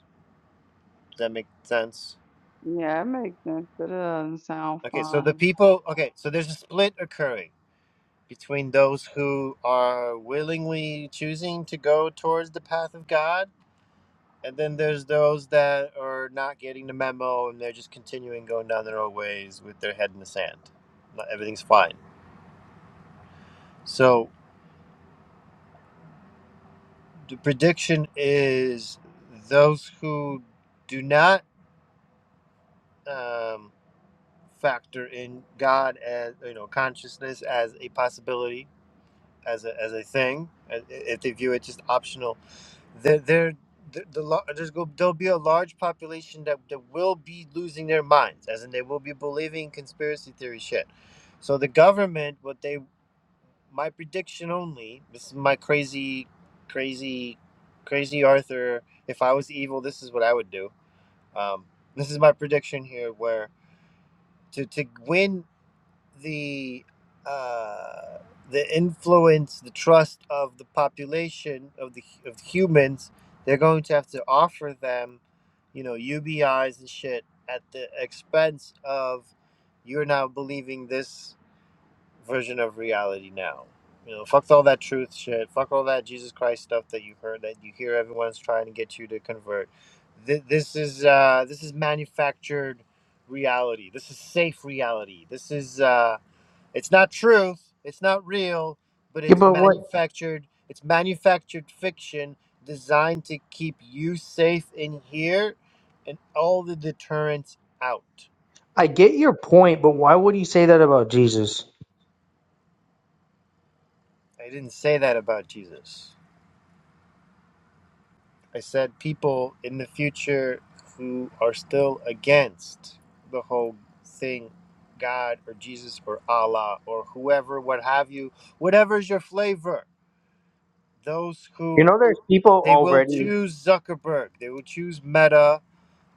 does that make sense
Yeah, it makes sense, but it doesn't sound
okay so the
fun.
people okay so there's a split occurring between those who are willingly choosing to go towards the path of god And then there's those that are not getting the memo and they're just continuing going down their own ways with their head in the sand. Not- Everything's fine. So the prediction is those who do not um, factor in God as you know consciousness as a possibility as a as a thing. uh, If they view it just optional, there there the, there's go there'll be a large population that, that will be losing their minds, as in they will be believing conspiracy theory shit. So the government, what they my prediction only, this is my crazy, crazy, crazy Arthur. If I was evil, this is what I would do. Um, this is my prediction here, where to to win the uh, the influence, the trust of the population of the of humans, they're going to have to offer them, you know, UBIs and shit at the expense of you're now believing this version of reality now. You know, fuck all that truth shit. Fuck all that Jesus Christ stuff that you heard that you hear everyone's trying to get you to convert. Th- this is uh, this is manufactured reality. This is safe reality. This is. uh. It's not truth. It's not real, but
Yeah,
it's
but what
manufactured. It's manufactured fiction designed to keep you safe in here and all the deterrence out.
I get your point, but why would you say that about Jesus?
I didn't say that about Jesus. I said people in the future who are still against the whole thing, God or Jesus or Allah or whoever, what have you, whatever's your flavor. Those
You
who
know, there's people
they will
already
choose Zuckerberg, they will choose Meta,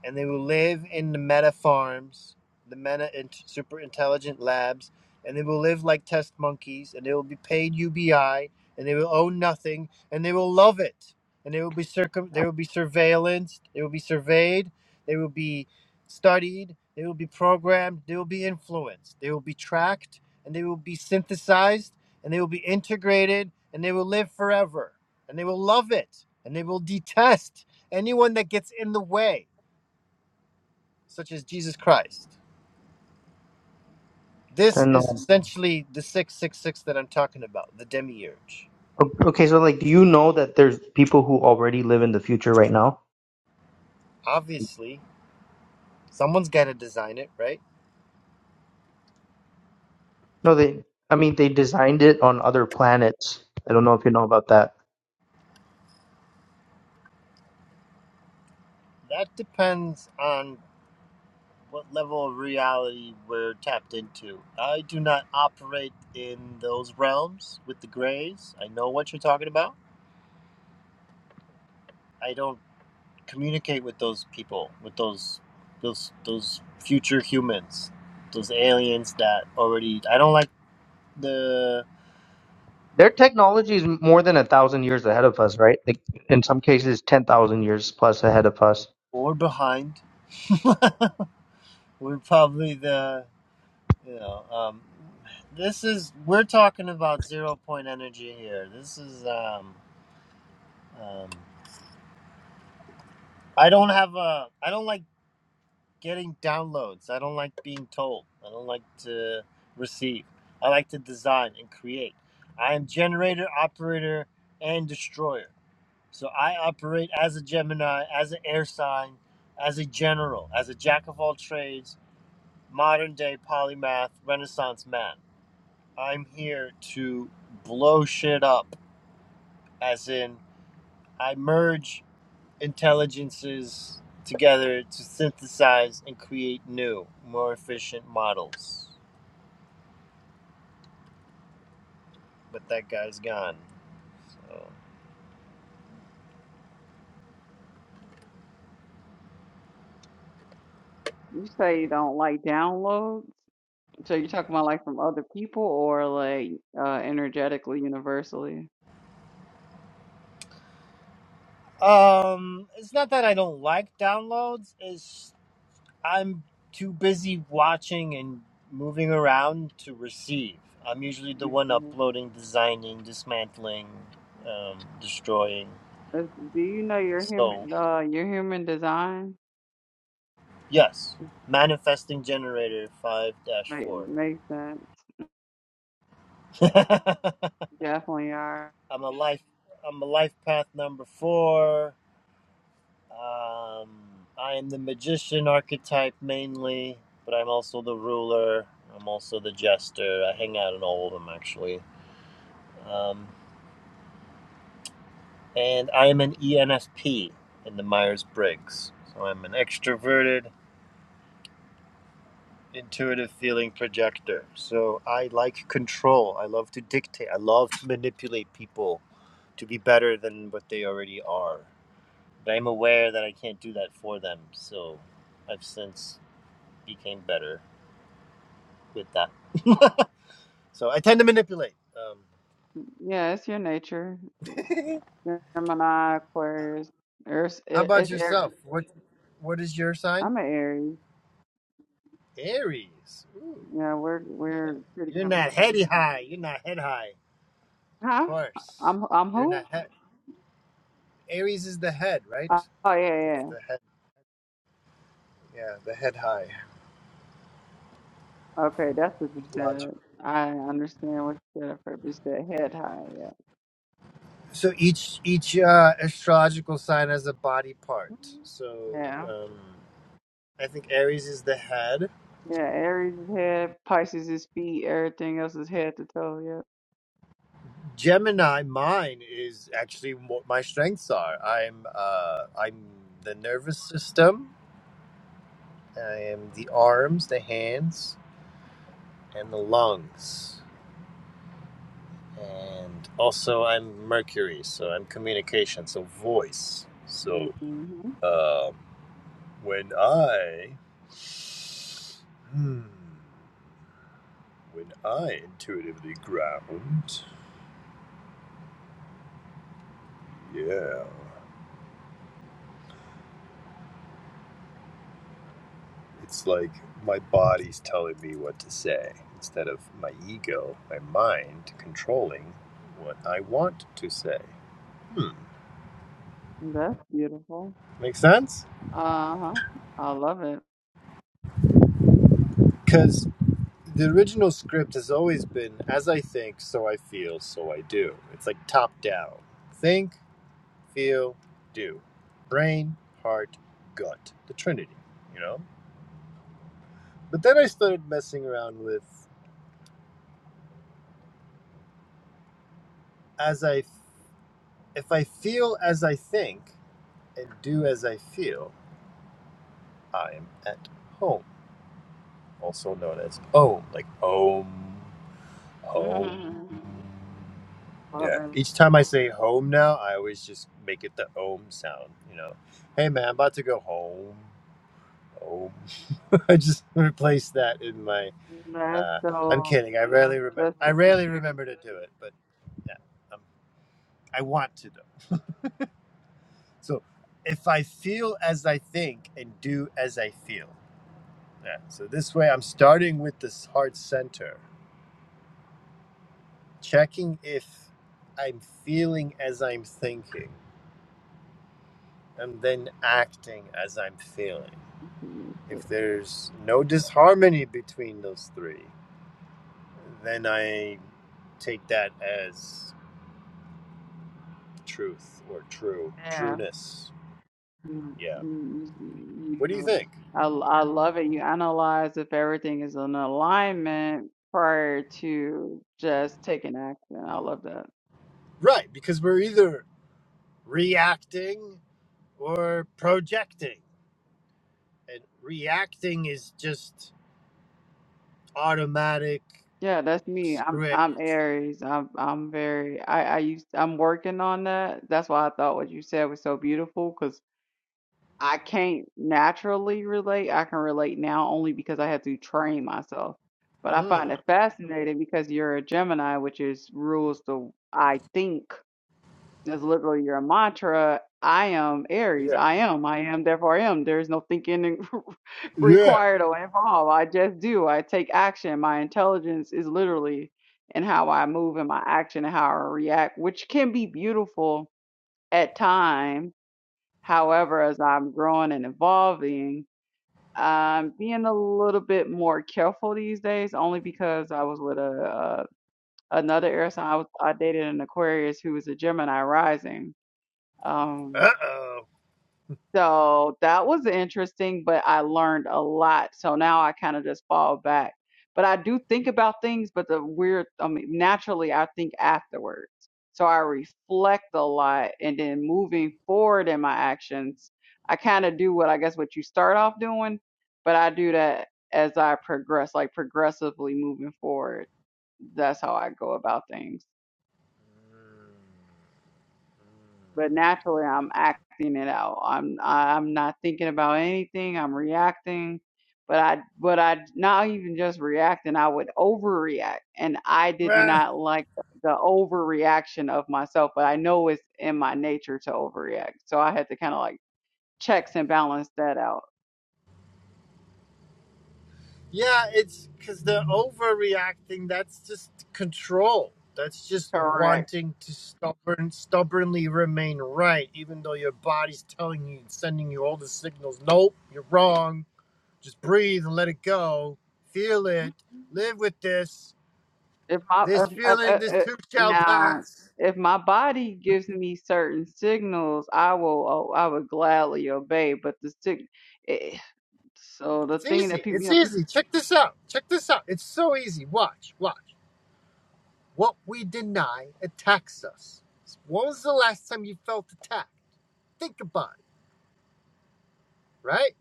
and they will live in the meta farms, the meta super intelligent labs, and they will live like test monkeys, and they will be paid UBI, and they will own nothing, and they will love it, and they will be circum, they will be surveillanced, they will be surveyed, they will be studied, they will be programmed, they will be influenced, they will be tracked, and they will be synthesized, and they will be integrated, and they will live forever, and they will love it, and they will detest anyone that gets in the way such as Jesus Christ.
that
This is
know.
essentially the 666 that I'm talking about, the demiurge.
O- Okay, so like, do you know that there's people who already live in the future right now?
Obviously, someone's got to design it, right?
No, they. I mean, they designed it on other planets. I don't know if you know about that.
That depends on what level of reality we're tapped into. I do not operate in those realms with the grays. I know what you're talking about. I don't communicate with those people, with those those those future humans, those aliens that already I don't like the
Their technology is more than a thousand years ahead of us, right? Like in some cases, ten thousand years plus ahead of us.
or behind we are probably the you know um, this is we're talking about zero point energy here. This is um, um, I don't have a I don't like getting downloads. I don't like being told. I don't like to receive. I like to design and create. I am generator, operator, and destroyer. So I operate as a Gemini, as an air sign, as a general, as a jack of all trades, modern day polymath, Renaissance man. I'm here to blow shit up, as in, I merge intelligences together to synthesize and create new, more efficient models. But that guy's gone. So.
You say you don't like downloads, so you're talking about like from other people or like uh energetically, universally?
Um, it's not that I don't like downloads, it's I'm too busy watching and moving around to receive. I'm usually the one
Mhm.
uploading, designing, dismantling, um, destroying.
Uh, Do you know your
So
human uh your human design?
Yes. Manifesting generator 5-4. dash
Make
four.
makes sense.
I'm
Definitely are.
a life I'm a life path number 4. Um I am the magician archetype mainly, but I'm also the ruler. I'm also the jester. I hang out in all of them actually. Um, and I am an ENFP in the Myers-Briggs. So I'm an extroverted intuitive feeling projector. So I like control. I love to dictate. I love to manipulate people. to be better than what they already are. But I'm aware that I can't do that for them, so I've since became better with that. so I tend to manipulate.
Mm, Yeah, it's your nature.
Um,
Gemini, Aquarius, Earth.
how
it-
about
It's air.
yourself? What What is your sign?
I'm an Aries.
Aries. Ooh,
Yeah, we're
okay.
we're pretty.
You're
com-
not heady high. You're not head high. Of
Huh?
course.
I'm I'm
You're not
who?
head. Aries is the head, right?
Oh oh, yeah,
That's
yeah.
the head. Yeah, the head high.
Okay, that's what you
Logic.
said. I understand what you said. First, you said head high. Yeah.
So each each uh, astrological sign has a body part.
Mhm.
So
Yeah.
um, I think Aries is the head.
Yeah. Aries is head. Pisces is feet. Everything else is head to toe.
Gemini, mine is actually what my strengths are. I'm uh, I'm the nervous system. I am the arms, the hands, and the lungs. And also, I'm Mercury, so I'm communication, so voice.
Yep.
So
hmm
um when I hmm, When I intuitively ground, yeah, it's like my body's telling me what to say instead of my ego, my mind controlling what I want to say. Hmm,
That's beautiful.
make sense?
Uh huh. I love it.
Because the original script has always been as I think, so I feel, so I do. It's like top down think, feel, do. Brain, heart, gut. The Trinity, you know? But then I started messing around with as I If I feel as I think and do as I feel, I am at home, also known as OM, like OM, home.
Mm, love
Yeah.
it.
Each time I say home now, I always just make it the OM sound, you know. Hey man, I'm about to go home. Home. I just replace that in my.
That's
Uh, I'm
so
kidding. I
that's
rarely remember.
that's
I
super
rarely
cute.
remember to do it, but yeah, um, I want to though. So if I feel as I think and do as I feel. Yeah. So this way I'm starting with this heart center, checking if I'm feeling as I'm thinking and then acting as I'm feeling.
Mm,
If there's no disharmony between those three, then I take that as truth or true,
Yeah,
trueness.
you
Yeah.
you, you
What do you
you-
think?
I l- I love it. You analyze if everything is in alignment prior to just taking action. I love that.
Right, because we're either reacting or projecting and reacting is just automatic
Yeah, that's me. I'm
script.
I'm Aries. I'm I'm very I I used I'm working on that. That's why I thought what you said was so beautiful I can't naturally relate. I can relate now only because I had to train myself. But I find
Huh.
it fascinating because you're a Gemini, which is rules the I think is literally your mantra. I am Aries.
Yeah.
I am. I am. Therefore, I am. There's no thinking in-
Yeah.
required or involved. I just do. I take action. My intelligence is literally in how I move and my action and how I react, which can be beautiful at times However, as I'm growing and evolving, I'm being a little bit more careful these days, only because I was with a, uh another air sign. I was I dated an Aquarius who was a Gemini rising. Um,
Uh oh.
so that was interesting, but I learned a lot. So now I kind of just fall back. But I do think about things, but the weird, I mean, naturally, I think afterwards. So I reflect a lot. And then moving forward in my actions, I kind of do what I guess what you start off doing, but I do that as I progress, like progressively moving forward. That's how I go about things. but naturally I'm acting it out. I'm I- am i am not thinking about anything. I'm reacting, but I but I not even just reacting. I would overreact, and I did not like the the overreaction of myself. But I know it's in my nature to overreact, so I had to kind of like checks and balance that out.
Yeah, it's because the overreacting. That's just control. That's just
Correct.
wanting to stubborn, stubbornly remain right, even though your body's telling you, sending you all the signals. Nope, you're wrong. Just breathe and let it go. Feel it. Live with this.
if my
This
if, if,
feeling,
if,
this
if-
too shall
now
pass.
if my body gives me certain signals i will oh, i would gladly obey but the sig- eh, so the
It's
thing that
easy.
people you
It's
know people
easy. Check this out. Check this out. It's so easy. Watch. Watch. What we deny attacks us. When was the last time you felt attacked? Think about it, right?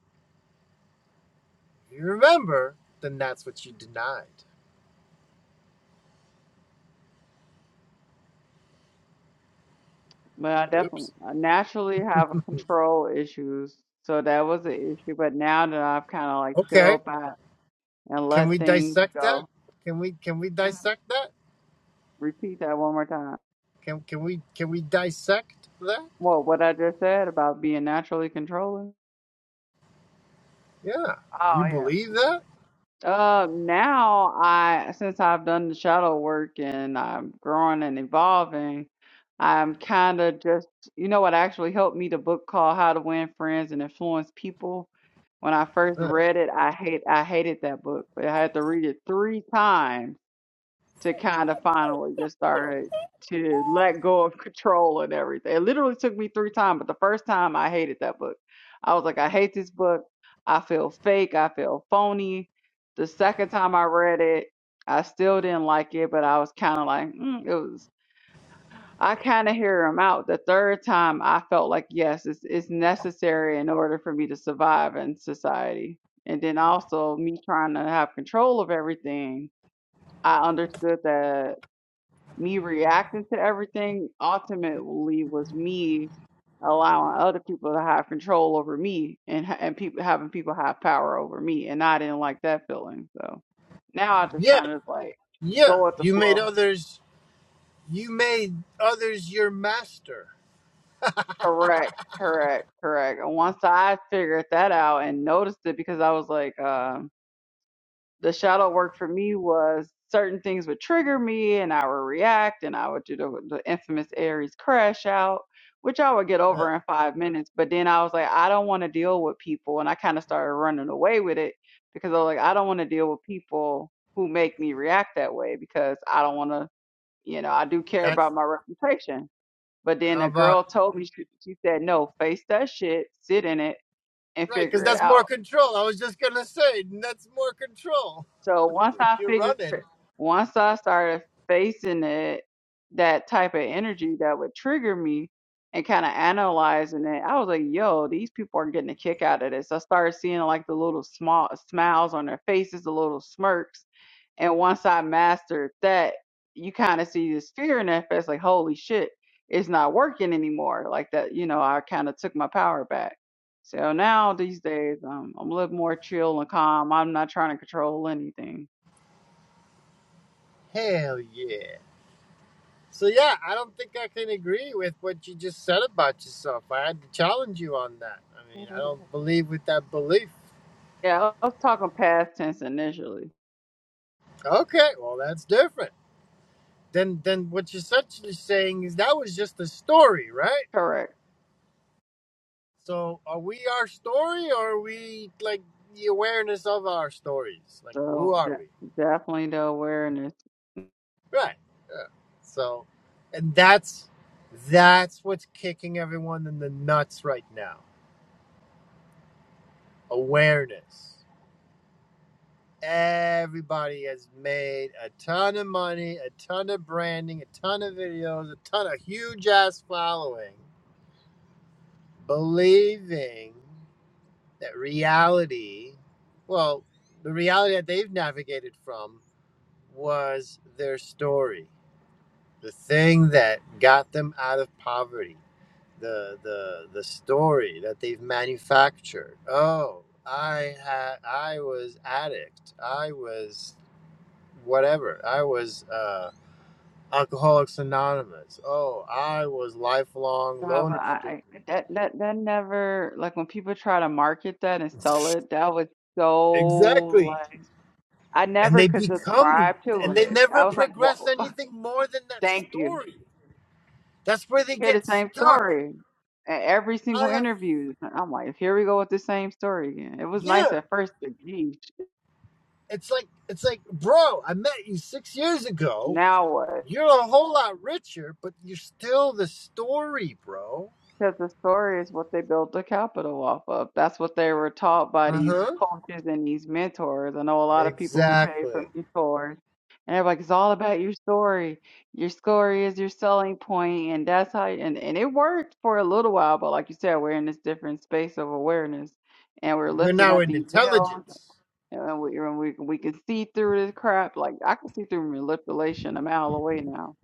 If you remember, then that's what you denied.
but i definitely
Oops.
I naturally have control issues so that was an issue but now that i've kind of like
Okay.
filled back and
Can
let
we
things
dissect that?
go
Can we can we
Mhm.
dissect that?
repeat that one more time
Can can we can we dissect that?
well what i just said about being naturally controlling
Yeah. Do
oh
you
yeah
believe that?
Uh, now I, since I've done the shadow work and I'm growing and evolving, I'm kind of just, you know what actually helped me, the book called How to Win Friends and Influence People. When I first
Uh,
read it, I hate, I hated that book, but I had to read it three times to kind of finally just started to let go of control and everything. It literally took me three times, but the first time I hated that book. I was like, I hate this book. I feel fake. I feel phony. The second time I read it, I still didn't like it, but I was kind of like, mm, it was. I kind of hear him out. The third time, I felt like yes, it's it's necessary in order for me to survive in society. And then also me trying to have control of everything. I understood that me reacting to everything ultimately was me allowing other people to have control over me and ha- and people having people have power over me and I didn't like that feeling so now I just
yeah.
kind of like
Yeah.
go with the
You made
flow
others you made others your master.
correct correct correct and once I figured that out and noticed it because I was like um the shadow work for me was certain things would trigger me and I would react and I would do the, the infamous Aries crash out, which I would get over in five minutes. But then I was like, I don't want to deal with people. And I kind of started running away with it because I was like, I don't want to deal with people who make me react that way because I don't want to, you know, I do care
That's
about my reputation. But then
How
a girl
about
told me, she, she said, no, face that shit, sit in it and
right? Because
figure it
that's more
out.
control. I was just gonna say that's more control
So once I
if you're
figured,
running.
once I started facing it, that type of energy that would trigger me and kind of analyzing it, I was like, yo, these people are getting a kick out of this. I started seeing like the little small smiles on their faces, the little smirks. And once I mastered that, you kind of see this fear in their face, like, holy shit, it's not working anymore. Like that, you know, I kind of took my power back. So now these days, um, I'm a little more chill and calm. I'm not trying to control anything.
Hell yeah. So yeah, I don't think I can agree with what you just said about yourself. I had to challenge you on that. I mean, I don't believe with that belief.
Yeah, I was talking past tense initially.
Okay, well that's different. Then then what you're essentially saying is that was just a story, right?
Correct.
So are we our story or are we like the awareness of our stories? Like who
So
are
de-
we?
definitely the awareness.
Right. Yeah. So, and that's that's what's kicking everyone in the nuts right now. Awareness. Everybody has made a ton of money, a ton of branding, a ton of videos, a ton of huge ass following, believing that reality, well, the reality that they've navigated from was their story. the thing that got them out of poverty, the the the story that they've manufactured. Oh, I had I was addict. I was whatever. I was uh, Alcoholics Anonymous. Oh, I was lifelong
However,
loner student.
I, I that that that never like when people try to market that and sell it. That was so
Exactly,
like I
and
never
they
could
become
subscribe to
and they
it. I
never
was like,
progress
Whoa,
anything more than that
thank you.
story. That's where
You
they
hear the
get
same
stuck.
story at every single
I have
interview. I'm like, here we go with the same story again. It was nice
yeah.
at first, but geez,
it's like it's like bro i met you six years ago
now what?
you're a whole lot richer but you're still the story bro
Because the story is what they built the capital off of. That's what they were taught by these
uh-huh
coaches and these mentors. I know a lot of people who pay for
exactly
mentors, and they're like, it's all about your story. Your story is your selling point, and that's how. And and it worked for a little while, but like you said, we're in this different space of awareness, and we're
we're
lifting
now
up
in
these veils
intelligence
And we, and we we can see through this crap. Like I can see through manipulation a mile away now.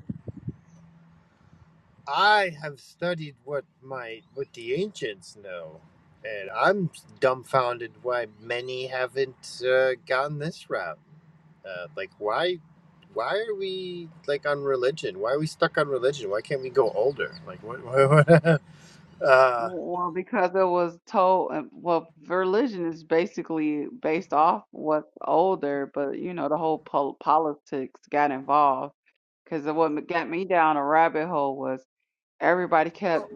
i have studied what my what the ancients know and i'm dumbfounded why many haven't uh, gone this route uh, like why why are we like on religion why are we stuck on religion why can't we go older like what, what, uh
Well, because it was told. uh, Well, religion is basically based off what's older, but you know the whole pol politics got involved. Because what m- got me down a rabbit hole was everybody kept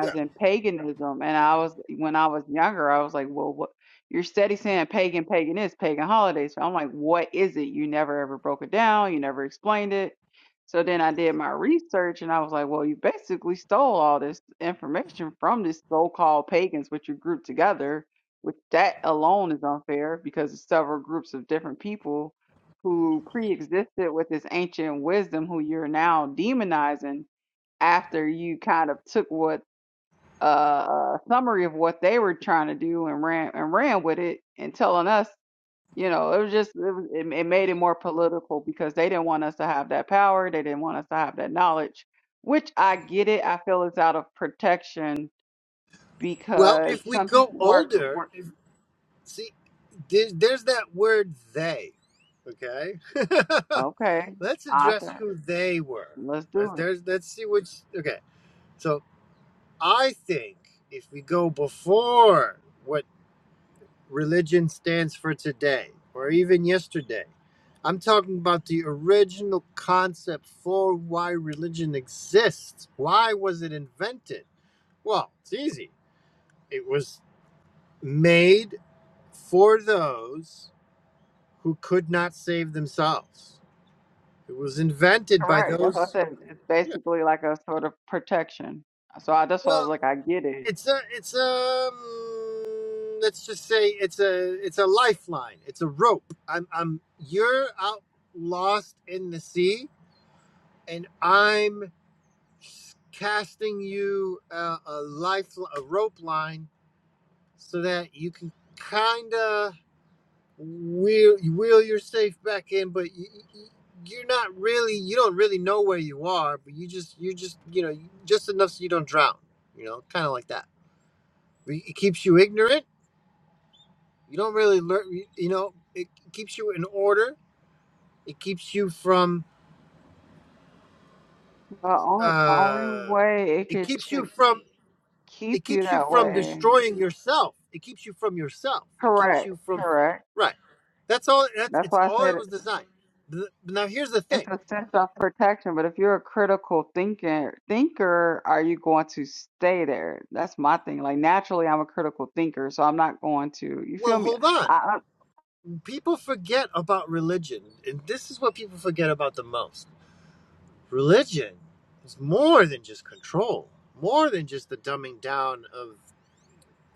Yeah.
paganism and i was when i was younger i was like well what you're steady saying pagan pagan is pagan holidays so i'm like what is it you never ever broke it down you never explained it so then i did my research and i was like well you basically stole all this information from this so-called pagans which you grouped together which that alone is unfair because it's several groups of different people who pre-existed with this ancient wisdom who you're now demonizing after you kind of took what uh, a summary of what they were trying to do and ran and ran with it and telling us you know it was just it, was, it, it made it more political because they didn't want us to have that power they didn't want us to have that knowledge which i get it i feel it's out of protection
Well,
because
if we
some
go
people work,
older,
work
if, see, there's, there's that word they. Okay.
okay
let's address
author
who they were.
let's
Let's
do it
there's let's see which. Okay. So I think if we go before what religion stands for today, or even yesterday, I'm talking about the original concept for why religion exists. Why was it invented? Well, it's easy. It was made for those who could not save themselves. It was invented by
correct that's what i
those.
said it's
Yeah.
basically like a sort of protection so I, that's why i was
Well,
like i get it
it's a it's a mm, let's just say it's a it's a lifeline. It's a rope. I'm I'm you're out lost in the sea, and I'm casting you a, a life a rope line so that you can kind of wheel wheel your safe back in, but y y- you're not really you don't really know where you are, but you just you just you know just enough so you don't drown. You know, kind of like that. Re- It keeps you ignorant. You don't really learn. You you know, it keeps you in order. It keeps you from.
The only only
Uh,
way it
it
could
keeps you
ch-
from. It
keep you
keeps you
that
from
way.
destroying yourself. It keeps you from yourself. It keeps
Correct,
you from.
correct.
Right. That's all. That's
That's
it's
why I
all
said
it was
it-
designed. Th- Now here's the
it's
thing.
a sense of protection. But if you're a critical thinker, thinker, are you going to stay there? That's my thing. Like naturally, I'm a critical thinker, so I'm not going to. You
Well,
feel me?
hold on
I,
people forget about religion, and this is what people forget about the most. Religion is more than just control, more than just the dumbing down of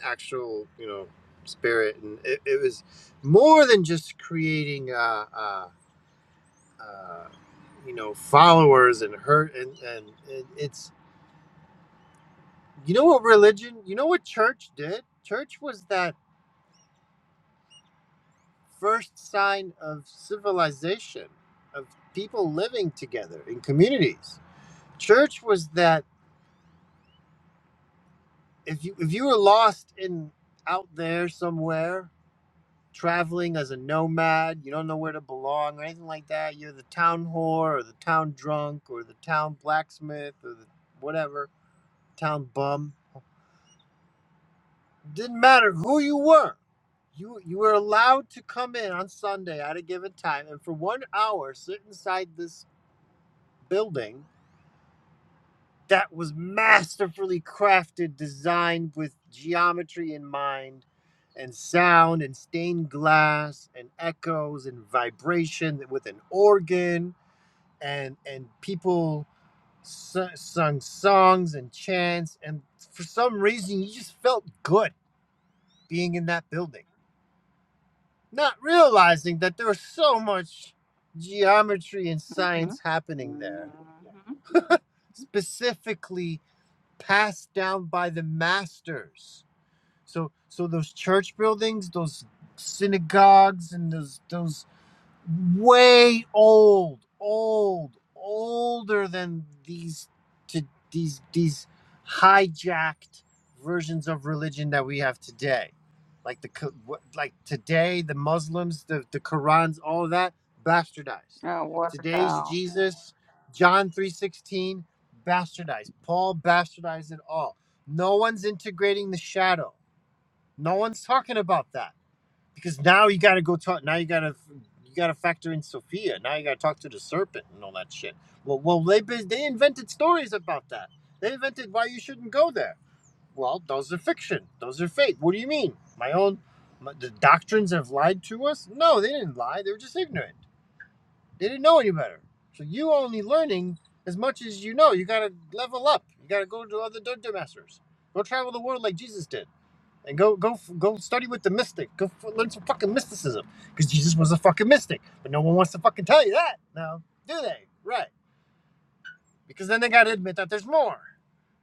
actual, you know, spirit, and it, it was more than just creating, uh, uh, uh, you know, followers and hurt, and, and and it's, you know, what religion, you know, what church did. Church was that first sign of civilization, of people living together in communities Church was that if you if you were lost in out there somewhere, traveling as a nomad, you don't know where to belong or anything like that. You're the town whore or the town drunk or the town blacksmith or the whatever town bum. Didn't matter who you were. You you were allowed to come in on Sunday at a given time and for one hour sit inside this building that was masterfully crafted, designed with geometry in mind, and sound and stained glass and echoes and vibration with an organ and and people su- sung songs and chants and for some reason you just felt good being in that building not realizing that there was so much geometry and
I mm-hmm,
science happening
mm-hmm.
there
mm-hmm,
specifically passed down by the masters So so those church buildings, those synagogues and those those way old, old, older than these to these these hijacked versions of religion that we have today. Like the co- what- like today the Muslims, the the Qurans, all of that bastardized.
Yeah, water
Today's
down.
Jesus, John 3:16 bastardized. Paul bastardized it all. No one's integrating the shadow. No one's talking about that because now you got to go talk. Now you got to you got to factor in Sophia. Now you got to talk to the serpent and all that shit. Well, well, they they invented stories about that. They invented why you shouldn't go there. Well, those are fiction. Those are fake. What do you mean? My own my, the doctrines have lied to us? No, they didn't lie. They were just ignorant. They didn't know any better. So you only learning as much as you know. You got to level up. You got to go to other dungeon masters. Go travel the world like Jesus did and go go go study with the mystic. Go f- learn some fucking mysticism because Jesus was a fucking mystic, but no one wants to fucking tell you that now, do they? Right? Because then they got to admit that there's more.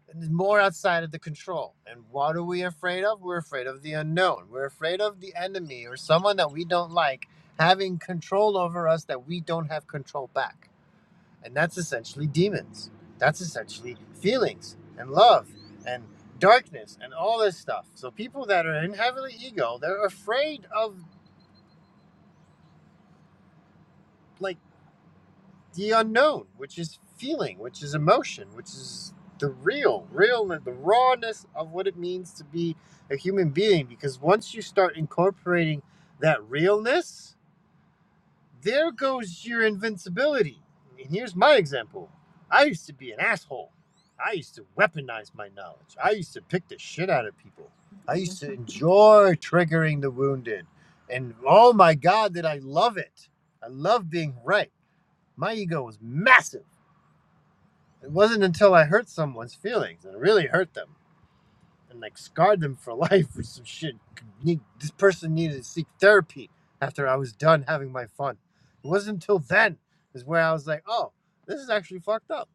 And there's more outside of the control. And what are we afraid of? We're afraid of the unknown. We're afraid of the enemy or someone that we don't like having control over us that we don't have control back. And that's essentially demons. That's essentially feelings and love and darkness and all this stuff. So people that are in heavily ego, they're afraid of like the unknown, which is feeling, which is emotion, which is the real, real, the rawness of what it means to be a human being. Because once you start incorporating that realness, There goes your invincibility. And here's my example. I used to be an asshole. I used to weaponize my knowledge. I used to pick the shit out of people. I
Mhm.
used to enjoy triggering the wounded. And oh my God, did I love it. I love being right. My ego was massive. It wasn't until I hurt someone's feelings and really hurt them and like scarred them for life with some shit. This person needed to seek therapy after I was done having my fun. It wasn't until then is where I was like, oh, this is actually fucked up.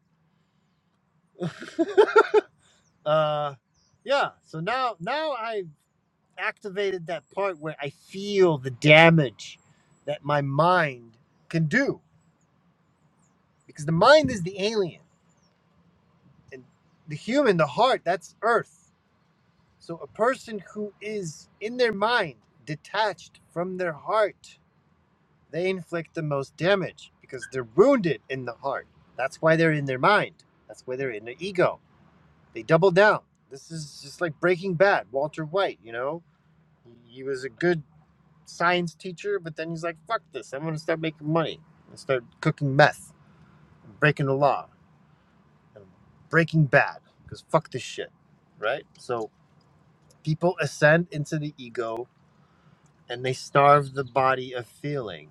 uh, yeah. So now, now I activated that part where I feel the damage that my mind can do because the mind is the alien and the human, the heart, that's Earth. So, a person who is in their mind detached from their heart, they inflict the most damage because they're wounded in the heart. That's why they're in their mind. That's why they're in their ego. They double down. This is just like Breaking Bad, Walter White, you know? He was a good science teacher, but then he's like, fuck this. I'm going to start making money and start cooking meth, and breaking the law, and breaking bad because fuck this shit, right? So, people ascend into the ego and they starve the body of feeling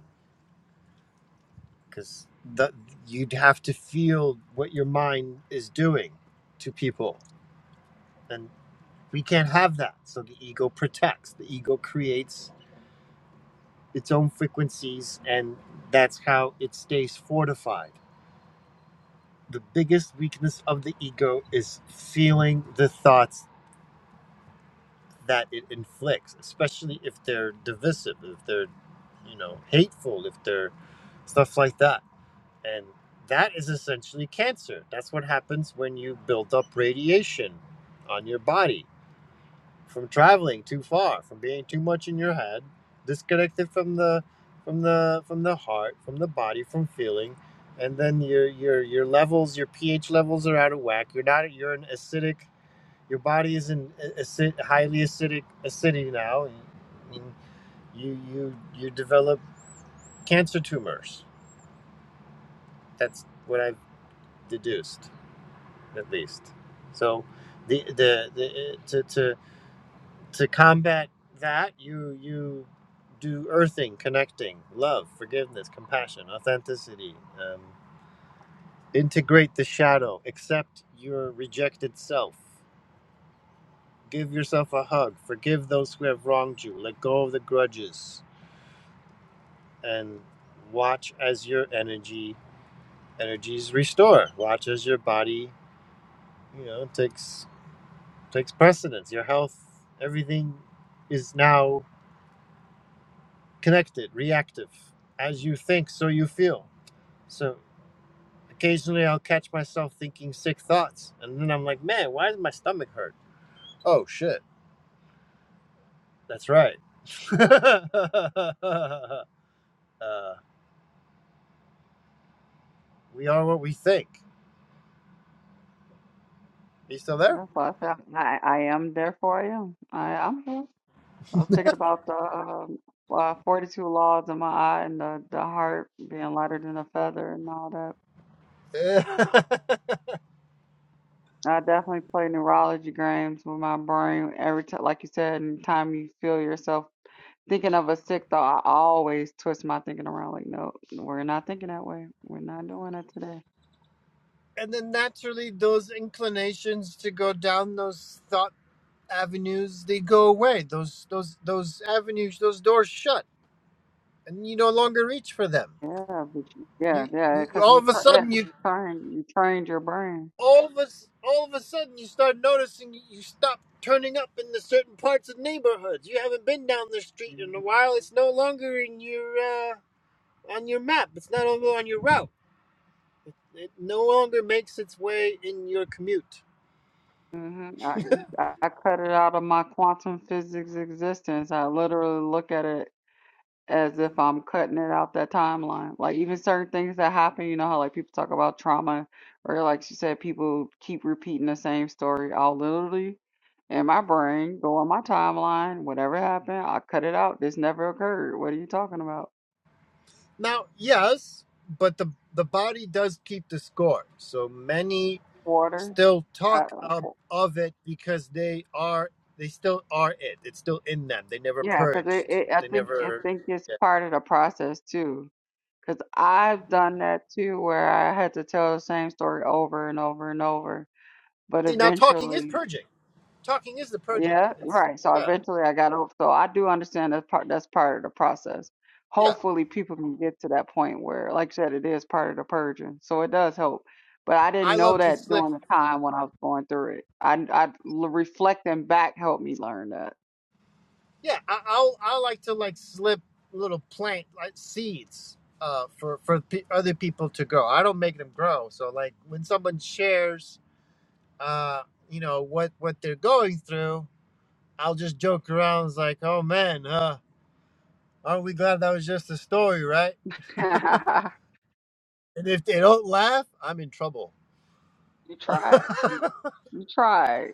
because the, you'd have to feel what your mind is doing to people and we can't have that so the ego protects the ego creates its own frequencies and that's how it stays fortified the biggest weakness of the ego is feeling the thoughts that it inflicts especially if they're divisive if they're you know hateful if they're stuff like that And that is essentially cancer. That's what happens when you build up radiation on your body from traveling too far, from being too much in your head, disconnected from the from the from the heart, from the body, from feeling. And then your your your levels, your pH levels are out of whack. You're not you're an acidic your body is in acid, highly acidic acidity now and, and you you you develop cancer tumors. That's what I've deduced. at least. So the the, the to, to to combat that you you do earthing, connecting, love, forgiveness, compassion, authenticity. Um, integrate the shadow. Accept your rejected self. Give yourself a hug. Forgive those who have wronged you. Let go of the grudges and watch as your energy energies restore. Watch as your body, you know, takes takes precedence. Your health, everything is now connected, reactive. As you think, so you feel. So occasionally I'll catch myself thinking sick thoughts. And then I'm like, man, why does my stomach hurt? Oh, shit. That's right. uh, we are what we think. Are you still there?
That's why I said I, I am. Therefore, I am. I am. I was thinking about the um, uh, 42 laws in my eye and the, the heart being lighter than a feather and all that. I definitely play neurology games with my brain every time, like you said, anytime you feel yourself thinking of a sick thought, I always twist my thinking around like, no, we're not thinking that way. We're not doing that today.
and then naturally, those inclinations to go down those thought avenues, they go away. Those those those avenues, those doors shut and you no longer reach for them.
Yeah, but you- yeah,
You,
yeah,
you
because
all
you,
of a
tra- yeah,
sudden
'cause
you
you trained, you trained your brain.
all of a, s- all of a sudden you start noticing you you stop turning up in the certain parts of neighborhoods. You haven't been down the street in a while. It's no longer in your uh, on your map. It's not over on your route. It no longer makes its way in your commute.
Mm-hmm. I, I I cut it out of my quantum physics existence. I literally look at it. as if I'm cutting it out that timeline. Like even certain things that happen, you know how like people talk about trauma or like she said, people keep repeating the same story. I'll literally in my brain go on my timeline, whatever happened, I cut it out. This never occurred. What are you talking about?
Now, yes, but the the body does keep the score. So many
Water?
still
I,
talk of, of it because they are they still are it. It's still in them. They never
yeah, because it,
purged.
it, I
They
think I
never.
think it's
Yeah.
part of the process too. Because I've done that too, where I had to tell the same story over and over and over. But
See now, talking is
eventually,
purging. Talking is the purging.
Yeah,
It's
right. So
yeah,
eventually I got over. So I do understand that's part that's part of the process.
yeah.
Hopefully people can get to that point where, like I said, it is part of the purging. So it does help. But I didn't
I
know
love to
that
slip.
during the time when I was going through it. I, I l- reflecting back helped me learn that.
Yeah, I, I'll I like to like slip little plant like seeds. Uh, for for pe other people to grow, I don't make them grow. So like when someone shares, uh, you know what what they're going through, I'll just joke around. It's like, oh man, uh. Aren't we glad that was just a story, right? And if they don't laugh, I'm in trouble.
You tried. You, you tried.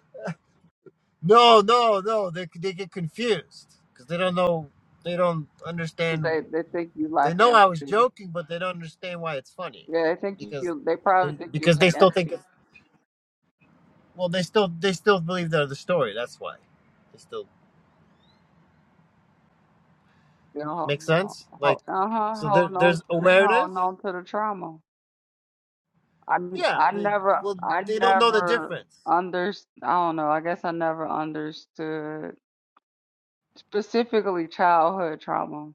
no, no, no. They they get confused because they don't know. They don't
'Cause
understand.
They they think you
They
lack
know I was
empathy.
joking, but they don't understand why it's funny
Yeah, they think
because
you. They probably
they,
think you
because
lack
they still think.
empathy.
It's, well, they still they still believe they're the story. That's why. They still
They don't
make
hold,
sense.
hold,
Like
uh-huh,
so, there,
holding on.
there's
They
awareness.
holding on to the trauma. I
Yeah.
I
They
never
well
I
they don't know the
never
difference.
under I don't know. I guess I never understood specifically childhood trauma.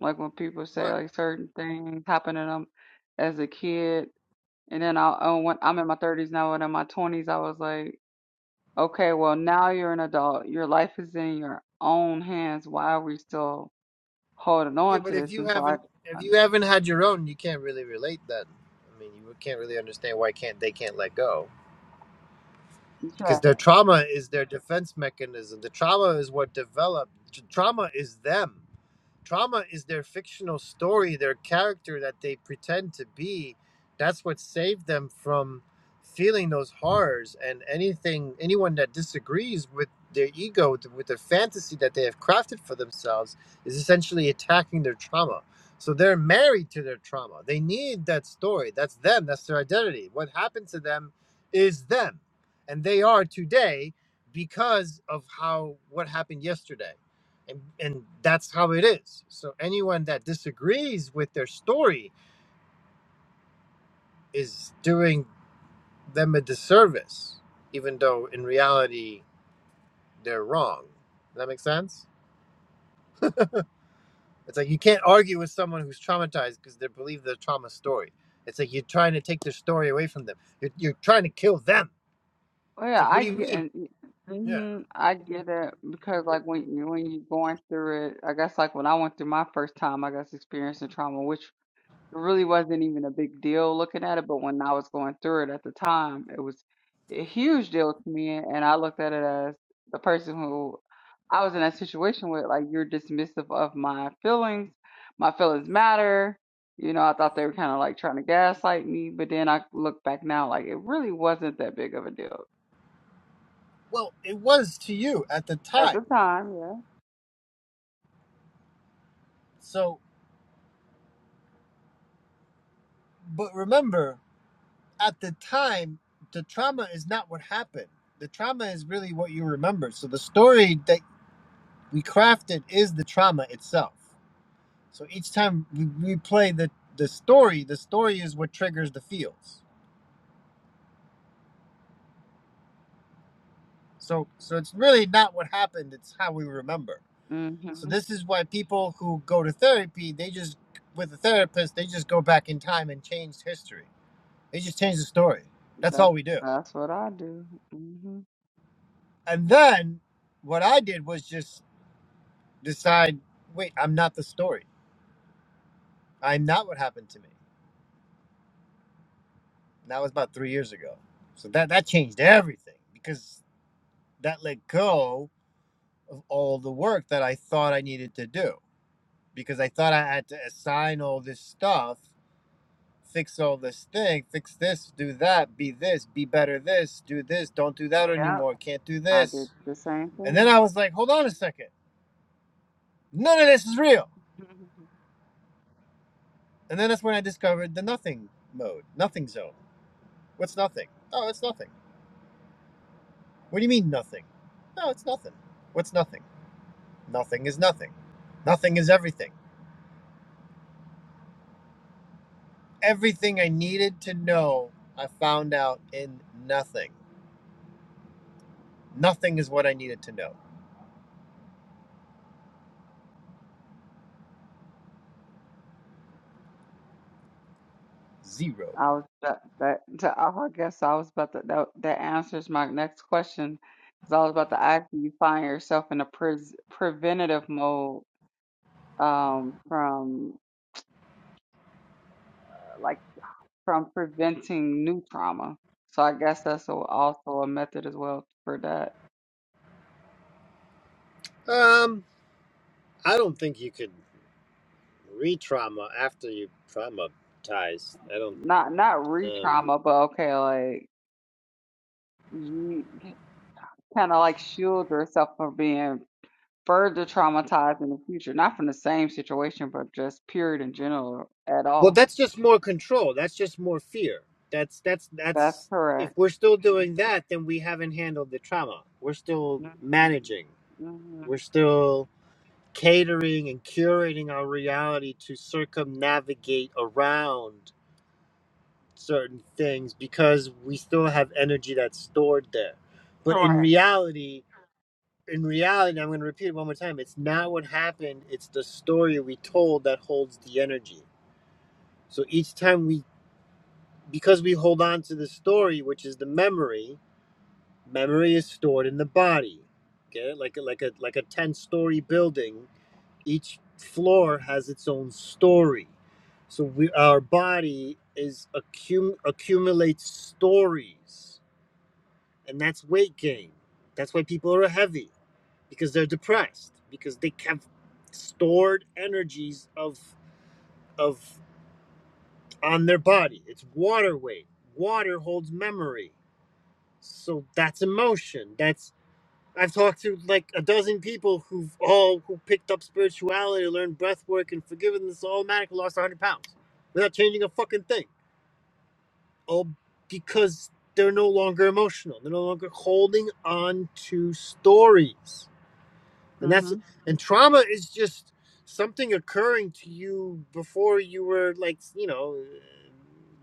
Like when people say
What?
like certain things happened to them as a kid, and then I oh, when I'm in my 30s now, and in my 20s, I was like, okay, well now you're an adult. Your life is in your own hands. Why are we still holding
Yeah,
on to
but if
this?
you
And so I,
haven't
I
if you haven't had your own, you can't really relate then. I mean, you can't really understand why can't they can't let go
yeah.
because their trauma is their defense mechanism. The trauma is what developed. Trauma is them. Trauma is their fictional story, their character that they pretend to be. That's what saved them from feeling those horrors. And anything, anyone that disagrees with their ego, with the fantasy that they have crafted for themselves, is essentially attacking their trauma. So they're married to their trauma. They need that story. That's them. That's their identity. What happened to them is them. And they are today because of how what happened yesterday and, and that's how it is so anyone that disagrees with their story is doing them a disservice even though in reality they're wrong Does that make sense it's like you can't argue with someone who's traumatized because they believe their trauma story it's like you're trying to take their story away from them you're, you're trying to kill them
Well,
it's
yeah,
like what
I
do you
get
mean
and
yeah
hmm I get it because like when you when you're going through it, I guess like when I went through my first time, I guess experiencing trauma, which it really wasn't even a big deal looking at it, but when I was going through it at the time, it was a huge deal to me, and I looked at it as the person who I was in that situation with, like you're dismissive of my feelings, my feelings matter. You know, I thought they were kind of like trying to gaslight me, but then I look back now, like it really wasn't that big of a deal.
well it was to you at the
At
time
the time, yeah.
so but remember at the time, the trauma is not what happened. The trauma is really what you remember. So the story that we crafted is the trauma itself. So each time we, we play the, the story, the story is what triggers the feels. So so it's really not what happened, it's how we remember. So
hmm
this is why people who go to therapy, they just with a therapist, they just go back in time and change history. They just change the story. That's
That's
all we do.
that's what I do. hmm
And then what I did was just decide, wait, I'm not the story. I'm not what happened to me. And that was about three years ago. So that, that changed everything because that let go of all the work that I thought I needed to do because I thought I had to assign all this stuff, fix all this thing, fix this, do that, be this, be better this, do this, don't do that
Yep,
anymore, can't do
I did
this.
the same
And then
thing.
I was like, hold on a second. None of this is real. And then that's when I discovered the nothing mode, nothing zone. What's nothing? Oh, it's nothing What do you mean nothing? No, it's nothing. What's nothing? Nothing is nothing. Nothing is everything. Everything I needed to know, I found out in nothing. Nothing is what I needed to know. Zero.
I was that that that- I guess I was about to that that answers my next question because I was about to ask you find yourself in a pres preventative mode um from uh, like from preventing new trauma. So I guess that's a, also a method as well for that.
Um, I don't think you could re-trauma after you traumatize. I don't.
Not not
Um,
re-trauma, but okay, like you. kind of like shield yourself from being further traumatized in the future, not from the same situation, but just period in general at
well,
all.
that's just more control. That's just more fear. That's that's
That's
that's. If
correct.
we're still doing that, then we haven't handled the trauma. We're still
hmm
managing.
hmm
We're still. catering and curating our reality to circumnavigate around certain things because we still have energy that's stored there. But in
Correct.
reality, in reality, I'm going to repeat it one more time. It's not what happened, it's the story we told that holds the energy. So each time we, because we hold on to the story, which is the memory, memory is stored in the body. Okay? Like a, like a like a 10 story building each floor has its own story so we our body is accum accumulates stories and that's weight gain that's why people are heavy because they're depressed because they have stored energies of of on their body it's water weight water holds memory so that's emotion that's I've talked to like a dozen people who've all who picked up spirituality, learned breath work, and forgiveness All automatically lost 100 pounds without changing a fucking thing. All because they're no longer emotional. They're no longer holding on to stories and that's
hmm
and trauma is just something occurring to you before you were like you know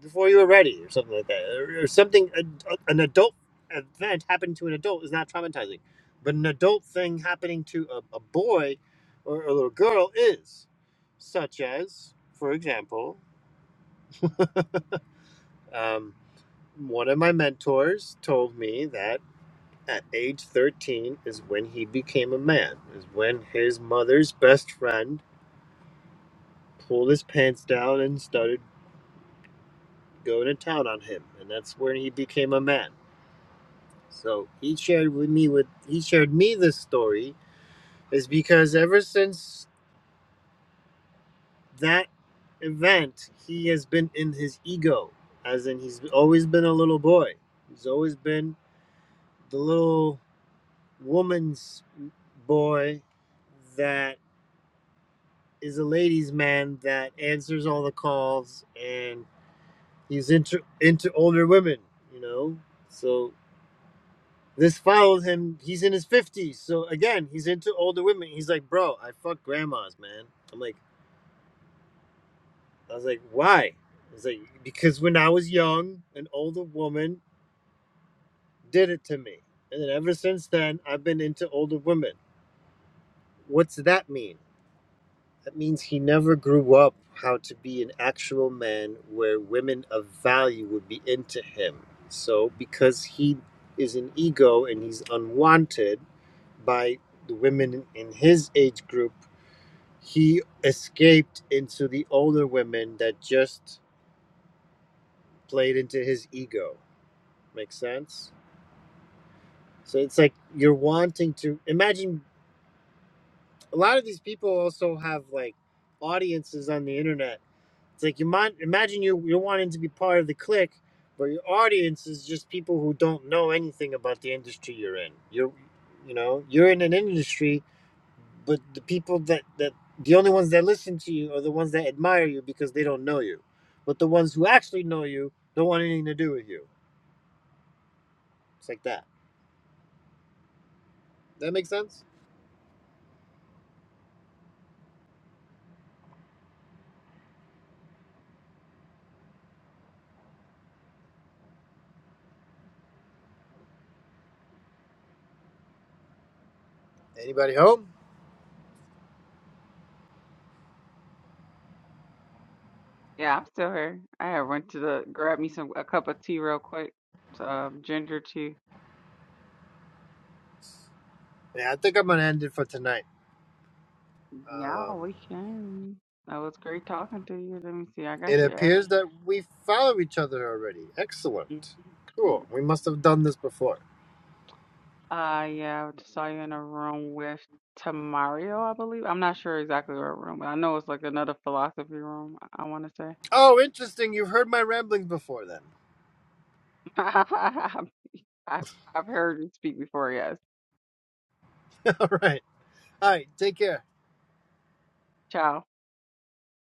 before you were ready or something like that or, or something a, an adult event happening to an adult is not traumatizing but an adult thing happening to a, a boy or a little girl is such as for example um, one of my mentors told me that at age 13 is when he became a man, is when his mother's best friend pulled his pants down and started going to town on him. And that's when he became a man. So he shared with me with he shared me this story is because ever since that event he has been in his ego. As in he's always been a little boy. He's always been the little woman's boy that is a ladies' man that answers all the calls, and he's into into older women. You know, so this follows him. He's in his fifties, so again, he's into older women. He's like, bro, I fuck grandmas, man. I'm like, I was like, why? He's like, because when I was young, an older woman did it to me, and then ever since then, I've been into older women. What's that mean? That means he never grew up how to be an actual man where women of value would be into him. So, because he is an ego and he's unwanted by the women in his age group, he escaped into the older women that just played into his ego. Makes sense? So, it's like you're wanting to imagine a lot of these people also have like audiences on the internet It's like you might imagine you you're wanting to be part of the clique, but your audience is just people who don't know anything about the industry you're in. You're you know, you're in an industry, but the people that that the only ones that listen to you are the ones that admire you because they don't know you. But the ones who actually know you don't want anything to do with you. It's like that. That makes sense? Anybody home?
Yeah, I'm still here. I had went to the grab me some a cup of tea real quick, um, ginger tea.
Yeah, I think I'm gonna end it for tonight.
Yeah,
Um,
we can. That was great talking to you. Let me see. I
it
got you
appears
added.
that we follow each other already. Excellent.
Mhm.
Cool. We must have done this before.
Uh, yeah, I saw you in a room with Tamario, I believe. I'm not sure exactly what room, but I know it's like another philosophy room, I want to say.
Oh, interesting. You've heard my ramblings before then.
I've, I've heard you speak before, yes.
All right. All right. Take care.
Ciao.